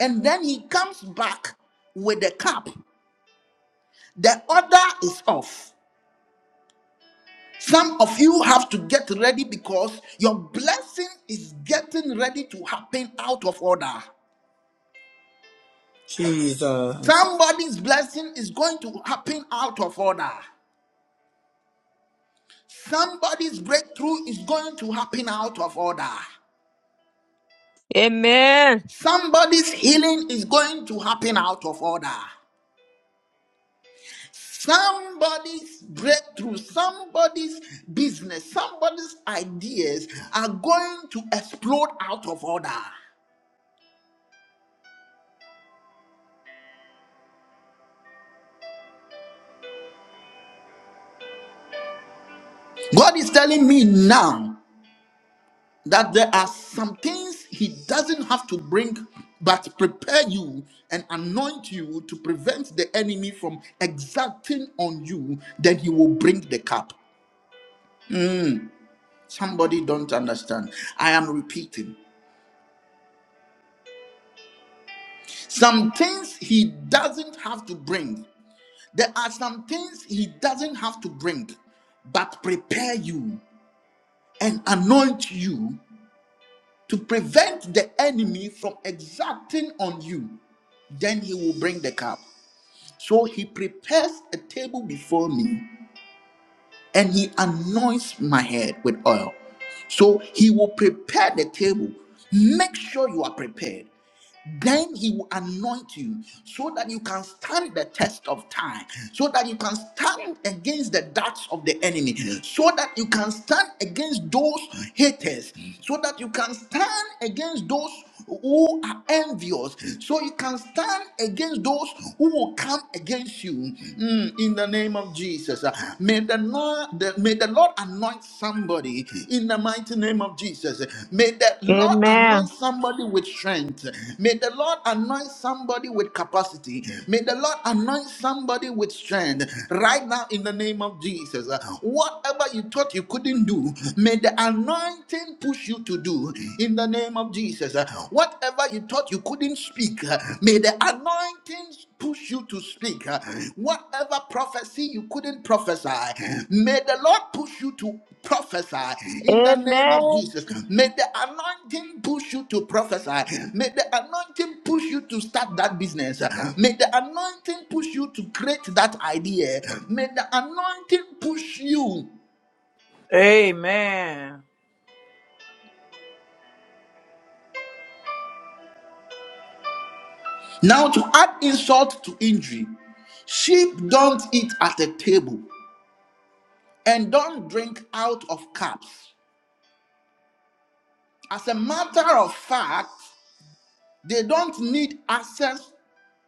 Speaker 1: And then he comes back with the cup. The order is off. Some of you have to get ready because your blessing is getting ready to happen out of order.
Speaker 2: Jesus.
Speaker 1: Somebody's blessing is going to happen out of order. Somebody's breakthrough is going to happen out of order.
Speaker 3: Amen.
Speaker 1: Somebody's healing is going to happen out of order. Somebody's breakthrough, somebody's business, somebody's ideas are going to explode out of order. God is telling me now that there are some things He doesn't have to bring, but prepare you and anoint you to prevent the enemy from exacting on you, then He will bring the cup. Somebody don't understand. I am repeating. Some things he doesn't have to bring, There are some things he doesn't have to bring, but prepare you and anoint you to prevent the enemy from exacting on you. Then he will bring the cup. So he prepares a table before me and he anoints my head with oil. So he will prepare the table. Make sure you are prepared. then he will anoint you so that you can stand the test of time so that you can stand against the darts of the enemy so that you can stand against those haters so that you can stand against those who are envious so you can stand against those who will come against you Mm, in the name of jesus Uh, may the, the- may the Lord anoint somebody in the mighty name of Jesus. May the Lord anoint
Speaker 3: Amen.
Speaker 1: somebody with strength. May the Lord anoint somebody with capacity. May the Lord anoint somebody with strength right now in the name of Jesus. Whatever you thought you couldn't do, may the anointing push you to do in the name of Jesus. Whatever you thought you couldn't speak, may the anointing push you to speak. uh, Whatever prophecy you couldn't prophesy, may the Lord push you to prophesy in the name of
Speaker 3: Amen.
Speaker 1: Jesus. May the anointing push you to prophesy. May the anointing push you to start that business. May the anointing push you to create that idea. May the anointing push you.
Speaker 2: Amen.
Speaker 1: Now, to add insult to injury, sheep don't eat at a table and don't drink out of cups. As a matter of fact, they don't need access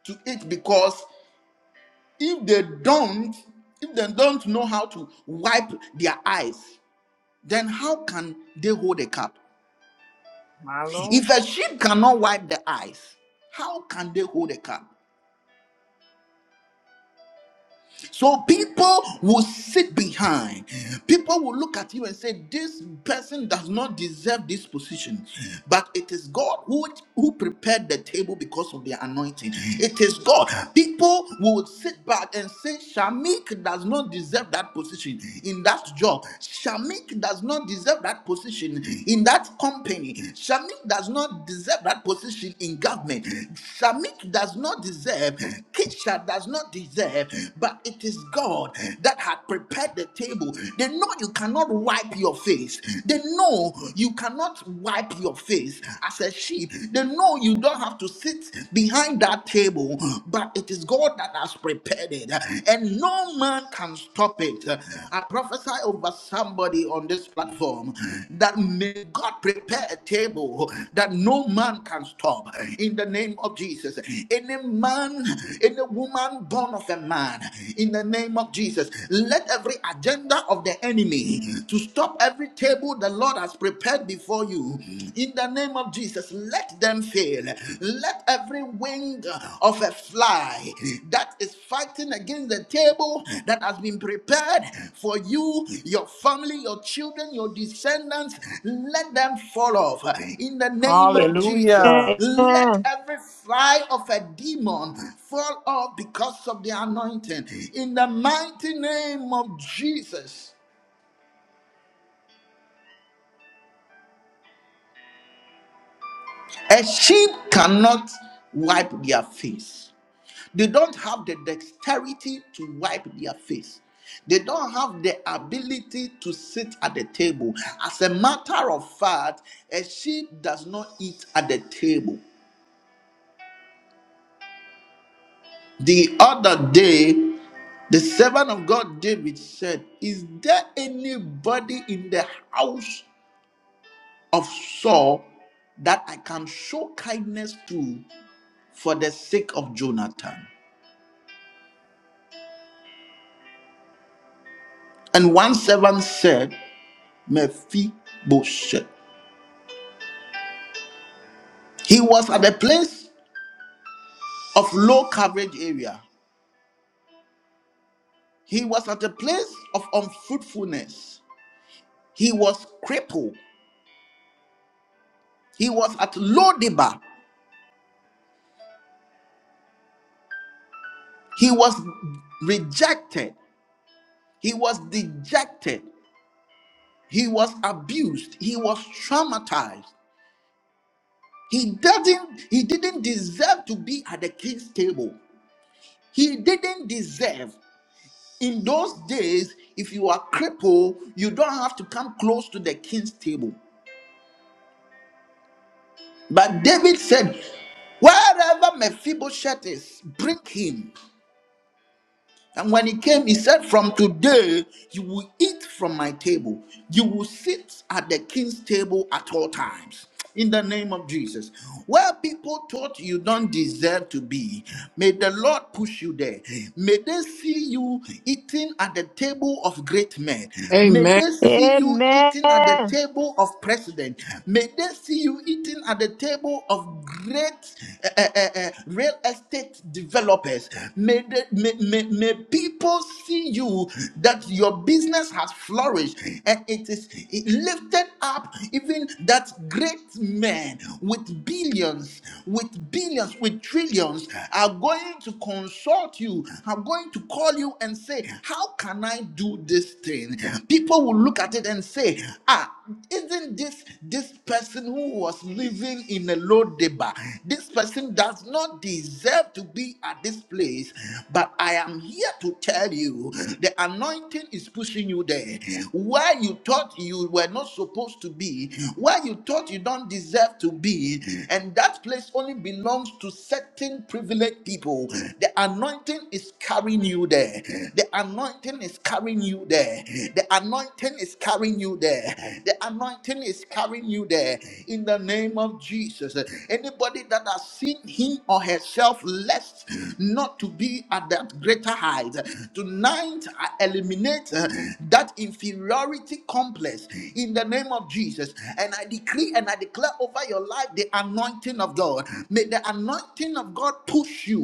Speaker 1: to it because if they don't, if they don't know how to wipe their eyes, then how can they hold a cup?
Speaker 2: My Lord.
Speaker 1: If a sheep cannot wipe the eyes, how can they hold a cup? So people will sit behind. People will look at you and say, This person does not deserve this position. But it is God who, who prepared the table because of their anointing. It is God. People will sit back and say, Shamik does not deserve that position in that job. Shamik does not deserve that position in that company. Shamik does not not deserve that position in government. Samit does not deserve, Kisha does not deserve, but it is God that had prepared the table. They know you cannot wipe your face. They know you cannot wipe your face as a sheep. They know you don't have to sit behind that table, but it is God that has prepared it. And no man can stop stop it. I prophesy over somebody on this platform that may God prepare a table that no man can stop in the name of Jesus. Any man, any woman born of a man in the name of Jesus, let every agenda of the enemy to stop every table the Lord has prepared before you in the name of Jesus, let them fail let every wing of a fly that is fighting against the table that has been prepared for you, your family, your children, your descendants, let them fall off in the name of Jesus.
Speaker 2: Hallelujah.
Speaker 1: Let
Speaker 3: Amen.
Speaker 1: every fly of a demon fall off because of the anointing in the mighty name of Jesus. A sheep cannot wipe their face They don't have the dexterity to wipe their face. They don't have the ability to sit at the table. As a matter of fact, a sheep does not eat at the table. The other day, the servant of God David said, Is there anybody in the house of Saul that I can show kindness to for the sake of Jonathan? And one servant said, Mephibosheth. He was at a place of low coverage area. He was at a place of unfruitfulness. He was crippled. He was at low labor. He was rejected. He was dejected. He was abused. He was traumatized. He didn't he didn't deserve to be at the king's table. He didn't deserve. In those days, if you are crippled, you don't have to come close to the king's table. But David said, Wherever Mephibosheth is, bring him. And when he came, he said, From today, you will eat from my table. You will sit at the king's table at all times. In the name of Jesus. Where people thought you don't deserve to be, may the Lord push you there. May they see you eating at the table of great men. May
Speaker 2: Amen.
Speaker 1: they see you eating at the table of president. May they see you eating at the table of great uh, uh, uh, uh, real estate developers. May, they, may, may, may may people see you that your business has flourished and it is it lifted up even that great man with billions with billions with trillions are going to consult you are going to call you and say how can i do this thing people will look at it and say ah isn't this this person who was living in a low deba this person does not deserve to be at this place but i am here to tell you the anointing is pushing you there where you thought you were not supposed to be where you thought you don't deserve to be and that place only belongs to certain privileged people the anointing is carrying you there the anointing is carrying you there The anointing is carrying you there. The anointing is carrying you there in the name of Jesus. Anybody that has seen him or herself less not to be at that greater height, tonight I eliminate uh, that inferiority complex in the name of Jesus. And I decree and I declare over your life the anointing of God. May the anointing of God push you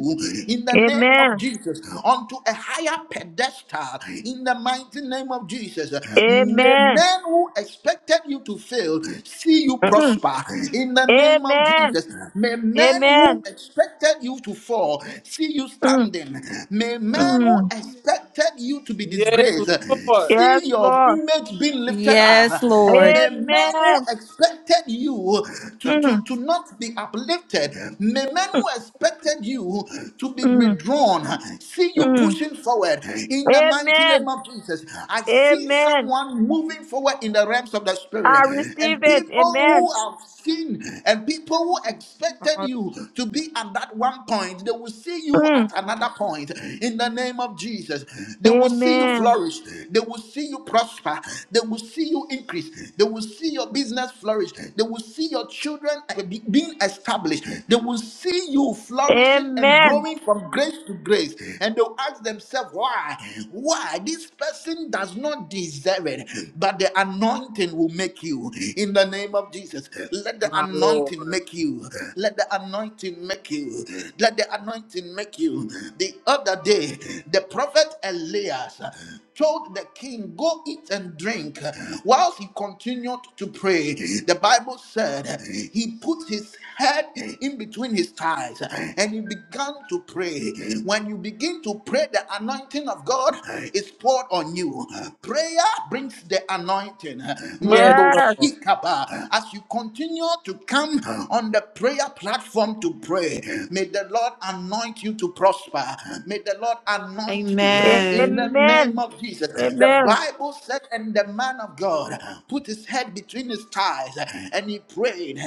Speaker 1: in the name of
Speaker 3: Amen.
Speaker 1: Jesus onto a higher pedestal star in the mighty name of Jesus.
Speaker 3: Amen.
Speaker 1: May
Speaker 3: Amen.
Speaker 1: men who expected you to fail see you
Speaker 3: Mm.
Speaker 1: prosper in the name of
Speaker 3: Amen.
Speaker 1: Jesus. May men who
Speaker 3: Amen.
Speaker 1: expected you to fall see you
Speaker 3: Mm.
Speaker 1: standing. May men who
Speaker 3: Mm.
Speaker 1: expected you to be
Speaker 2: Yes,
Speaker 1: disgraced
Speaker 2: Lord.
Speaker 1: see
Speaker 3: Yes,
Speaker 1: your
Speaker 3: Lord.
Speaker 1: image being lifted up.
Speaker 5: Yes, Lord.
Speaker 1: May men who
Speaker 3: Amen.
Speaker 1: expected you to,
Speaker 3: Mm.
Speaker 1: to, to not be uplifted, may men who
Speaker 3: Mm.
Speaker 1: expected you to be
Speaker 3: Mm.
Speaker 1: withdrawn see you
Speaker 3: Mm.
Speaker 1: pushing forward in the mighty name
Speaker 3: Amen.
Speaker 1: of Jesus. I see
Speaker 3: Amen.
Speaker 1: someone moving forward in the realms of the
Speaker 3: I
Speaker 1: spirit,
Speaker 3: receive
Speaker 1: and
Speaker 3: it.
Speaker 1: people
Speaker 3: Amen.
Speaker 1: who have seen and people who expected
Speaker 2: Hallelujah,
Speaker 1: you to be at that one point, they will see you at
Speaker 3: Mm.
Speaker 1: another point in the name of Jesus. They will see you
Speaker 3: Amen.
Speaker 1: flourish, they will see you prosper, they will see you increase, they will see your business flourish, they will see your children be- being established, they will see you flourishing stretching and
Speaker 3: Amen.
Speaker 1: growing from grace to grace. And they'll ask themselves, why? Why? This person does not deserve it, but the anointing will make you. In the name of Jesus, let the
Speaker 2: My
Speaker 1: anointing
Speaker 2: Lord.
Speaker 1: make you. Let the anointing make you. Let the anointing make you. The other day, the prophet Elias told the king, Go eat and drink. Whilst he continued to pray, the Bible said he put his head in between his thighs and he began to pray. When you begin to pray, the anointing of God is poured on you. Prayer brings the anointing.
Speaker 2: Yes,
Speaker 1: Mando
Speaker 2: Lord.
Speaker 3: Yes.
Speaker 1: shikaba. As you continue to come on the prayer platform to pray, may the Lord anoint you to prosper. May the Lord anoint you in
Speaker 5: Amen.
Speaker 1: the name name
Speaker 3: Amen.
Speaker 1: of Jesus. The
Speaker 3: Amen.
Speaker 1: Bible said, and the man of God put his head between his thighs and he prayed.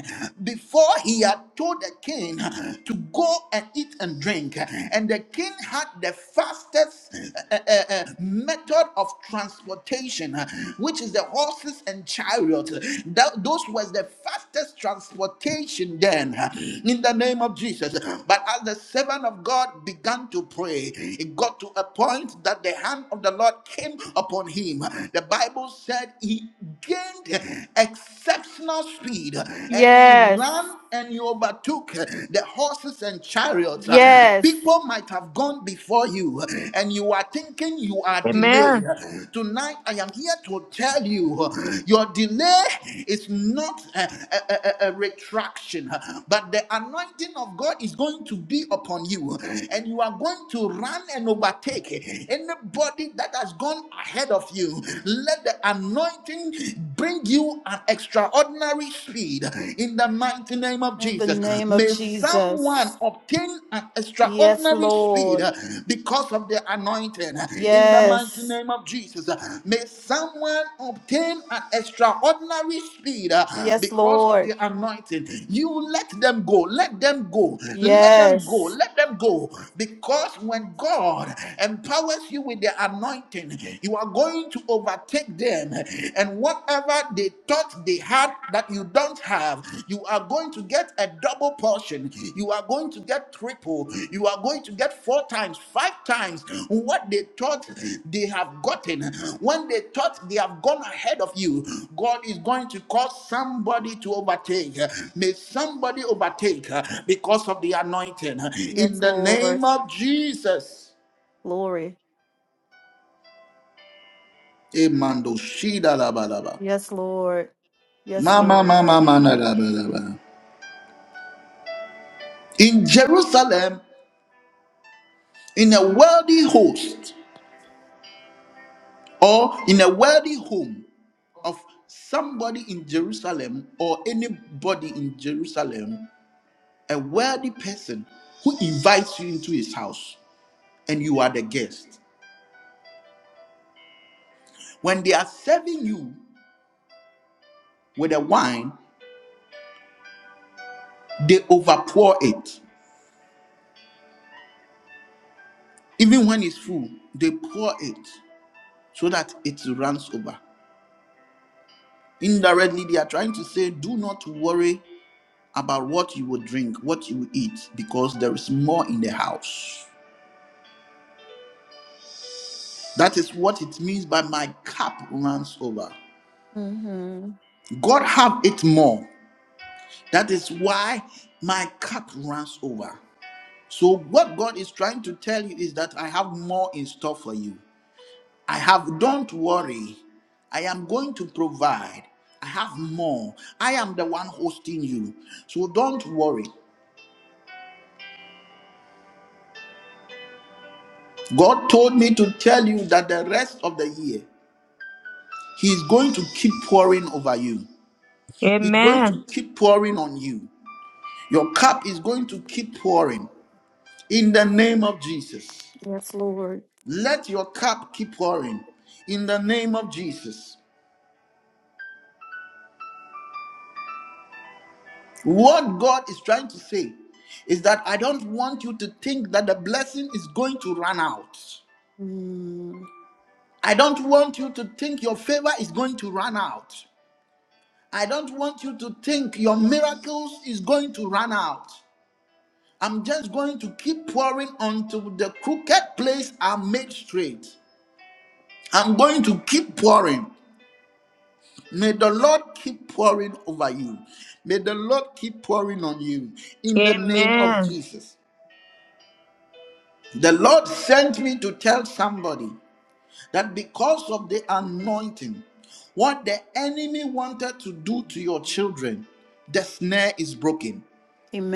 Speaker 1: Before he had told the king to go and eat and drink, and the king had the fastest uh, uh, uh, method of transportation, which is the horses and chariots. That, those was the fastest fastest transportation then huh, in the name of Jesus. But as the servant of God began to pray, it got to a point that the hand of the Lord came upon him. The Bible said he gained exceptional speed and he
Speaker 5: Yes.
Speaker 1: ran and he overtook the horses and chariots.
Speaker 5: Yes.
Speaker 1: People might have gone before you and you are thinking you are delayed
Speaker 3: Amen.
Speaker 1: delay. Tonight, I am here to tell you your delay is not a, a, a- a retraction, but the anointing of God is going to be upon you, and you are going to run and overtake anybody that has gone ahead of you. Let the anointing bring you an extraordinary speed in the mighty name of
Speaker 5: In the
Speaker 1: Jesus.
Speaker 5: name of
Speaker 1: May someone one
Speaker 5: Jesus.
Speaker 1: obtained an
Speaker 5: Yes,
Speaker 1: extraordinary speed
Speaker 5: Lord.
Speaker 1: uh, because of the anointing. uh, In the mighty
Speaker 5: Yes.
Speaker 1: name of Jesus, Uh, may someone obtain an extraordinary speed uh,
Speaker 5: Yes,
Speaker 1: because of the
Speaker 5: Lord.
Speaker 1: anointing. You let them go, let them go, let them go,
Speaker 5: Yes.
Speaker 1: let them go. Because when God empowers you with the anointing, you are going to overtake them. And whatever whatever they thought they had that you don't have, you are going to get a double portion. You are going to get triple. You are going to get four times, five times what they thought they have gotten. When they thought they have gone ahead of you, God is going to cause somebody to overtake. May somebody overtake because of the anointing. In
Speaker 5: Yes,
Speaker 1: the
Speaker 5: Lord.
Speaker 1: name of Jesus.
Speaker 5: Glory.
Speaker 1: Emando shida la ba la ba.
Speaker 5: Yes, Lord. Yes,
Speaker 1: Mama,
Speaker 5: Lord.
Speaker 1: mama, mama, in Jerusalem in a wealthy host or in a wealthy home of somebody in Jerusalem or anybody in Jerusalem, a wealthy person who invites you into his house and you are the guest. When they are serving you with a wine, they overpour it. Even when it's full, they pour it so that it runs over. Indirectly, they are trying to say, Do not worry about what you will drink, what you will eat, because there is more in the house. That is what it means by my cup runs over.
Speaker 5: hmm
Speaker 1: God have it more. That is why my cup runs over. So what God is trying to tell you is that I have more in store for you. I have don't worry. I am going to provide. I have more. I am the one hosting you. So don't worry. God told me to tell you that the rest of the year He's going to keep pouring over you. He's going to
Speaker 3: Amen.
Speaker 1: keep pouring on you. Your cup is going to keep pouring in the name of Jesus.
Speaker 5: Yes, Lord.
Speaker 1: Let your cup keep pouring in the name of Jesus. What God is trying to say is that I don't want you to think that the blessing is going to run out.
Speaker 5: Mm.
Speaker 1: I don't want you to think your favor is going to run out. I don't want you to think your miracles is going to run out. I'm just going to keep pouring until the crooked place are made straight. I'm going to keep pouring. May the Lord keep pouring over you. May the Lord keep pouring on you in the name of
Speaker 3: Amen.
Speaker 1: Jesus. The Lord sent me to tell somebody that because of the anointing, what the enemy wanted to do to your children, the snare is broken.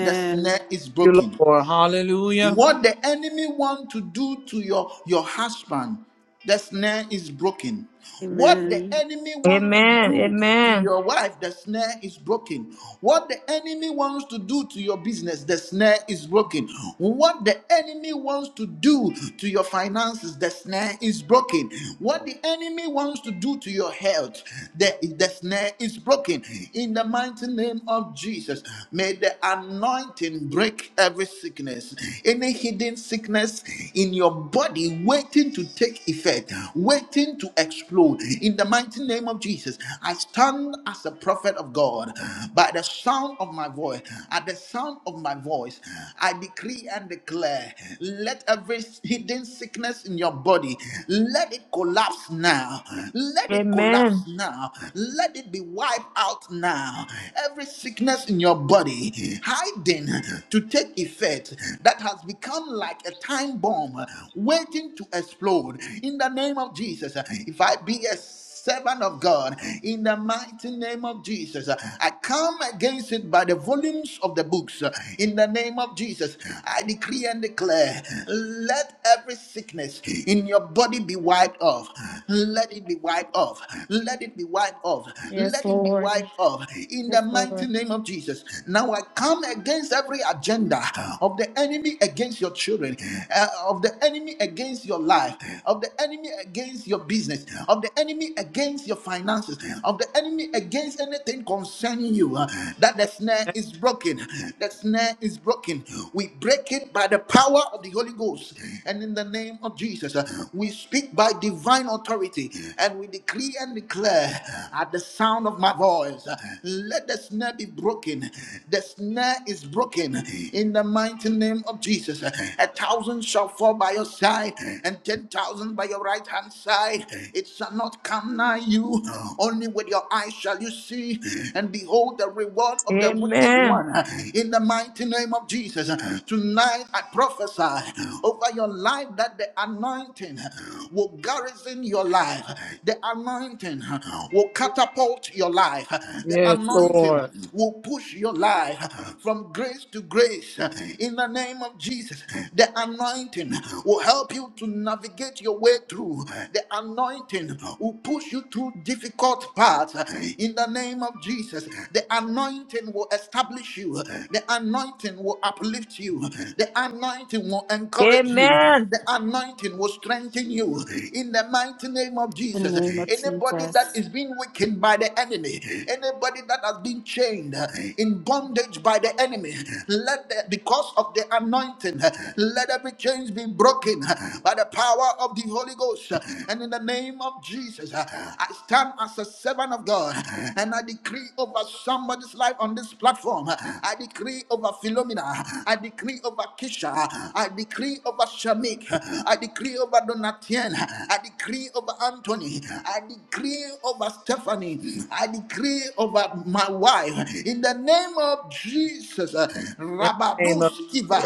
Speaker 1: The snare is
Speaker 2: Thank You,
Speaker 1: broken.
Speaker 2: Lord. Hallelujah.
Speaker 1: What the enemy want to do to your, your husband, the snare is broken. What the
Speaker 5: Amen.
Speaker 1: enemy wants to
Speaker 3: Amen.
Speaker 1: do to
Speaker 3: Amen.
Speaker 1: your wife, the snare is broken. What the enemy wants to do to your business, the snare is broken. What the enemy wants to do to your finances, the snare is broken. What the enemy wants to do to your health, the, the snare is broken. In the mighty name of Jesus, may the anointing break every every sickness, any hidden sickness in your body waiting to take effect, waiting to explode. In the mighty name of Jesus, I stand as a prophet of God by the sound of my voice. At the sound of my voice, I decree and declare let every hidden sickness in your body let it collapse now. Let it collapse
Speaker 3: Amen.
Speaker 1: now. Let it be wiped out now. Every sickness in your body, hiding something to take effect that has become like a time bomb waiting to explode. In the name of Jesus, if I be a servant of God, in the mighty name of Jesus. I come against it by the volumes of the books. In the name of Jesus, I decree and declare let every sickness in your body be wiped off. Let it be wiped off. Let it be wiped off. Let it be wiped off. In the mighty name of Jesus. Now I come against every agenda of the enemy against your children, uh, of the enemy against your life, of the enemy against your business, of the enemy against your finances, of the enemy against anything concerning you. uh, that the snare is broken. The snare is broken. We break it by the power of the Holy Ghost. And in the name of Jesus, uh, we speak by divine authority and we decree and declare at the sound of my voice, uh, let the snare snare be broken. The snare is broken in the mighty name of Jesus. A thousand shall fall by your side and ten thousand by your right hand side. It shall not come nigh you. Only with your eyes shall you see and behold the reward of the wicked
Speaker 3: Amen.
Speaker 1: one. In the mighty name of Jesus, tonight I prophesy over your life that the anointing will garrison your life. The anointing will catapult your life. The the
Speaker 2: Yes,
Speaker 1: anointing
Speaker 2: Lord.
Speaker 1: will push your life from grace to grace in the name of Jesus. The anointing will help you to navigate your way through. The anointing will push you through difficult paths in the name of Jesus. The anointing will establish you. The anointing will uplift you. The anointing will encourage you.
Speaker 3: Amen.
Speaker 1: The anointing will strengthen you in the mighty name of
Speaker 5: The
Speaker 1: Jesus.
Speaker 5: name of
Speaker 1: Anybody that
Speaker 5: Jesus.
Speaker 1: is being weakened by the the enemy, anybody that has been chained uh, in bondage by the enemy, let the, because of the anointing, uh, let every chains be broken uh, by the power of the Holy Ghost. uh, And in the name of Jesus, uh, I stand as a servant of God uh, and I decree over somebody's life on this platform. uh, I decree over Philomena. I decree over Kisha. I decree over Shamik. I decree over Donatien. I decree over Anthony. I decree over Stephanie. I decree over my wife. In the name of Jesus, uh,
Speaker 2: In the name of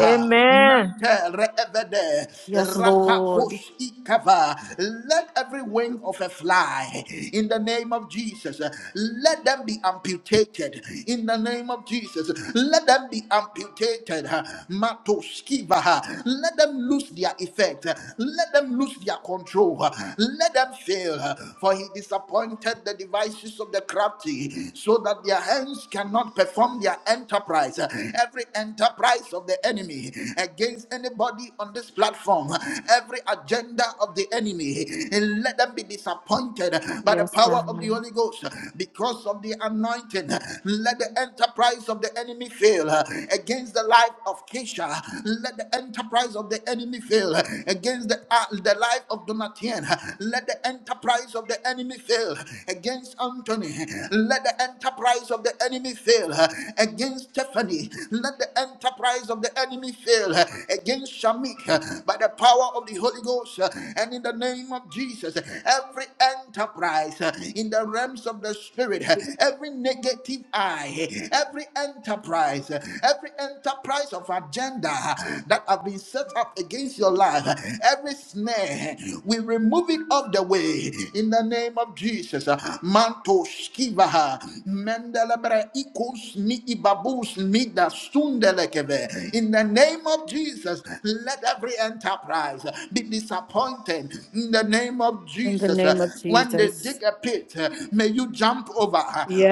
Speaker 3: Amen.
Speaker 1: Mante reevede,
Speaker 5: Yes, Lord.
Speaker 1: rapakos ikava. Let every wing of a fly, in the name of Jesus, uh, let them be amputated. In the name of Jesus, uh, let them be amputated. uh, Matoskivaha. Let them lose their effect. uh, Let them lose their control. uh, Let them fail. uh, for he disappointed the devices of the crafty, so that their hands cannot perform their enterprise. Every enterprise of the enemy against anybody on this platform, every agenda of the enemy, let them be disappointed by the
Speaker 5: Yes,
Speaker 1: power of the
Speaker 5: God.
Speaker 1: Holy Ghost because of the anointing. Let the enterprise of the enemy fail against the life of Keisha. Let the enterprise of the enemy fail against the, uh, the life of Donatien. Let the enterprise of the enemy fail against Anthony. Let the enterprise of the enemy fail against Stephanie. Let the enterprise of the enemy fail against Shamik by the power of the Holy Ghost and in the name of Jesus. Every enterprise in the realms of the spirit, every negative eye, every enterprise, every enterprise of agenda that have been set up against your life, every snare, we remove it off the way in the name of Jesus. Manto skivaha mendelebra ikus mi ibabus mi da sundelekeve. In the name of Jesus, let every enterprise be disappointed. In the name of
Speaker 5: In the
Speaker 1: Jesus,
Speaker 5: name of
Speaker 1: when they
Speaker 5: Jesus.
Speaker 1: dig a pit, may you jump over.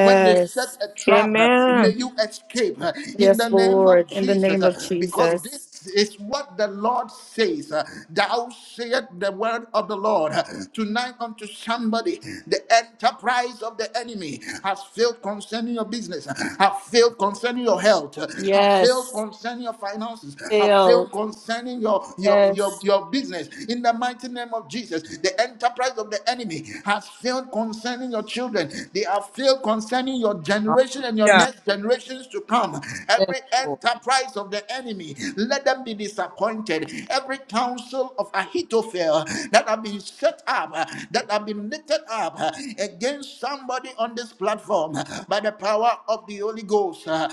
Speaker 1: When they set a trap, may
Speaker 3: Amen.
Speaker 1: you escape. In the
Speaker 5: Yes,
Speaker 1: name of
Speaker 5: Lord. In the
Speaker 1: Jesus,
Speaker 5: name of
Speaker 1: because this
Speaker 5: Jesus.
Speaker 1: it's what the Lord says. Uh, Thou sayest the word of the Lord. Uh, Tonight unto somebody, the enterprise of the enemy has failed concerning your business, uh, have failed concerning your health, uh, have failed
Speaker 5: Yes.
Speaker 1: concerning your finances, have failed
Speaker 5: Filled.
Speaker 1: concerning your, your, your,
Speaker 5: Yes.
Speaker 1: your business. In the mighty name of Jesus, the enterprise of the enemy has failed concerning your children. They have failed concerning your generation and your
Speaker 2: Hallelujah.
Speaker 1: next generations to come.
Speaker 2: Yes,
Speaker 1: Every
Speaker 2: Lord.
Speaker 1: enterprise of the enemy enemy, let them be disappointed. Every counsel of Ahithophel that have been set up, uh, that have been lifted up uh, against somebody on this platform uh, by the power of the Holy Ghost, uh,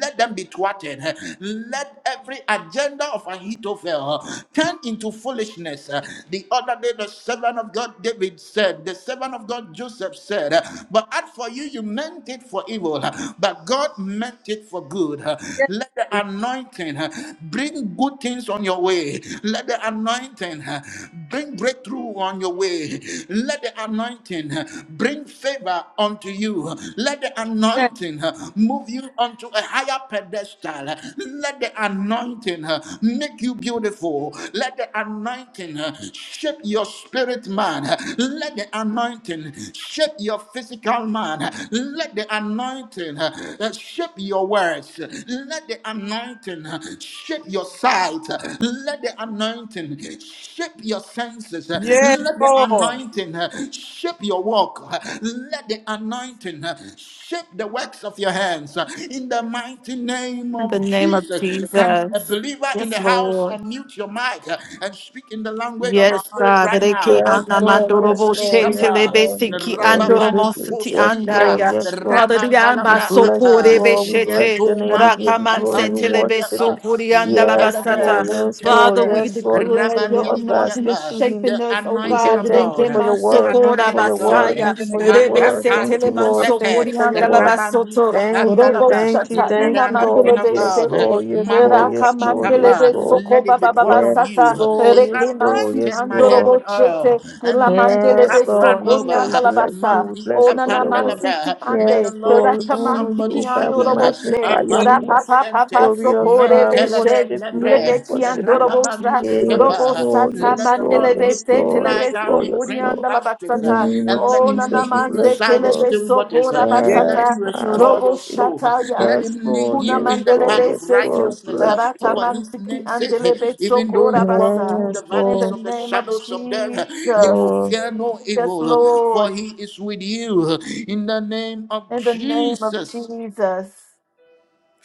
Speaker 1: let them be thwarted. Let every agenda of Ahithophel uh, turn into foolishness. Uh, The other day, the servant of God David said, the servant of God Joseph said, uh, But as for you, you meant it for evil, uh, but God meant it for good. Uh,
Speaker 2: Yes,
Speaker 1: Let the anointing uh, bring good things on your way. Let the anointing uh, bring breakthrough on your way. Let the anointing uh, bring favor unto you. Let the
Speaker 2: yes,
Speaker 1: anointing uh, move you onto a higher pedestal. Let the anointing uh, make you beautiful. Let the anointing uh, shape your spirit man. Let the anointing shape your physical man. Let the anointing uh, shape your words. Let let the anointing uh, shape your sight. uh, Let the anointing shape your senses. uh,
Speaker 2: yes,
Speaker 1: Let the
Speaker 2: Lord.
Speaker 1: anointing uh, shape your walk. uh, Let the anointing uh, shape the works of your hands. uh, In the mighty name
Speaker 5: In the
Speaker 1: of
Speaker 5: name of
Speaker 1: Jesus, can a
Speaker 5: Jesus.
Speaker 1: believer in
Speaker 5: Yes,
Speaker 1: the house
Speaker 5: Lord.
Speaker 1: unmute your mic uh, and speak in the language of the
Speaker 5: Yes,
Speaker 1: Spirit
Speaker 5: God.
Speaker 1: right
Speaker 5: Reki
Speaker 1: now?
Speaker 3: Yes,
Speaker 5: ana
Speaker 3: Lord. Yes,
Speaker 1: Matos
Speaker 5: mandorobo
Speaker 3: Lord. Yes,
Speaker 5: shente lebe
Speaker 1: ikapa.
Speaker 3: Lord. Yes,
Speaker 5: siki
Speaker 3: Lord. Yes, yes,
Speaker 5: andoromo
Speaker 1: Rababandi
Speaker 5: siti
Speaker 3: yes,
Speaker 5: anda
Speaker 1: Kosita,
Speaker 3: Lord.
Speaker 5: ya.
Speaker 3: Yes, Lord.
Speaker 5: Father, the
Speaker 3: We
Speaker 5: amba
Speaker 3: bless you,
Speaker 1: Rabandalabraha,
Speaker 5: sokore be
Speaker 3: Lord. We bless your
Speaker 5: shete.
Speaker 1: Yento
Speaker 3: name. We
Speaker 1: Mandi
Speaker 3: give you
Speaker 5: Rakaman
Speaker 3: glory. We
Speaker 5: sete lebe
Speaker 3: worship
Speaker 1: Kapandibriapa,
Speaker 3: you.
Speaker 5: sokori anda la
Speaker 2: Hallelujah.
Speaker 3: Yes,
Speaker 1: Yepeleve,
Speaker 5: basata.
Speaker 3: Lord. Yes, Lord.
Speaker 5: Father, we
Speaker 3: Yes,
Speaker 1: Monteleve,
Speaker 3: Lord. Use
Speaker 5: declare
Speaker 3: the name
Speaker 5: your
Speaker 3: of God.
Speaker 5: anointing
Speaker 3: Speak
Speaker 5: is
Speaker 3: to
Speaker 1: Rabandibriapa,
Speaker 3: him.
Speaker 5: shaping
Speaker 1: the
Speaker 5: us, oh
Speaker 3: We
Speaker 1: anointing
Speaker 3: say
Speaker 5: God.
Speaker 1: of
Speaker 3: thank you
Speaker 5: Reke
Speaker 3: for
Speaker 1: God,
Speaker 3: your
Speaker 5: man
Speaker 1: the
Speaker 3: word. Thank you
Speaker 5: sokora
Speaker 1: anointing
Speaker 3: for
Speaker 1: of
Speaker 3: your
Speaker 1: God,
Speaker 3: word.
Speaker 5: basaya.
Speaker 2: In
Speaker 3: Thank
Speaker 2: the
Speaker 3: you
Speaker 2: name
Speaker 3: for your
Speaker 5: Rebe
Speaker 3: word.
Speaker 5: sete
Speaker 2: of
Speaker 3: Thank you,
Speaker 5: le
Speaker 1: Makapatu
Speaker 5: man
Speaker 3: Lord. Thank
Speaker 1: Sete,
Speaker 3: you
Speaker 5: sokori
Speaker 3: for your
Speaker 5: anda la
Speaker 3: word.
Speaker 1: Rabandi
Speaker 5: basoto.
Speaker 3: Thank you.
Speaker 5: Robo
Speaker 1: Kapandalabra,
Speaker 3: Thank you.
Speaker 5: shata
Speaker 1: let
Speaker 3: Thank
Speaker 1: the
Speaker 5: ina
Speaker 3: you, Lord.
Speaker 1: anointing of
Speaker 5: mandorobe
Speaker 1: God.
Speaker 3: Yes,
Speaker 1: God.
Speaker 5: sete.
Speaker 3: Lord. Yes, Lord.
Speaker 1: Mantos
Speaker 3: Yes, Lord. Yes,
Speaker 5: Rakamandelebe
Speaker 1: ikapa.
Speaker 3: Lord.
Speaker 5: soko
Speaker 1: Let it be
Speaker 5: baba baba
Speaker 1: poured
Speaker 3: Yes,
Speaker 1: on you.
Speaker 5: sata
Speaker 3: Lord.
Speaker 1: He
Speaker 3: Yes, Lord.
Speaker 5: rekemansi
Speaker 3: Yes,
Speaker 1: anointed my head
Speaker 3: Lord.
Speaker 5: andorobo
Speaker 1: with oil
Speaker 5: chete
Speaker 1: and let your
Speaker 3: Yes,
Speaker 1: cup
Speaker 5: lamandelebe
Speaker 1: run
Speaker 3: Lord.
Speaker 5: soko
Speaker 3: Yes,
Speaker 1: over.
Speaker 3: Lord. We
Speaker 5: riandala
Speaker 3: bless you.
Speaker 5: basa
Speaker 3: We
Speaker 1: Mandi
Speaker 3: bless you
Speaker 5: ona
Speaker 3: for
Speaker 5: na
Speaker 1: kapa
Speaker 3: your word.
Speaker 5: mansi
Speaker 1: nalaba. May the
Speaker 3: Yes,
Speaker 5: timande
Speaker 1: Lord
Speaker 3: Lord.
Speaker 1: be
Speaker 3: We honor you,
Speaker 1: somebody's
Speaker 5: rakamandiki
Speaker 3: oh God. We
Speaker 1: shepherd.
Speaker 5: andorobo she
Speaker 2: in
Speaker 3: magnify
Speaker 2: the
Speaker 3: your
Speaker 2: name-
Speaker 3: name.
Speaker 5: rapapa papa
Speaker 1: Apakusente.
Speaker 3: Glorious
Speaker 5: soko
Speaker 3: God. We
Speaker 5: rebe
Speaker 1: Mentelebe
Speaker 5: she
Speaker 3: worship you, Lord. We
Speaker 1: lebre.
Speaker 5: lebeki
Speaker 3: worship you.
Speaker 5: andorobo sha
Speaker 1: Rababandus
Speaker 3: Yes,
Speaker 5: robo
Speaker 1: kepa.
Speaker 3: Lord.
Speaker 5: sata
Speaker 1: Let
Speaker 3: Yes,
Speaker 1: the
Speaker 3: Lord.
Speaker 1: Lord
Speaker 5: mandelebe
Speaker 3: Yes,
Speaker 1: make you
Speaker 3: Lord.
Speaker 1: lie
Speaker 3: Yes,
Speaker 5: tetelebe
Speaker 1: down
Speaker 3: Lord.
Speaker 1: in
Speaker 5: soko
Speaker 3: Yes,
Speaker 1: green
Speaker 3: Lord.
Speaker 5: riandala
Speaker 1: pastures,
Speaker 3: In
Speaker 1: uh,
Speaker 3: the
Speaker 5: basata
Speaker 3: name of
Speaker 1: and let him
Speaker 5: onana
Speaker 3: Jesus,
Speaker 1: lead
Speaker 3: we
Speaker 1: you
Speaker 3: bless
Speaker 5: manse
Speaker 3: you,
Speaker 1: beside the
Speaker 3: Lord.
Speaker 5: kelebe
Speaker 1: still waters.
Speaker 5: soko
Speaker 1: uh,
Speaker 2: yes.
Speaker 1: Let him
Speaker 5: rabasata
Speaker 3: Yes,
Speaker 1: restore
Speaker 5: robo
Speaker 1: your
Speaker 3: hallelujah.
Speaker 1: soul. uh,
Speaker 5: shata ya
Speaker 1: Let him
Speaker 3: Yes,
Speaker 1: lead
Speaker 3: Lord.
Speaker 1: you
Speaker 5: Kuna
Speaker 1: in
Speaker 3: Yes,
Speaker 1: the
Speaker 5: mandele
Speaker 3: Lord.
Speaker 1: path of
Speaker 3: Yes,
Speaker 5: besete
Speaker 3: Lord.
Speaker 1: righteousness. uh,
Speaker 3: Bless you,
Speaker 1: For his
Speaker 5: Aratamanti
Speaker 1: name's sake,
Speaker 5: andelebe
Speaker 1: Uh, even though you walk
Speaker 5: sokorabasa.
Speaker 3: Lord.
Speaker 1: through the
Speaker 3: Yes,
Speaker 5: In
Speaker 1: valleys
Speaker 5: the
Speaker 3: Lord.
Speaker 1: of the
Speaker 5: name of
Speaker 1: shadows of death, uh, you
Speaker 5: Jesus.
Speaker 1: will
Speaker 3: Lord.
Speaker 1: fear no evil,
Speaker 5: Yes,
Speaker 1: uh, for
Speaker 5: Lord.
Speaker 1: he is with you. Uh, In the name of
Speaker 5: In the name of
Speaker 1: Jesus.
Speaker 5: Jesus.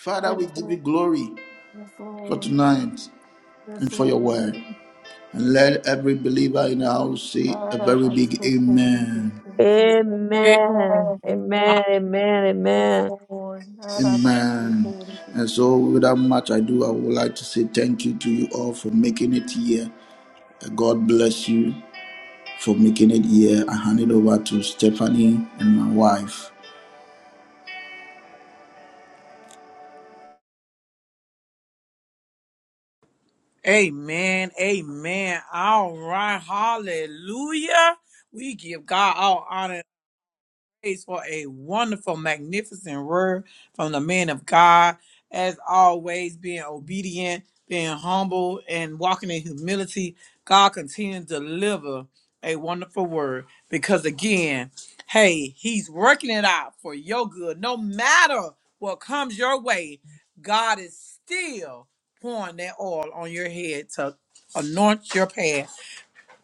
Speaker 1: Father, we
Speaker 5: Yes,
Speaker 1: give you
Speaker 5: Lord.
Speaker 1: glory
Speaker 5: Yes,
Speaker 1: for
Speaker 5: Lord.
Speaker 1: tonight and
Speaker 5: Yes,
Speaker 1: for your
Speaker 5: Lord.
Speaker 1: word. And let every believer in the house say a very big amen.
Speaker 5: Arabasokoribesete.
Speaker 2: Hey,
Speaker 3: Amen.
Speaker 5: Amen.
Speaker 2: uh,
Speaker 3: Amen.
Speaker 5: Amen.
Speaker 3: Amen.
Speaker 5: Yes,
Speaker 3: Amen.
Speaker 5: Lord.
Speaker 1: Amen.
Speaker 5: Arabasokoribesete.
Speaker 1: And so, without much ado, I would like to say thank you to you all for making it here. Uh, God bless you for making it here. I hand it over to Stephanie and my wife.
Speaker 2: Amen. Amen. All right. Hallelujah. We give God all honor. praise for a wonderful, magnificent word from the man of God. As always, being obedient, being humble, and walking in humility, God continues to deliver a wonderful word because, again, hey, He's working it out for your good. No matter what comes your way, God is still pouring that oil on your head to anoint your path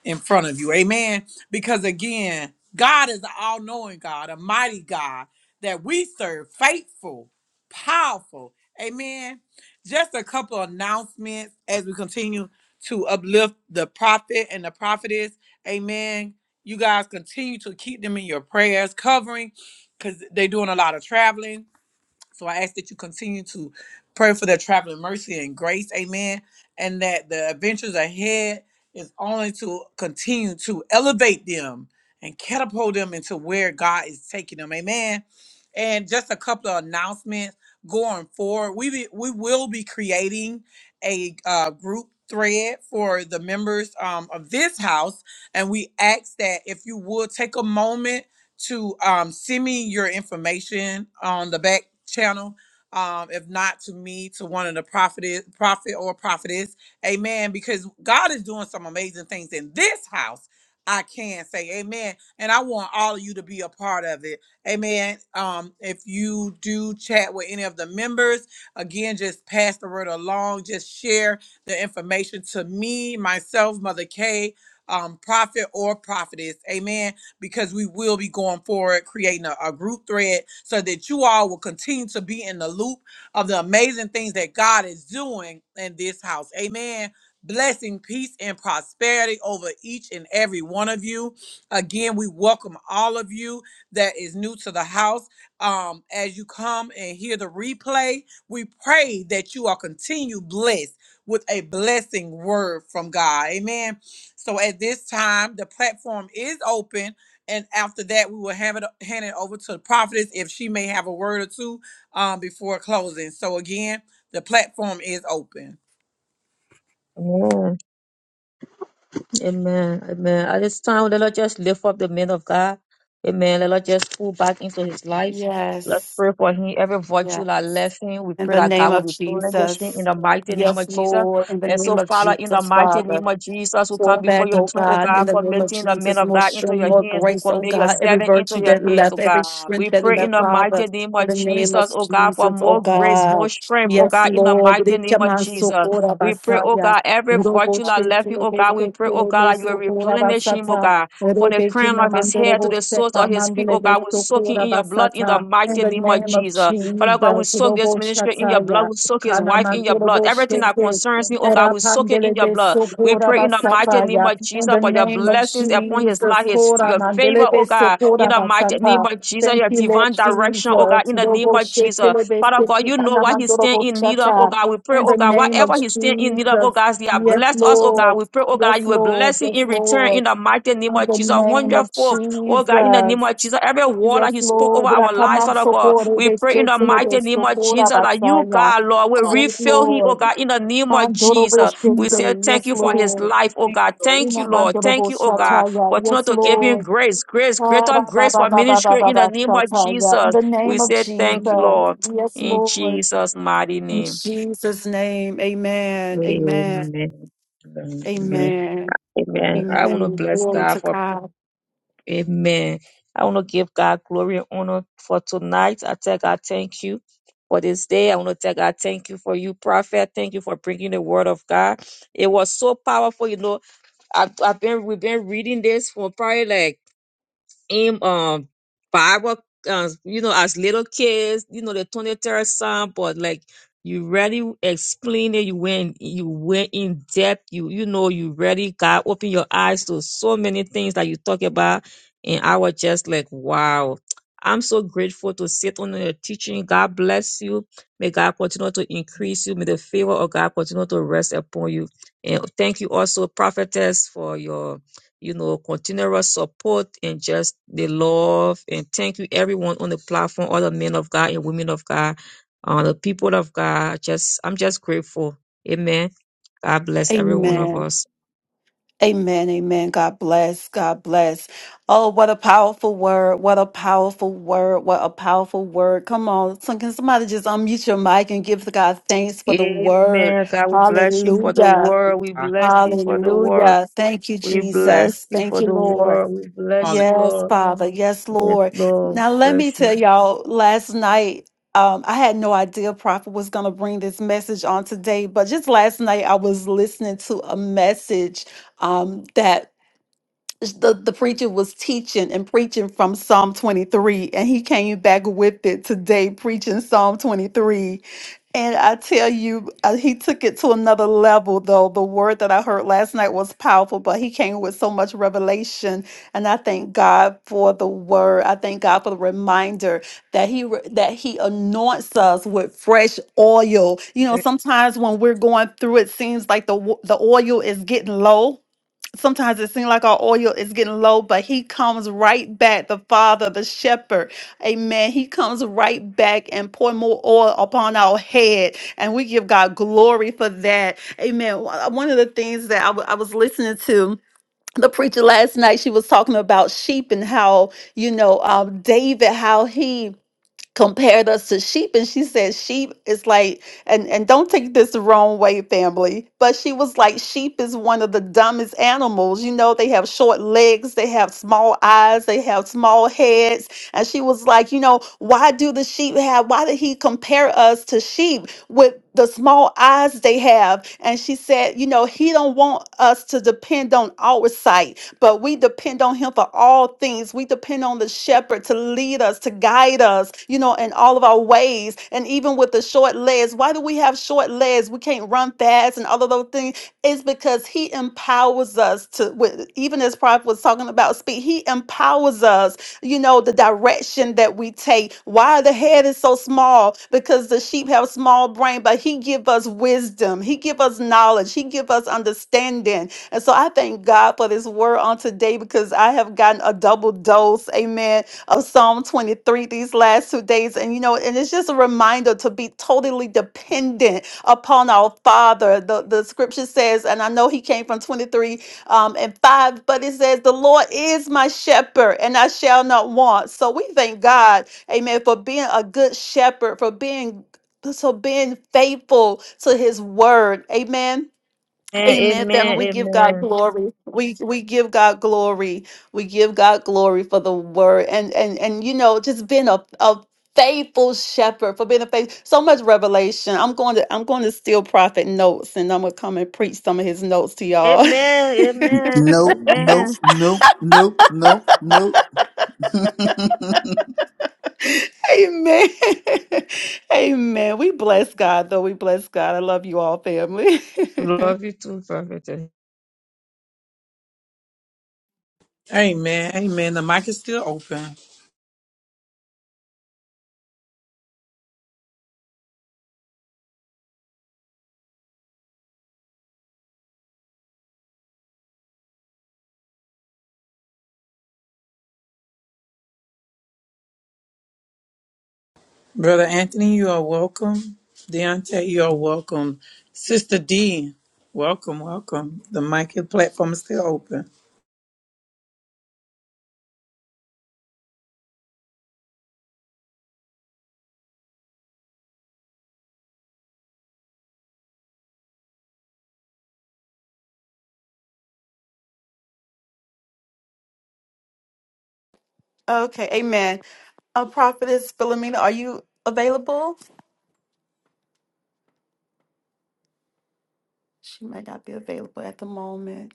Speaker 2: in front of you. Amen. Because again, God is an all knowing God, a mighty God that we serve, faithful, powerful. Amen. Just a couple of announcements as we continue to uplift the prophet and the prophetess. Amen. You guys continue to keep them in your prayers, covering because they're doing a lot of traveling so I ask that you continue to pray for their traveling mercy and grace, amen, and that the adventures ahead is only to continue to elevate them and catapult them into where God is taking them, amen. And just a couple of announcements going forward. We be, we will be creating a uh, group thread for the members um, of this house, and we ask that if you would take a moment to um, send me your information on the back channel. Um, if not to me, to one of the prophetess, prophet or prophetess, amen. Because God is doing some amazing things in this house. I can say amen. And I want all of you to be a part of it. Amen. Um, if you do chat with any of the members, again, just pass the word along. Just share the information to me, myself, Mother K, um, prophet or prophetess. Amen because we will be going forward creating a, a group thread so that you all will continue to be in the loop of the amazing things that God is doing in this house. Amen. Blessing, peace, and prosperity over each and every one of you. Again, we welcome all of you that is new to the house. Um, as you come and hear the replay, we pray that you are continue blessed with a blessing word from God. Amen. So at this time, the platform is open and after that we will have it hand it over to the prophetess if she may have a word or two um before closing so again the platform is open
Speaker 3: Amen. Amen. Amen. At this time, let us just lift up the man of God. Amen. Let us just pull back into his life. Let's
Speaker 5: Yes.
Speaker 3: pray for him. Every virtue
Speaker 5: Yes.
Speaker 3: that left him, we
Speaker 5: In
Speaker 3: pray
Speaker 5: the
Speaker 3: that
Speaker 5: name
Speaker 3: God will
Speaker 5: of
Speaker 3: replenish him in
Speaker 5: Jesus.
Speaker 3: the mighty name of
Speaker 5: Yes,
Speaker 3: Jesus.
Speaker 5: Lord. In the
Speaker 3: And so,
Speaker 5: name of
Speaker 3: Father, in the
Speaker 5: Jesus,
Speaker 3: mighty
Speaker 5: Father.
Speaker 3: name of Jesus, who come
Speaker 5: Pour
Speaker 3: before
Speaker 5: back,
Speaker 3: your
Speaker 5: oh
Speaker 3: throne, oh
Speaker 5: God, in
Speaker 3: God,
Speaker 5: the name of
Speaker 3: committing the men
Speaker 5: Jesus,
Speaker 3: of
Speaker 5: more
Speaker 3: God into
Speaker 5: strength,
Speaker 3: your
Speaker 5: more
Speaker 3: hands, who
Speaker 5: grace, oh
Speaker 3: commit your
Speaker 5: God, every
Speaker 3: servant into
Speaker 5: virtue
Speaker 3: your
Speaker 5: that
Speaker 3: hands,
Speaker 5: left,
Speaker 3: oh
Speaker 5: every
Speaker 3: God.
Speaker 5: strength
Speaker 3: We
Speaker 5: that
Speaker 3: pray in
Speaker 5: left,
Speaker 3: the
Speaker 5: Father,
Speaker 3: mighty name
Speaker 5: in
Speaker 3: of
Speaker 5: the name of
Speaker 3: Jesus, oh God, for
Speaker 5: Jesus, oh
Speaker 3: more grace, more
Speaker 5: God.
Speaker 3: strength, oh
Speaker 5: Yes,
Speaker 3: God, in the
Speaker 5: Lord.
Speaker 3: mighty name of Jesus.
Speaker 5: Rikyamasokora
Speaker 3: We pray, oh
Speaker 5: basaya.
Speaker 3: God, every virtue that
Speaker 5: Roboche
Speaker 3: left him, oh God, we
Speaker 5: tulebese
Speaker 3: pray, oh God, that you will
Speaker 5: tulebesokora
Speaker 3: replenish him, oh
Speaker 5: basata.
Speaker 3: God, from the crown
Speaker 5: Rebekina
Speaker 3: of his head to the
Speaker 5: mandoroboche
Speaker 3: soles of his feet, oh God, we soak him
Speaker 5: kamandelebesokora
Speaker 3: in your blood in the
Speaker 5: basata. In
Speaker 3: mighty
Speaker 5: the
Speaker 3: name of
Speaker 5: name of
Speaker 3: Jesus. Father God, we
Speaker 5: Jesus,
Speaker 3: soak this ministry in your blood,
Speaker 5: Roboshataya,
Speaker 3: we soak his
Speaker 5: Kana
Speaker 3: wife in your blood. Everything that
Speaker 5: Mandoroboshete,
Speaker 3: concerns him, oh God, we soak it in your
Speaker 5: Erapandelebe
Speaker 3: blood. We
Speaker 5: sokora
Speaker 3: pray in the mighty name
Speaker 5: basataya.
Speaker 3: of
Speaker 5: In
Speaker 3: Jesus
Speaker 5: the
Speaker 3: for your
Speaker 5: name of
Speaker 3: blessings upon his
Speaker 5: Jesus.
Speaker 3: life, his
Speaker 5: Kora
Speaker 3: your favor,
Speaker 5: mandelebe
Speaker 3: oh God, in
Speaker 5: sokora
Speaker 3: the mighty name
Speaker 5: basata.
Speaker 3: of Jesus,
Speaker 5: Thank
Speaker 3: your
Speaker 5: you, Lord
Speaker 3: divine direction, oh God,
Speaker 5: Jesus.
Speaker 3: in the name
Speaker 5: Robo
Speaker 3: of Jesus.
Speaker 5: shetelebe
Speaker 3: Father God,
Speaker 5: seki
Speaker 3: you know what he's standing
Speaker 5: anamandorobo
Speaker 3: in need of, oh
Speaker 5: shata.
Speaker 3: God. We pray,
Speaker 5: In
Speaker 3: oh
Speaker 5: the
Speaker 3: God,
Speaker 5: name of
Speaker 3: whatever he's standing in need of, oh
Speaker 5: Jesus.
Speaker 3: God, as he has
Speaker 5: Yes,
Speaker 3: blessed us, oh God.
Speaker 5: Lord.
Speaker 3: We pray, oh God, you
Speaker 5: Yes,
Speaker 3: will
Speaker 5: Lord.
Speaker 3: bless him
Speaker 5: Yes,
Speaker 3: in return in
Speaker 5: Lord.
Speaker 3: the mighty name
Speaker 5: In
Speaker 3: of
Speaker 5: the
Speaker 3: Jesus,
Speaker 5: name of
Speaker 3: hundredfold, oh God, in the name
Speaker 5: Jesus.
Speaker 3: of Jesus. Every word that
Speaker 5: Yes,
Speaker 3: he spoke over
Speaker 5: Lord.
Speaker 3: our lives,
Speaker 5: Rakama
Speaker 3: Father God,
Speaker 5: sokore
Speaker 3: we pray in the
Speaker 5: beshetelebe
Speaker 3: mighty name of Jesus
Speaker 5: sokora
Speaker 3: that you,
Speaker 5: basaya.
Speaker 3: God, Lord, will
Speaker 5: Yes,
Speaker 3: refill him, oh
Speaker 5: Lord.
Speaker 3: God, in the name of
Speaker 5: Mandorobo
Speaker 3: Jesus. We say
Speaker 5: Shete,
Speaker 3: thank
Speaker 5: yes,
Speaker 3: you for his
Speaker 5: Lord.
Speaker 3: life, oh God. Thank
Speaker 5: Ina
Speaker 3: you, Lord.
Speaker 5: mandorobo
Speaker 3: Thank you, oh God.
Speaker 5: Shataya,
Speaker 3: Continue
Speaker 5: yes,
Speaker 3: to give him
Speaker 5: Lord.
Speaker 3: grace, grace, greater
Speaker 5: Kara ba
Speaker 3: grace
Speaker 5: ba
Speaker 3: for
Speaker 5: ba ba ba
Speaker 3: ministry
Speaker 5: ba
Speaker 3: in the
Speaker 5: ba
Speaker 3: name of
Speaker 5: Shataya. In
Speaker 3: Jesus.
Speaker 5: the
Speaker 3: We
Speaker 5: name of
Speaker 3: say thank you, Lord.
Speaker 5: Jesus, yes,
Speaker 3: In
Speaker 5: Lord.
Speaker 3: Jesus' mighty
Speaker 5: In
Speaker 3: name.
Speaker 5: Jesus' name, amen, amen,
Speaker 3: Amen. Amen.
Speaker 5: amen,
Speaker 3: Amen. I want to
Speaker 5: amen.
Speaker 3: bless
Speaker 5: Glory
Speaker 3: God
Speaker 5: to
Speaker 3: for
Speaker 5: God,
Speaker 3: Amen. I want to give God glory and honor for tonight. I tell God thank you for this day. I want to tell God thank you for you, prophet. Thank you for bringing the word of God. It was so powerful. You know, I've, I've been we've been reading this for probably like in um Bible, uh, you know, as little kids, you know, the 23rd song, but like you really explain it, you went you went in depth, you you know, you really got open your eyes to so many things that you talk about, and I was just like, wow. I'm so grateful to sit under your teaching. God bless you. May God continue to increase you. May the favor of God continue to rest upon you. And thank you also, prophetess, for your you know, continual support and just the love. And thank you everyone on the platform, all the men of God and women of God, uh, the people of God. Just I'm just grateful. Amen. God bless every one of
Speaker 5: amen.
Speaker 3: us.
Speaker 5: Amen, amen. God bless, God bless. Oh, what a powerful word. What a powerful word. What a powerful word. Come on. so- Can somebody just unmute your mic and give God thanks for the word?
Speaker 3: Amen. God, we bless you for the
Speaker 5: Hallelujah.
Speaker 3: word. We bless you for the word.
Speaker 5: Hallelujah. Thank you,
Speaker 3: We bless
Speaker 5: Jesus.
Speaker 3: you
Speaker 5: Thank
Speaker 3: for
Speaker 5: you,
Speaker 3: the
Speaker 5: Lord.
Speaker 3: word. We bless
Speaker 2: Hallelujah.
Speaker 3: you,
Speaker 5: Yes,
Speaker 3: Lord.
Speaker 5: Father. Yes,
Speaker 3: Yes,
Speaker 5: Lord.
Speaker 3: Lord.
Speaker 5: Now, let me
Speaker 3: Bless you.
Speaker 5: tell y'all, last night, um, I had no idea Prophet was going to bring this message on today, but just last night, I was listening to a message um, that the, the preacher was teaching and preaching from Psalm 23, and he came back with it today, preaching Psalm 23. And I tell you, uh, he took it to another level, though. The word that I heard last night was powerful, but he came with so much revelation. And I thank God for the word. I thank God for the reminder that he re- that he anoints us with fresh oil. You know, sometimes when we're going through, it seems like the wo- the oil is getting low sometimes it seems like our oil is getting low, but he comes right back, the Father, the Shepherd. Amen. He comes right back and pour more oil upon our head. And we give God glory for that. Amen. One of the things that I wa- I was listening to. The preacher last night, she was talking about sheep and how, you know, um, David, how he compared us to sheep and she said sheep is like and and don't take this the wrong way family but she was like sheep is one of the dumbest animals you know they have short legs they have small eyes they have small heads and she was like you know why do the sheep have why did he compare us to sheep with the small eyes they have and she said you know he don't want us to depend on our sight but we depend on him for all things. We depend on the shepherd to lead us, to guide us, you know, in all of our ways. And even with the short legs, why do we have short legs? We can't run fast and all of those things. It's because he empowers us to, with, even as Prophet was talking about, speak, he empowers us you know, the direction that we take. Why the head is so small? Because the sheep have small brain, but he give us wisdom. He give us knowledge. He give us understanding. And so I thank God for this word on today because I have gotten a double dose, amen, of Psalm 23 these last two days. And you know, and it's just a reminder to be totally dependent upon our Father. The, the scripture says, and I know he came from 23 um, and 5, but it says, The Lord is my shepherd, and I shall not want. So we thank God, amen, for being a good shepherd, for being so being faithful to his word. Amen Amen, family.
Speaker 3: Amen.
Speaker 5: We give God
Speaker 3: Amen.
Speaker 5: glory. We we give God glory. We give God glory for the word and and and you know just being a, a faithful shepherd for being a faith. So much revelation. I'm going to I'm going to steal prophet notes and I'm gonna come and preach some of his notes to
Speaker 3: Amen.
Speaker 5: y'all.
Speaker 3: Amen. Amen.
Speaker 1: No, no,
Speaker 3: Amen.
Speaker 1: no, no, no, no.
Speaker 5: Amen. Amen. We bless God though. We bless God. I love you all, family.
Speaker 3: Love you too, Prophet.
Speaker 2: amen amen the mic is still open brother anthony you are welcome deontay you are welcome sister d welcome welcome the mic and platform is still open
Speaker 5: okay. Amen. A prophetess Philomena, are you available? She might not be available at the moment.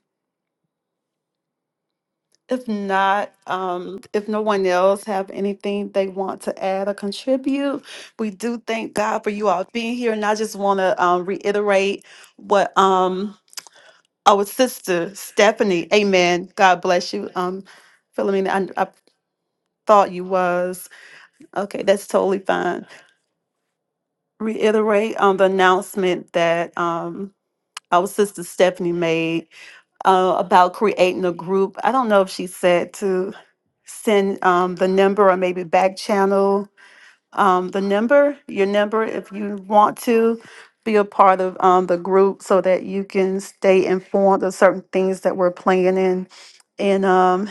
Speaker 5: If not, um, if no one else have anything they want to add or contribute, we do thank God for you all being here. And I just want to um, reiterate what um, our sister Stephanie, Amen. God bless you, um, Philomena. I, I thought you was okay. That's totally fine. Reiterate on the announcement that um, our sister Stephanie made uh, about creating a group. I don't know if she said to send um, the number or maybe back channel um, the number, your number, if you want to be a part of um, the group so that you can stay informed of certain things that we're planning. And um,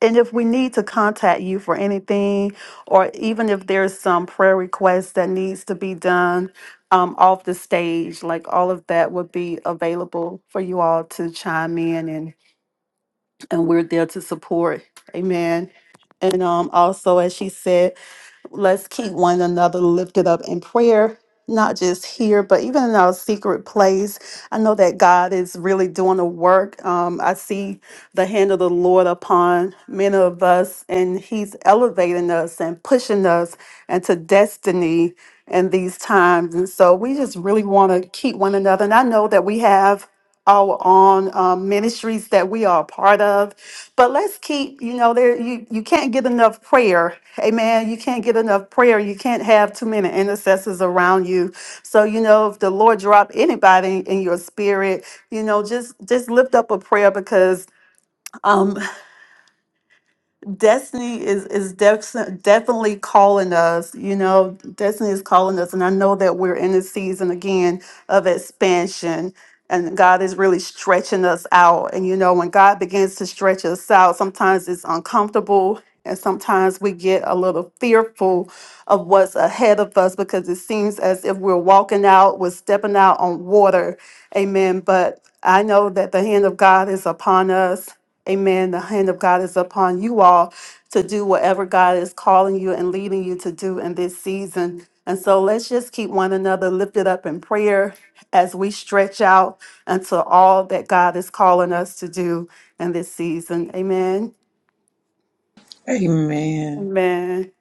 Speaker 5: and if we need to contact you for anything, or even if there's some prayer request that needs to be done um, off the stage, like all of that would be available for you all to chime in and and we're there to support. Amen. And um, also, as she said, let's keep one another lifted up in prayer, not just here, but even in our secret place. I know that God is really doing a work. Um, I see the hand of the Lord upon many of us, and He's elevating us and pushing us into destiny in these times. And so we just really want to keep one another. And I know that we have our own um, ministries that we are a part of but let's keep you know there you you can't get enough prayer amen you can't get enough prayer you can't have too many intercessors around you so you know if the lord drop anybody in your spirit you know just just lift up a prayer because um destiny is is def- definitely calling us you know destiny is calling us and i know that we're in a season again of expansion and god is really stretching us out and you know when god begins to stretch us out sometimes it's uncomfortable and sometimes we get a little fearful of what's ahead of us because it seems as if we're walking out we're stepping out on water amen but i know that the hand of god is upon us Amen. The hand of God is upon you all to do whatever God is calling you and leading you to do in this season. And so let's just keep one another lifted up in prayer as we stretch out unto all that God is calling us to do in this season. Amen.
Speaker 2: amen
Speaker 5: Amen.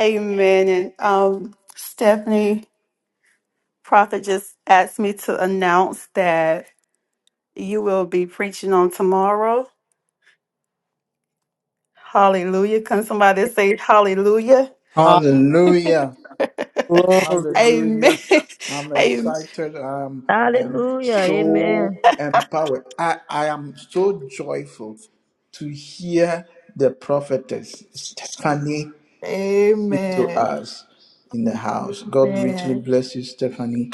Speaker 5: Amen. And um, Stephanie, Prophet just asked me to announce that you will be preaching on tomorrow. Hallelujah. Can somebody say hallelujah?
Speaker 1: Hallelujah.
Speaker 2: glory
Speaker 5: Amen.
Speaker 1: Hallelujah. I'm
Speaker 5: Amen.
Speaker 1: excited. Um, I am
Speaker 3: Hallelujah.
Speaker 1: so
Speaker 3: Amen.
Speaker 1: empowered. I, I am so joyful to hear the prophetess Stephanie speak to
Speaker 5: Amen.
Speaker 1: us in the house. God richly
Speaker 5: Amen.
Speaker 1: bless you, Stephanie.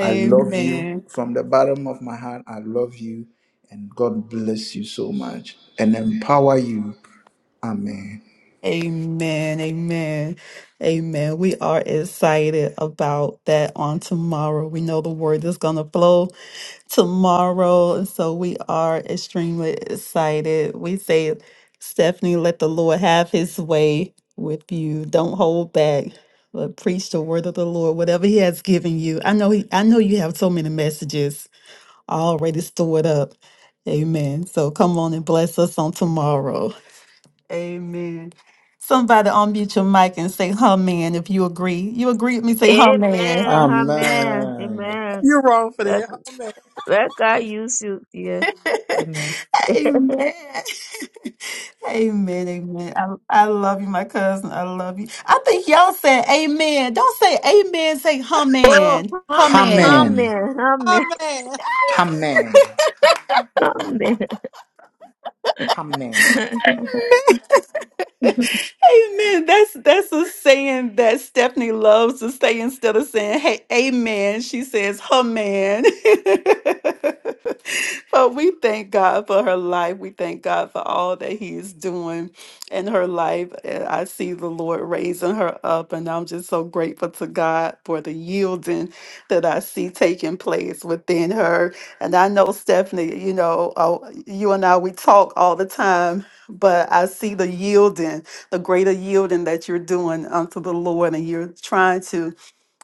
Speaker 1: I love you from the bottom of my heart. I love you, and God bless you so much and empower you. Amen.
Speaker 5: Amen. Amen. Amen. We are excited about that on tomorrow. We know the word is going to flow tomorrow. And so we are extremely excited. We say, Stephanie, let the Lord have his way with you. Don't hold back. But preach the word of the Lord, whatever He has given you. I know He, I know you have so many messages already stored up. Amen. So come on and bless us on tomorrow. Amen. Somebody unmute your mic and say, huh, man, if you agree. You agree with me, say, huh, man.
Speaker 3: Amen. Amen.
Speaker 1: Amen.
Speaker 3: Amen. Let, let God use you, dear. Amen.
Speaker 5: Amen. Amen. Amen. I, I love you, my cousin. I love you. I think y'all said amen. Don't say amen. Say, huh,
Speaker 3: Oh,
Speaker 5: man. Huh, man.
Speaker 1: Amen.
Speaker 3: amen. Amen.
Speaker 2: Amen.
Speaker 1: Amen.
Speaker 3: Amen.
Speaker 1: Amen.
Speaker 5: Hey, Amen. That's that's a saying that Stephanie loves to say instead of saying hey amen, she says her man. but we thank God for her life. We thank God for all that He is doing in her life. And I see the Lord raising her up, and I'm just so grateful to God for the yielding that I see taking place within her. And I know Stephanie, you know, uh, you and I we talk all the time but I see the yielding, the greater yielding that you're doing unto the Lord, and you're trying to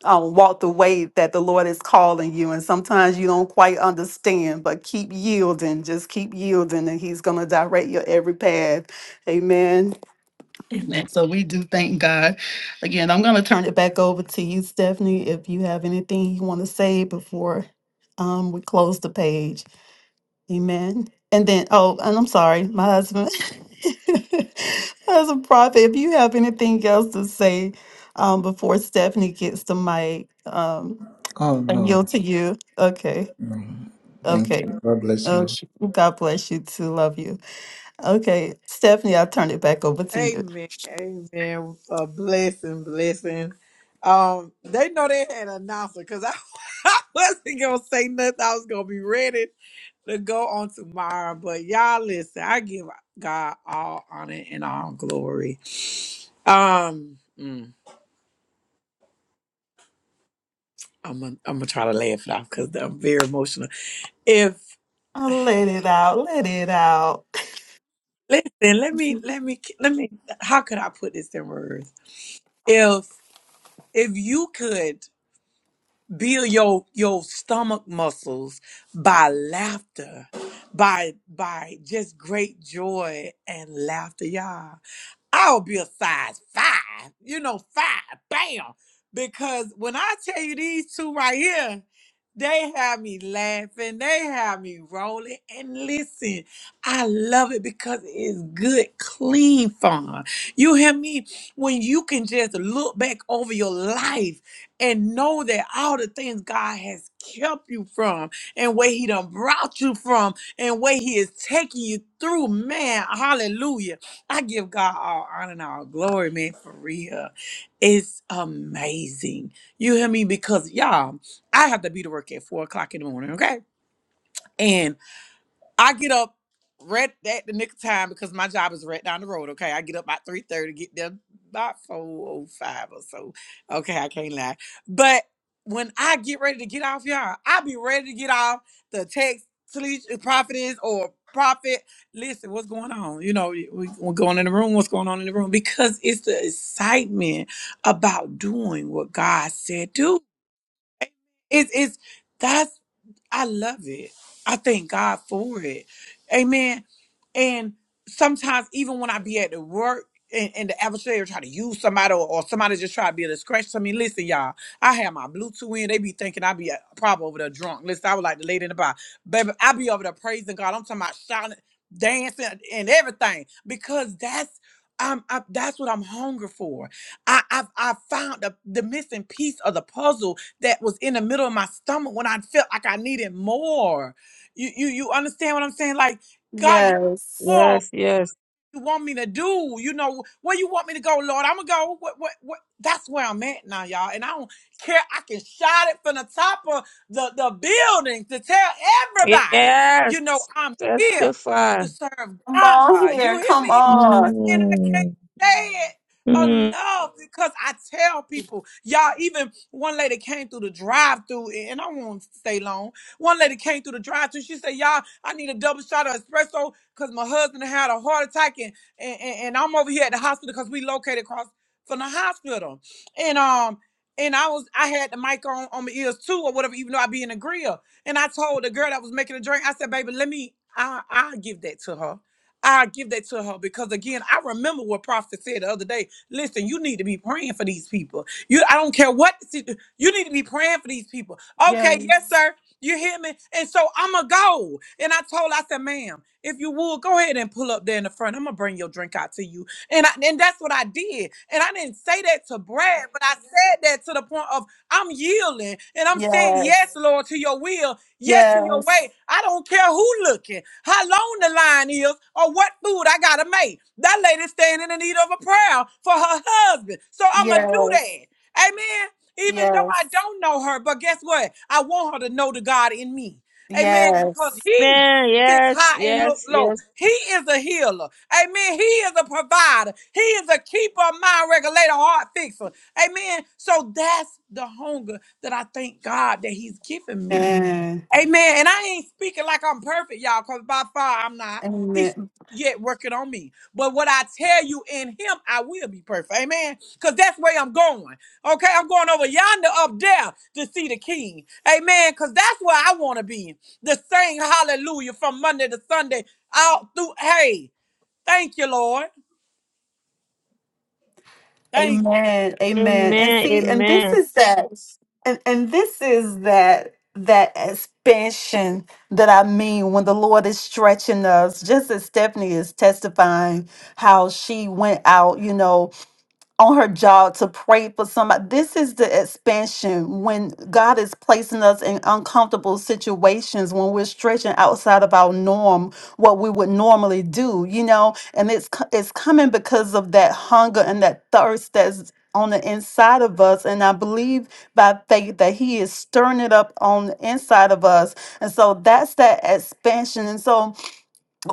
Speaker 5: um, walk the way that the Lord is calling you. And sometimes you don't quite understand, but keep yielding, just keep yielding, and He's going to direct your every path. Amen. Amen. So we do thank God. Again, I'm going to turn it back over to you, Stephanie, if you have anything you want to say before um, we close the page. Amen. And then, oh, and I'm sorry, my husband, as a prophet, if you have anything else to say um, before Stephanie gets the mic, um,
Speaker 1: Oh
Speaker 5: I
Speaker 1: no.
Speaker 5: yield to you. Okay.
Speaker 1: Mm. Thank
Speaker 5: Okay.
Speaker 1: you. God bless
Speaker 5: Oh,
Speaker 1: you.
Speaker 5: sh- God bless you too. Love you. Okay. Stephanie, I'll turn it back over to you.
Speaker 2: Amen. Amen. A blessing, blessing. Um, they know they had an announcer because I, I wasn't gonna say nothing. I was gonna be ready to go on tomorrow. But y'all listen, I give God all honor and all glory. Um, mm, I'm gonna I'm gonna try to laugh it off because I'm very emotional. If
Speaker 5: Oh, let it out. Let it out.
Speaker 2: listen, let me let me let me how could I put this in words? If if you could build your your stomach muscles by laughter by by just great joy and laughter y'all I'll be a size five, you know, five, bam. Because when I tell you these two right here, they have me laughing, they have me rolling. And listen, I love it because it's good, clean fun. You hear me? When you can just look back over your life and know that all the things God has kept you from and where He done brought you from and where He is taking you through, man, hallelujah I give God all honor and all glory, man, for real. It's amazing. You hear me? Because y'all, I have to be to work at four o'clock in the morning, okay? And I get up right at the nick of time because my job is right down the road. Okay, I get up about three thirty, get there about four oh five or so. Okay, I can't lie. But when I get ready to get off, y'all, I be ready to get off the text, sleep, uh, prophetess or prophet. Listen, what's going on? You know, we, we're going in the room. What's going on in the room? Because it's the excitement about doing what God said do. It's it's that's I love it. I thank God for it. Amen and sometimes even when I be at the work and, and the adversary try to use somebody or, or somebody just try to be a scratch to me. Listen, y'all, I have my Bluetooth in. They be thinking I be uh, probably over there drunk. Listen, I was like the lady in the bar. Baby, I be over there praising God. I'm talking about shouting, dancing, and everything. Because that's I'm, I, that's what I'm hungry for. I I've, I found the, the missing piece of the puzzle that was in the middle of my stomach when I felt like I needed more. You you you understand what I'm saying? Like God.
Speaker 5: Yes.
Speaker 2: Oh,
Speaker 3: yes, yes.
Speaker 2: what you want me to do? You know where you want me to go, Lord? I'm gonna go. What? What? What? That's where I'm at now, y'all. And I don't care. I can shout it from the top of the the building to tell everybody. You know
Speaker 3: Yes.
Speaker 2: I'm here
Speaker 3: Testify.
Speaker 2: to serve
Speaker 5: Come on
Speaker 2: God. You
Speaker 5: here.
Speaker 2: hear
Speaker 5: Come
Speaker 2: me?
Speaker 5: on.
Speaker 2: and I can't
Speaker 3: Mm.
Speaker 2: say it
Speaker 3: Mm.
Speaker 2: enough because I tell people, y'all. Even one lady came through the drive-through, and I won't stay long. One lady came through the drive-through. She said, "Y'all, I need a double shot of espresso because my husband had a heart attack, and and, and and I'm over here at the hospital because we located across from the hospital." And um. And I was, I had the mic on on my ears too, or whatever. Even though I be in the grill, and I told the girl that was making the drink, I said, "Baby, let me, I I give that to her." I give that to her because again, I remember what Prophet said the other day. Listen, you need to be praying for these people. You, I don't care what the situ- you need to be praying for these people.
Speaker 5: Yes.
Speaker 2: Okay, yes, sir. You hear me? And so I'ma go. And I told, her, I said, ma'am, if you would, go ahead and pull up there in the front. I'm gonna bring your drink out to you. And I, and that's what I did. And I didn't say that to brag, but I said that to the point of I'm yielding and I'm saying yes,
Speaker 5: Yes.
Speaker 2: Lord, to your will Yes to your
Speaker 5: Yes.
Speaker 2: way. I don't care who looking, how long the line is, or what food I gotta make. That lady standing in need of a prayer for her husband. So I'ma do
Speaker 5: Yes.
Speaker 2: that. Amen. Even though I
Speaker 5: Yes.
Speaker 2: don't know her, but guess what? I want her to know the God in me. Amen. Because
Speaker 5: Yes.
Speaker 2: he
Speaker 3: Amen.
Speaker 2: sits
Speaker 3: Yes,
Speaker 2: high and look
Speaker 3: yes,
Speaker 2: low.
Speaker 3: yes.
Speaker 2: He is a healer. Amen. He is a provider. He is a keeper, mind regulator, heart fixer. Amen. So that's the hunger that I thank God that He's given me.
Speaker 5: Amen.
Speaker 2: Amen. And I ain't speaking like I'm perfect, y'all, because by far I'm not. He's
Speaker 5: Amen.
Speaker 2: yet working on me. But what I tell you in him, I will be perfect. Amen. Because that's where I'm going. Okay. I'm going over yonder up there to see the king. Amen. Because that's where I want to be. The same hallelujah from Monday to Sunday. Out through hey, thank you, Lord. Thank you.
Speaker 5: Amen. Amen. And
Speaker 3: Amen.
Speaker 5: see, and this
Speaker 3: Amen.
Speaker 5: is that and, and this is that that expansion that I mean when the Lord is stretching us, just as Stephanie is testifying how she went out, you know, on her job to pray for somebody. This is the expansion when God is placing us in uncomfortable situations when we're stretching outside of our norm, what we would normally do, you know. And it's co- it's coming because of that hunger and that thirst that's on the inside of us. And I believe by faith that He is stirring it up on the inside of us. And so that's that expansion. And so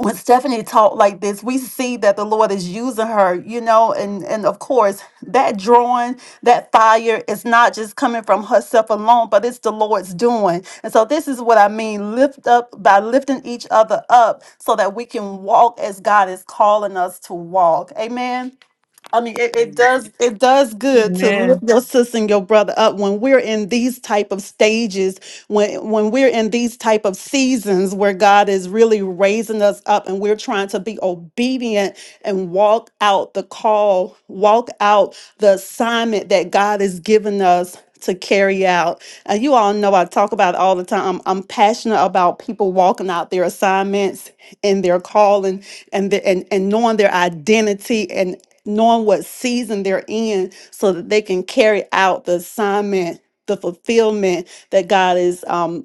Speaker 5: when Stephanie talked like this, we see that the Lord is using her, you know, and and of course that drawing, that fire is not just coming from herself alone, but it's the Lord's doing. And so this is what I mean: lift up by lifting each other up, so that we can walk as God is calling us to walk. Amen. I mean, it, it does it does good to lift
Speaker 3: Amen.
Speaker 5: your sister and your brother up when we're in these type of stages, when when we're in these type of seasons where God is really raising us up and we're trying to be obedient and walk out the call, walk out the assignment that God has given us to carry out. And you all know I talk about it all the time. I'm, I'm passionate about people walking out their assignments and their calling and the, and and knowing their identity knowing what season they're in so that they can carry out the assignment the fulfillment that God is um,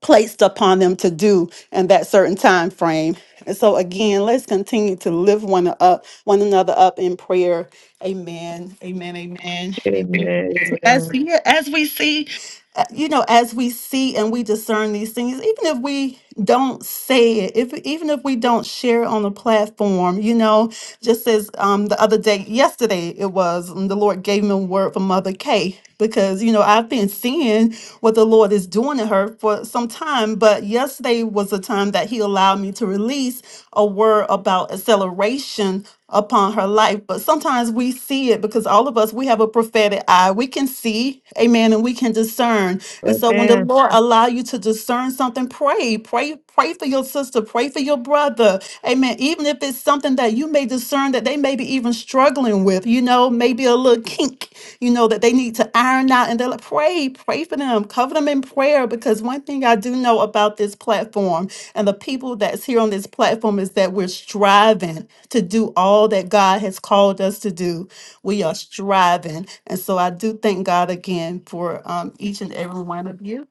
Speaker 5: placed upon them to do in that certain time frame. And so again, let's continue to lift one up, one another up in prayer. Amen. Amen. Amen. Amen.
Speaker 3: Amen.
Speaker 5: So As
Speaker 3: Amen.
Speaker 5: we, as we see, uh, you know, as we see and we discern these things, even if we don't say it, if even if we don't share it on the platform, you know, just as um the other day, yesterday it was um, the Lord gave me a word from Mother K because you know I've been seeing what the Lord is doing in her for some time. But yesterday was a time that He allowed me to release a word about acceleration upon her life. But sometimes we see it because all of us, we have a prophetic eye. We can see, amen, and we can discern. And so when the
Speaker 3: Amen. Amen.
Speaker 5: Lord Sure. allow you to discern something, pray, pray, pray for your sister, pray for your brother. Amen. Even if it's something that you may discern that they may be even struggling with, you know, maybe a little kink you know, that they need to iron out and they're like, pray, pray for them, cover them in prayer. Because one thing I do know about this platform and the people that's here on this platform is that we're striving to do all that God has called us to do. We are striving. And so I do thank God again for um, each and every one of you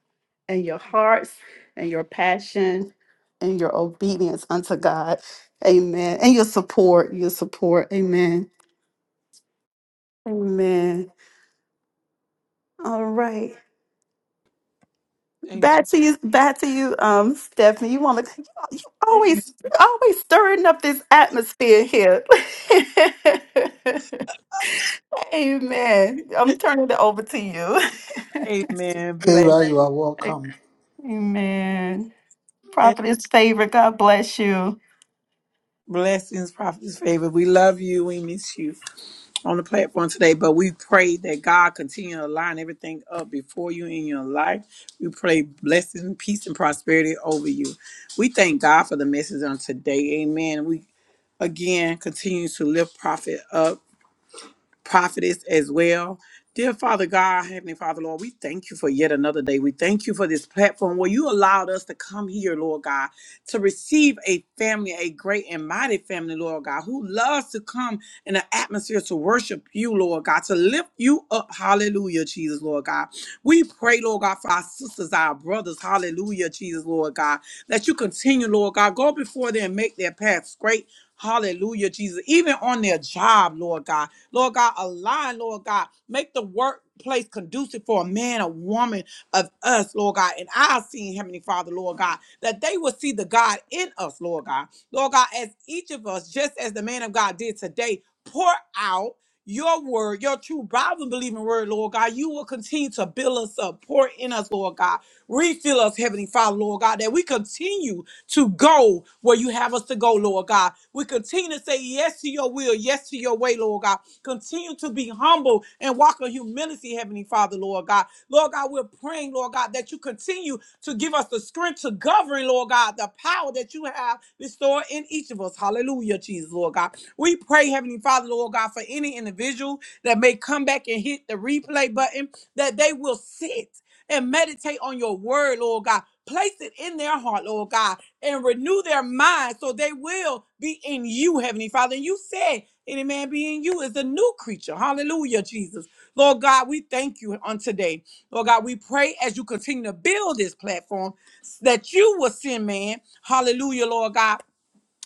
Speaker 5: and your hearts and your passion and your obedience unto God. Amen. And your support, your support. Amen. Amen. All right.
Speaker 2: God. Amen.
Speaker 5: Back to you, back to you, um, Stephanie. You want to? You, you
Speaker 2: Amen.
Speaker 5: always, you always stirring up this atmosphere here. Amen. I'm turning it over to you.
Speaker 2: Amen. Bless,
Speaker 1: Favor, you are welcome.
Speaker 5: Amen.
Speaker 2: bless,
Speaker 5: Prophet's favor. God bless you.
Speaker 2: blessings, prophet's favor. We love you. We miss you. on the platform today, but we pray that God continue to line everything up before you in your life. We pray blessing, peace, and prosperity over you. We thank God for the message on today. Amen. We again continue to lift prophet up prophetess as well. Dear Father God, Heavenly Father, Lord, we thank you for yet another day. We thank you for this platform where you allowed us to come here, Lord God, to receive a family, a great and mighty family, Lord God, who loves to come in an atmosphere to worship you, Lord God, to lift you up. Hallelujah, Jesus, Lord God. We pray, Lord God, for our sisters, our brothers. Hallelujah, Jesus, Lord God, that you continue, Lord God, go before them and make their path straight. Hallelujah, Jesus. Even on their job, Lord God. Lord God, align, Lord God. Make the workplace conducive for a man, a woman of us, Lord God. And I've seen, Heavenly Father, Lord God, that they will see the God in us, Lord God. Lord God, as each of us, just as the man of God did today, pour out your word, your true Bible believing word, Lord God. You will continue to build us up, pour in us, Lord God. Refill us, Heavenly Father, Lord God, that we continue to go where you have us to go, Lord God. We continue to say yes to your will, yes to your way, Lord God. Continue to be humble and walk in humility, Heavenly Father, Lord God. Lord God, we're praying, Lord God, that you continue to give us the strength to govern, Lord God, the power that you have restored in each of us. Hallelujah, Jesus, Lord God. We pray, Heavenly Father, Lord God, for any individual that may come back and hit the replay button, that they will sit and meditate on your word, Lord God. Place it in their heart, Lord God, and renew their mind so they will be in you, Heavenly Father. And you said any man be in you is a new creature. Hallelujah, Jesus. Lord God, we thank you on today. Lord God, we pray as you continue to build this platform that you will send man. Hallelujah, Lord God,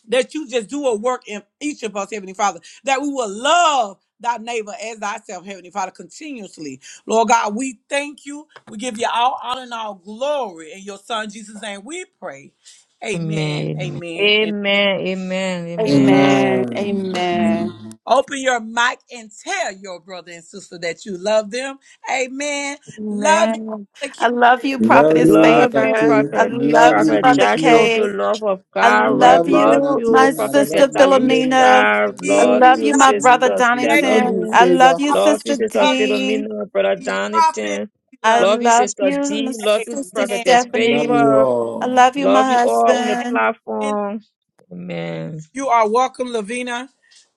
Speaker 2: that you just do a work in each of us, Heavenly Father, that we will love thy neighbor as thyself, Heavenly Father, continuously. Lord God, we thank you. We give you all honor and all glory. In your son Jesus' name we pray. Amen,
Speaker 3: Amen.
Speaker 2: amen, and
Speaker 3: Amen. Amen. Amen.
Speaker 5: Amen.
Speaker 1: Amen.
Speaker 5: Amen.
Speaker 2: Open your mic and tell your brother and sister that you love them. Amen. Love you,
Speaker 5: Amen.
Speaker 2: Brother Keith
Speaker 5: I love you,
Speaker 1: Love
Speaker 5: Prophet's
Speaker 1: you,
Speaker 3: Love
Speaker 1: Mother
Speaker 3: you,
Speaker 5: favor.
Speaker 1: K.
Speaker 5: I
Speaker 3: Prophet,
Speaker 5: love
Speaker 1: Love
Speaker 5: you,
Speaker 1: you,
Speaker 3: Prophet
Speaker 5: Brother
Speaker 1: Miss
Speaker 3: Joshua, with
Speaker 1: May.
Speaker 3: the
Speaker 5: K.
Speaker 3: love of
Speaker 5: I
Speaker 1: I
Speaker 3: God, right?
Speaker 5: love
Speaker 1: love you,
Speaker 3: Love
Speaker 5: you, my
Speaker 3: you,
Speaker 1: Donatien. I
Speaker 3: Prophet
Speaker 5: sister
Speaker 1: love you,
Speaker 5: Philomena.
Speaker 1: Philomena.
Speaker 3: Talisha.
Speaker 1: I
Speaker 5: I
Speaker 2: B.
Speaker 1: love
Speaker 3: Love
Speaker 1: you,
Speaker 5: love
Speaker 3: you,
Speaker 5: you,
Speaker 2: Love
Speaker 5: my brother
Speaker 1: Stephanie.
Speaker 3: Sister
Speaker 1: I
Speaker 2: you, Faith
Speaker 1: love
Speaker 5: Donington.
Speaker 1: you,
Speaker 3: Stephanie.
Speaker 5: I love
Speaker 1: Favor.
Speaker 5: you,
Speaker 2: Prophet.
Speaker 3: Love you,
Speaker 5: sister
Speaker 3: Sister
Speaker 2: Love
Speaker 5: D.
Speaker 3: Philomena, Brother
Speaker 2: you, Keith Prophet.
Speaker 3: Donathan.
Speaker 5: I
Speaker 2: Love.
Speaker 3: Love you,
Speaker 5: love
Speaker 3: Sister
Speaker 5: you, my
Speaker 3: D. Love you,
Speaker 5: sister
Speaker 2: Amen.
Speaker 3: Prophetess
Speaker 1: I love
Speaker 5: Stephanie.
Speaker 1: you
Speaker 3: Favor.
Speaker 5: I
Speaker 1: all.
Speaker 5: love you, my
Speaker 3: Love you all on the
Speaker 5: husband.
Speaker 2: Amen.
Speaker 3: platform. Amen.
Speaker 2: You are welcome, Lavina.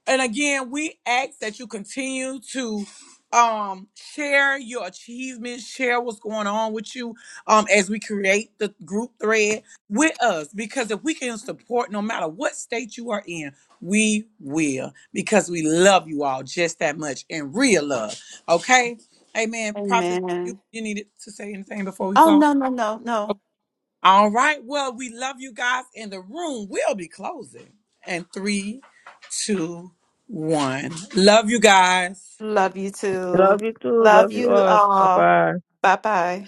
Speaker 2: And again, we ask that you continue to um share your achievements, share what's going on with you um as we create the group thread with us because if we can support no matter what state you are in, we will because we love you all just that much and real love. Okay? Amen. Prophet, you,
Speaker 5: Amen.
Speaker 2: you needed to say anything before we
Speaker 5: Oh,
Speaker 2: close?
Speaker 5: no, no, no, no.
Speaker 2: All right. Well, we love you guys, and the room will be closing. And three, two, one. Love you guys.
Speaker 5: Love you too.
Speaker 3: Love you too.
Speaker 5: Love
Speaker 3: Love you
Speaker 5: you
Speaker 3: all. Bye
Speaker 5: all.
Speaker 3: bye.
Speaker 5: Bye bye.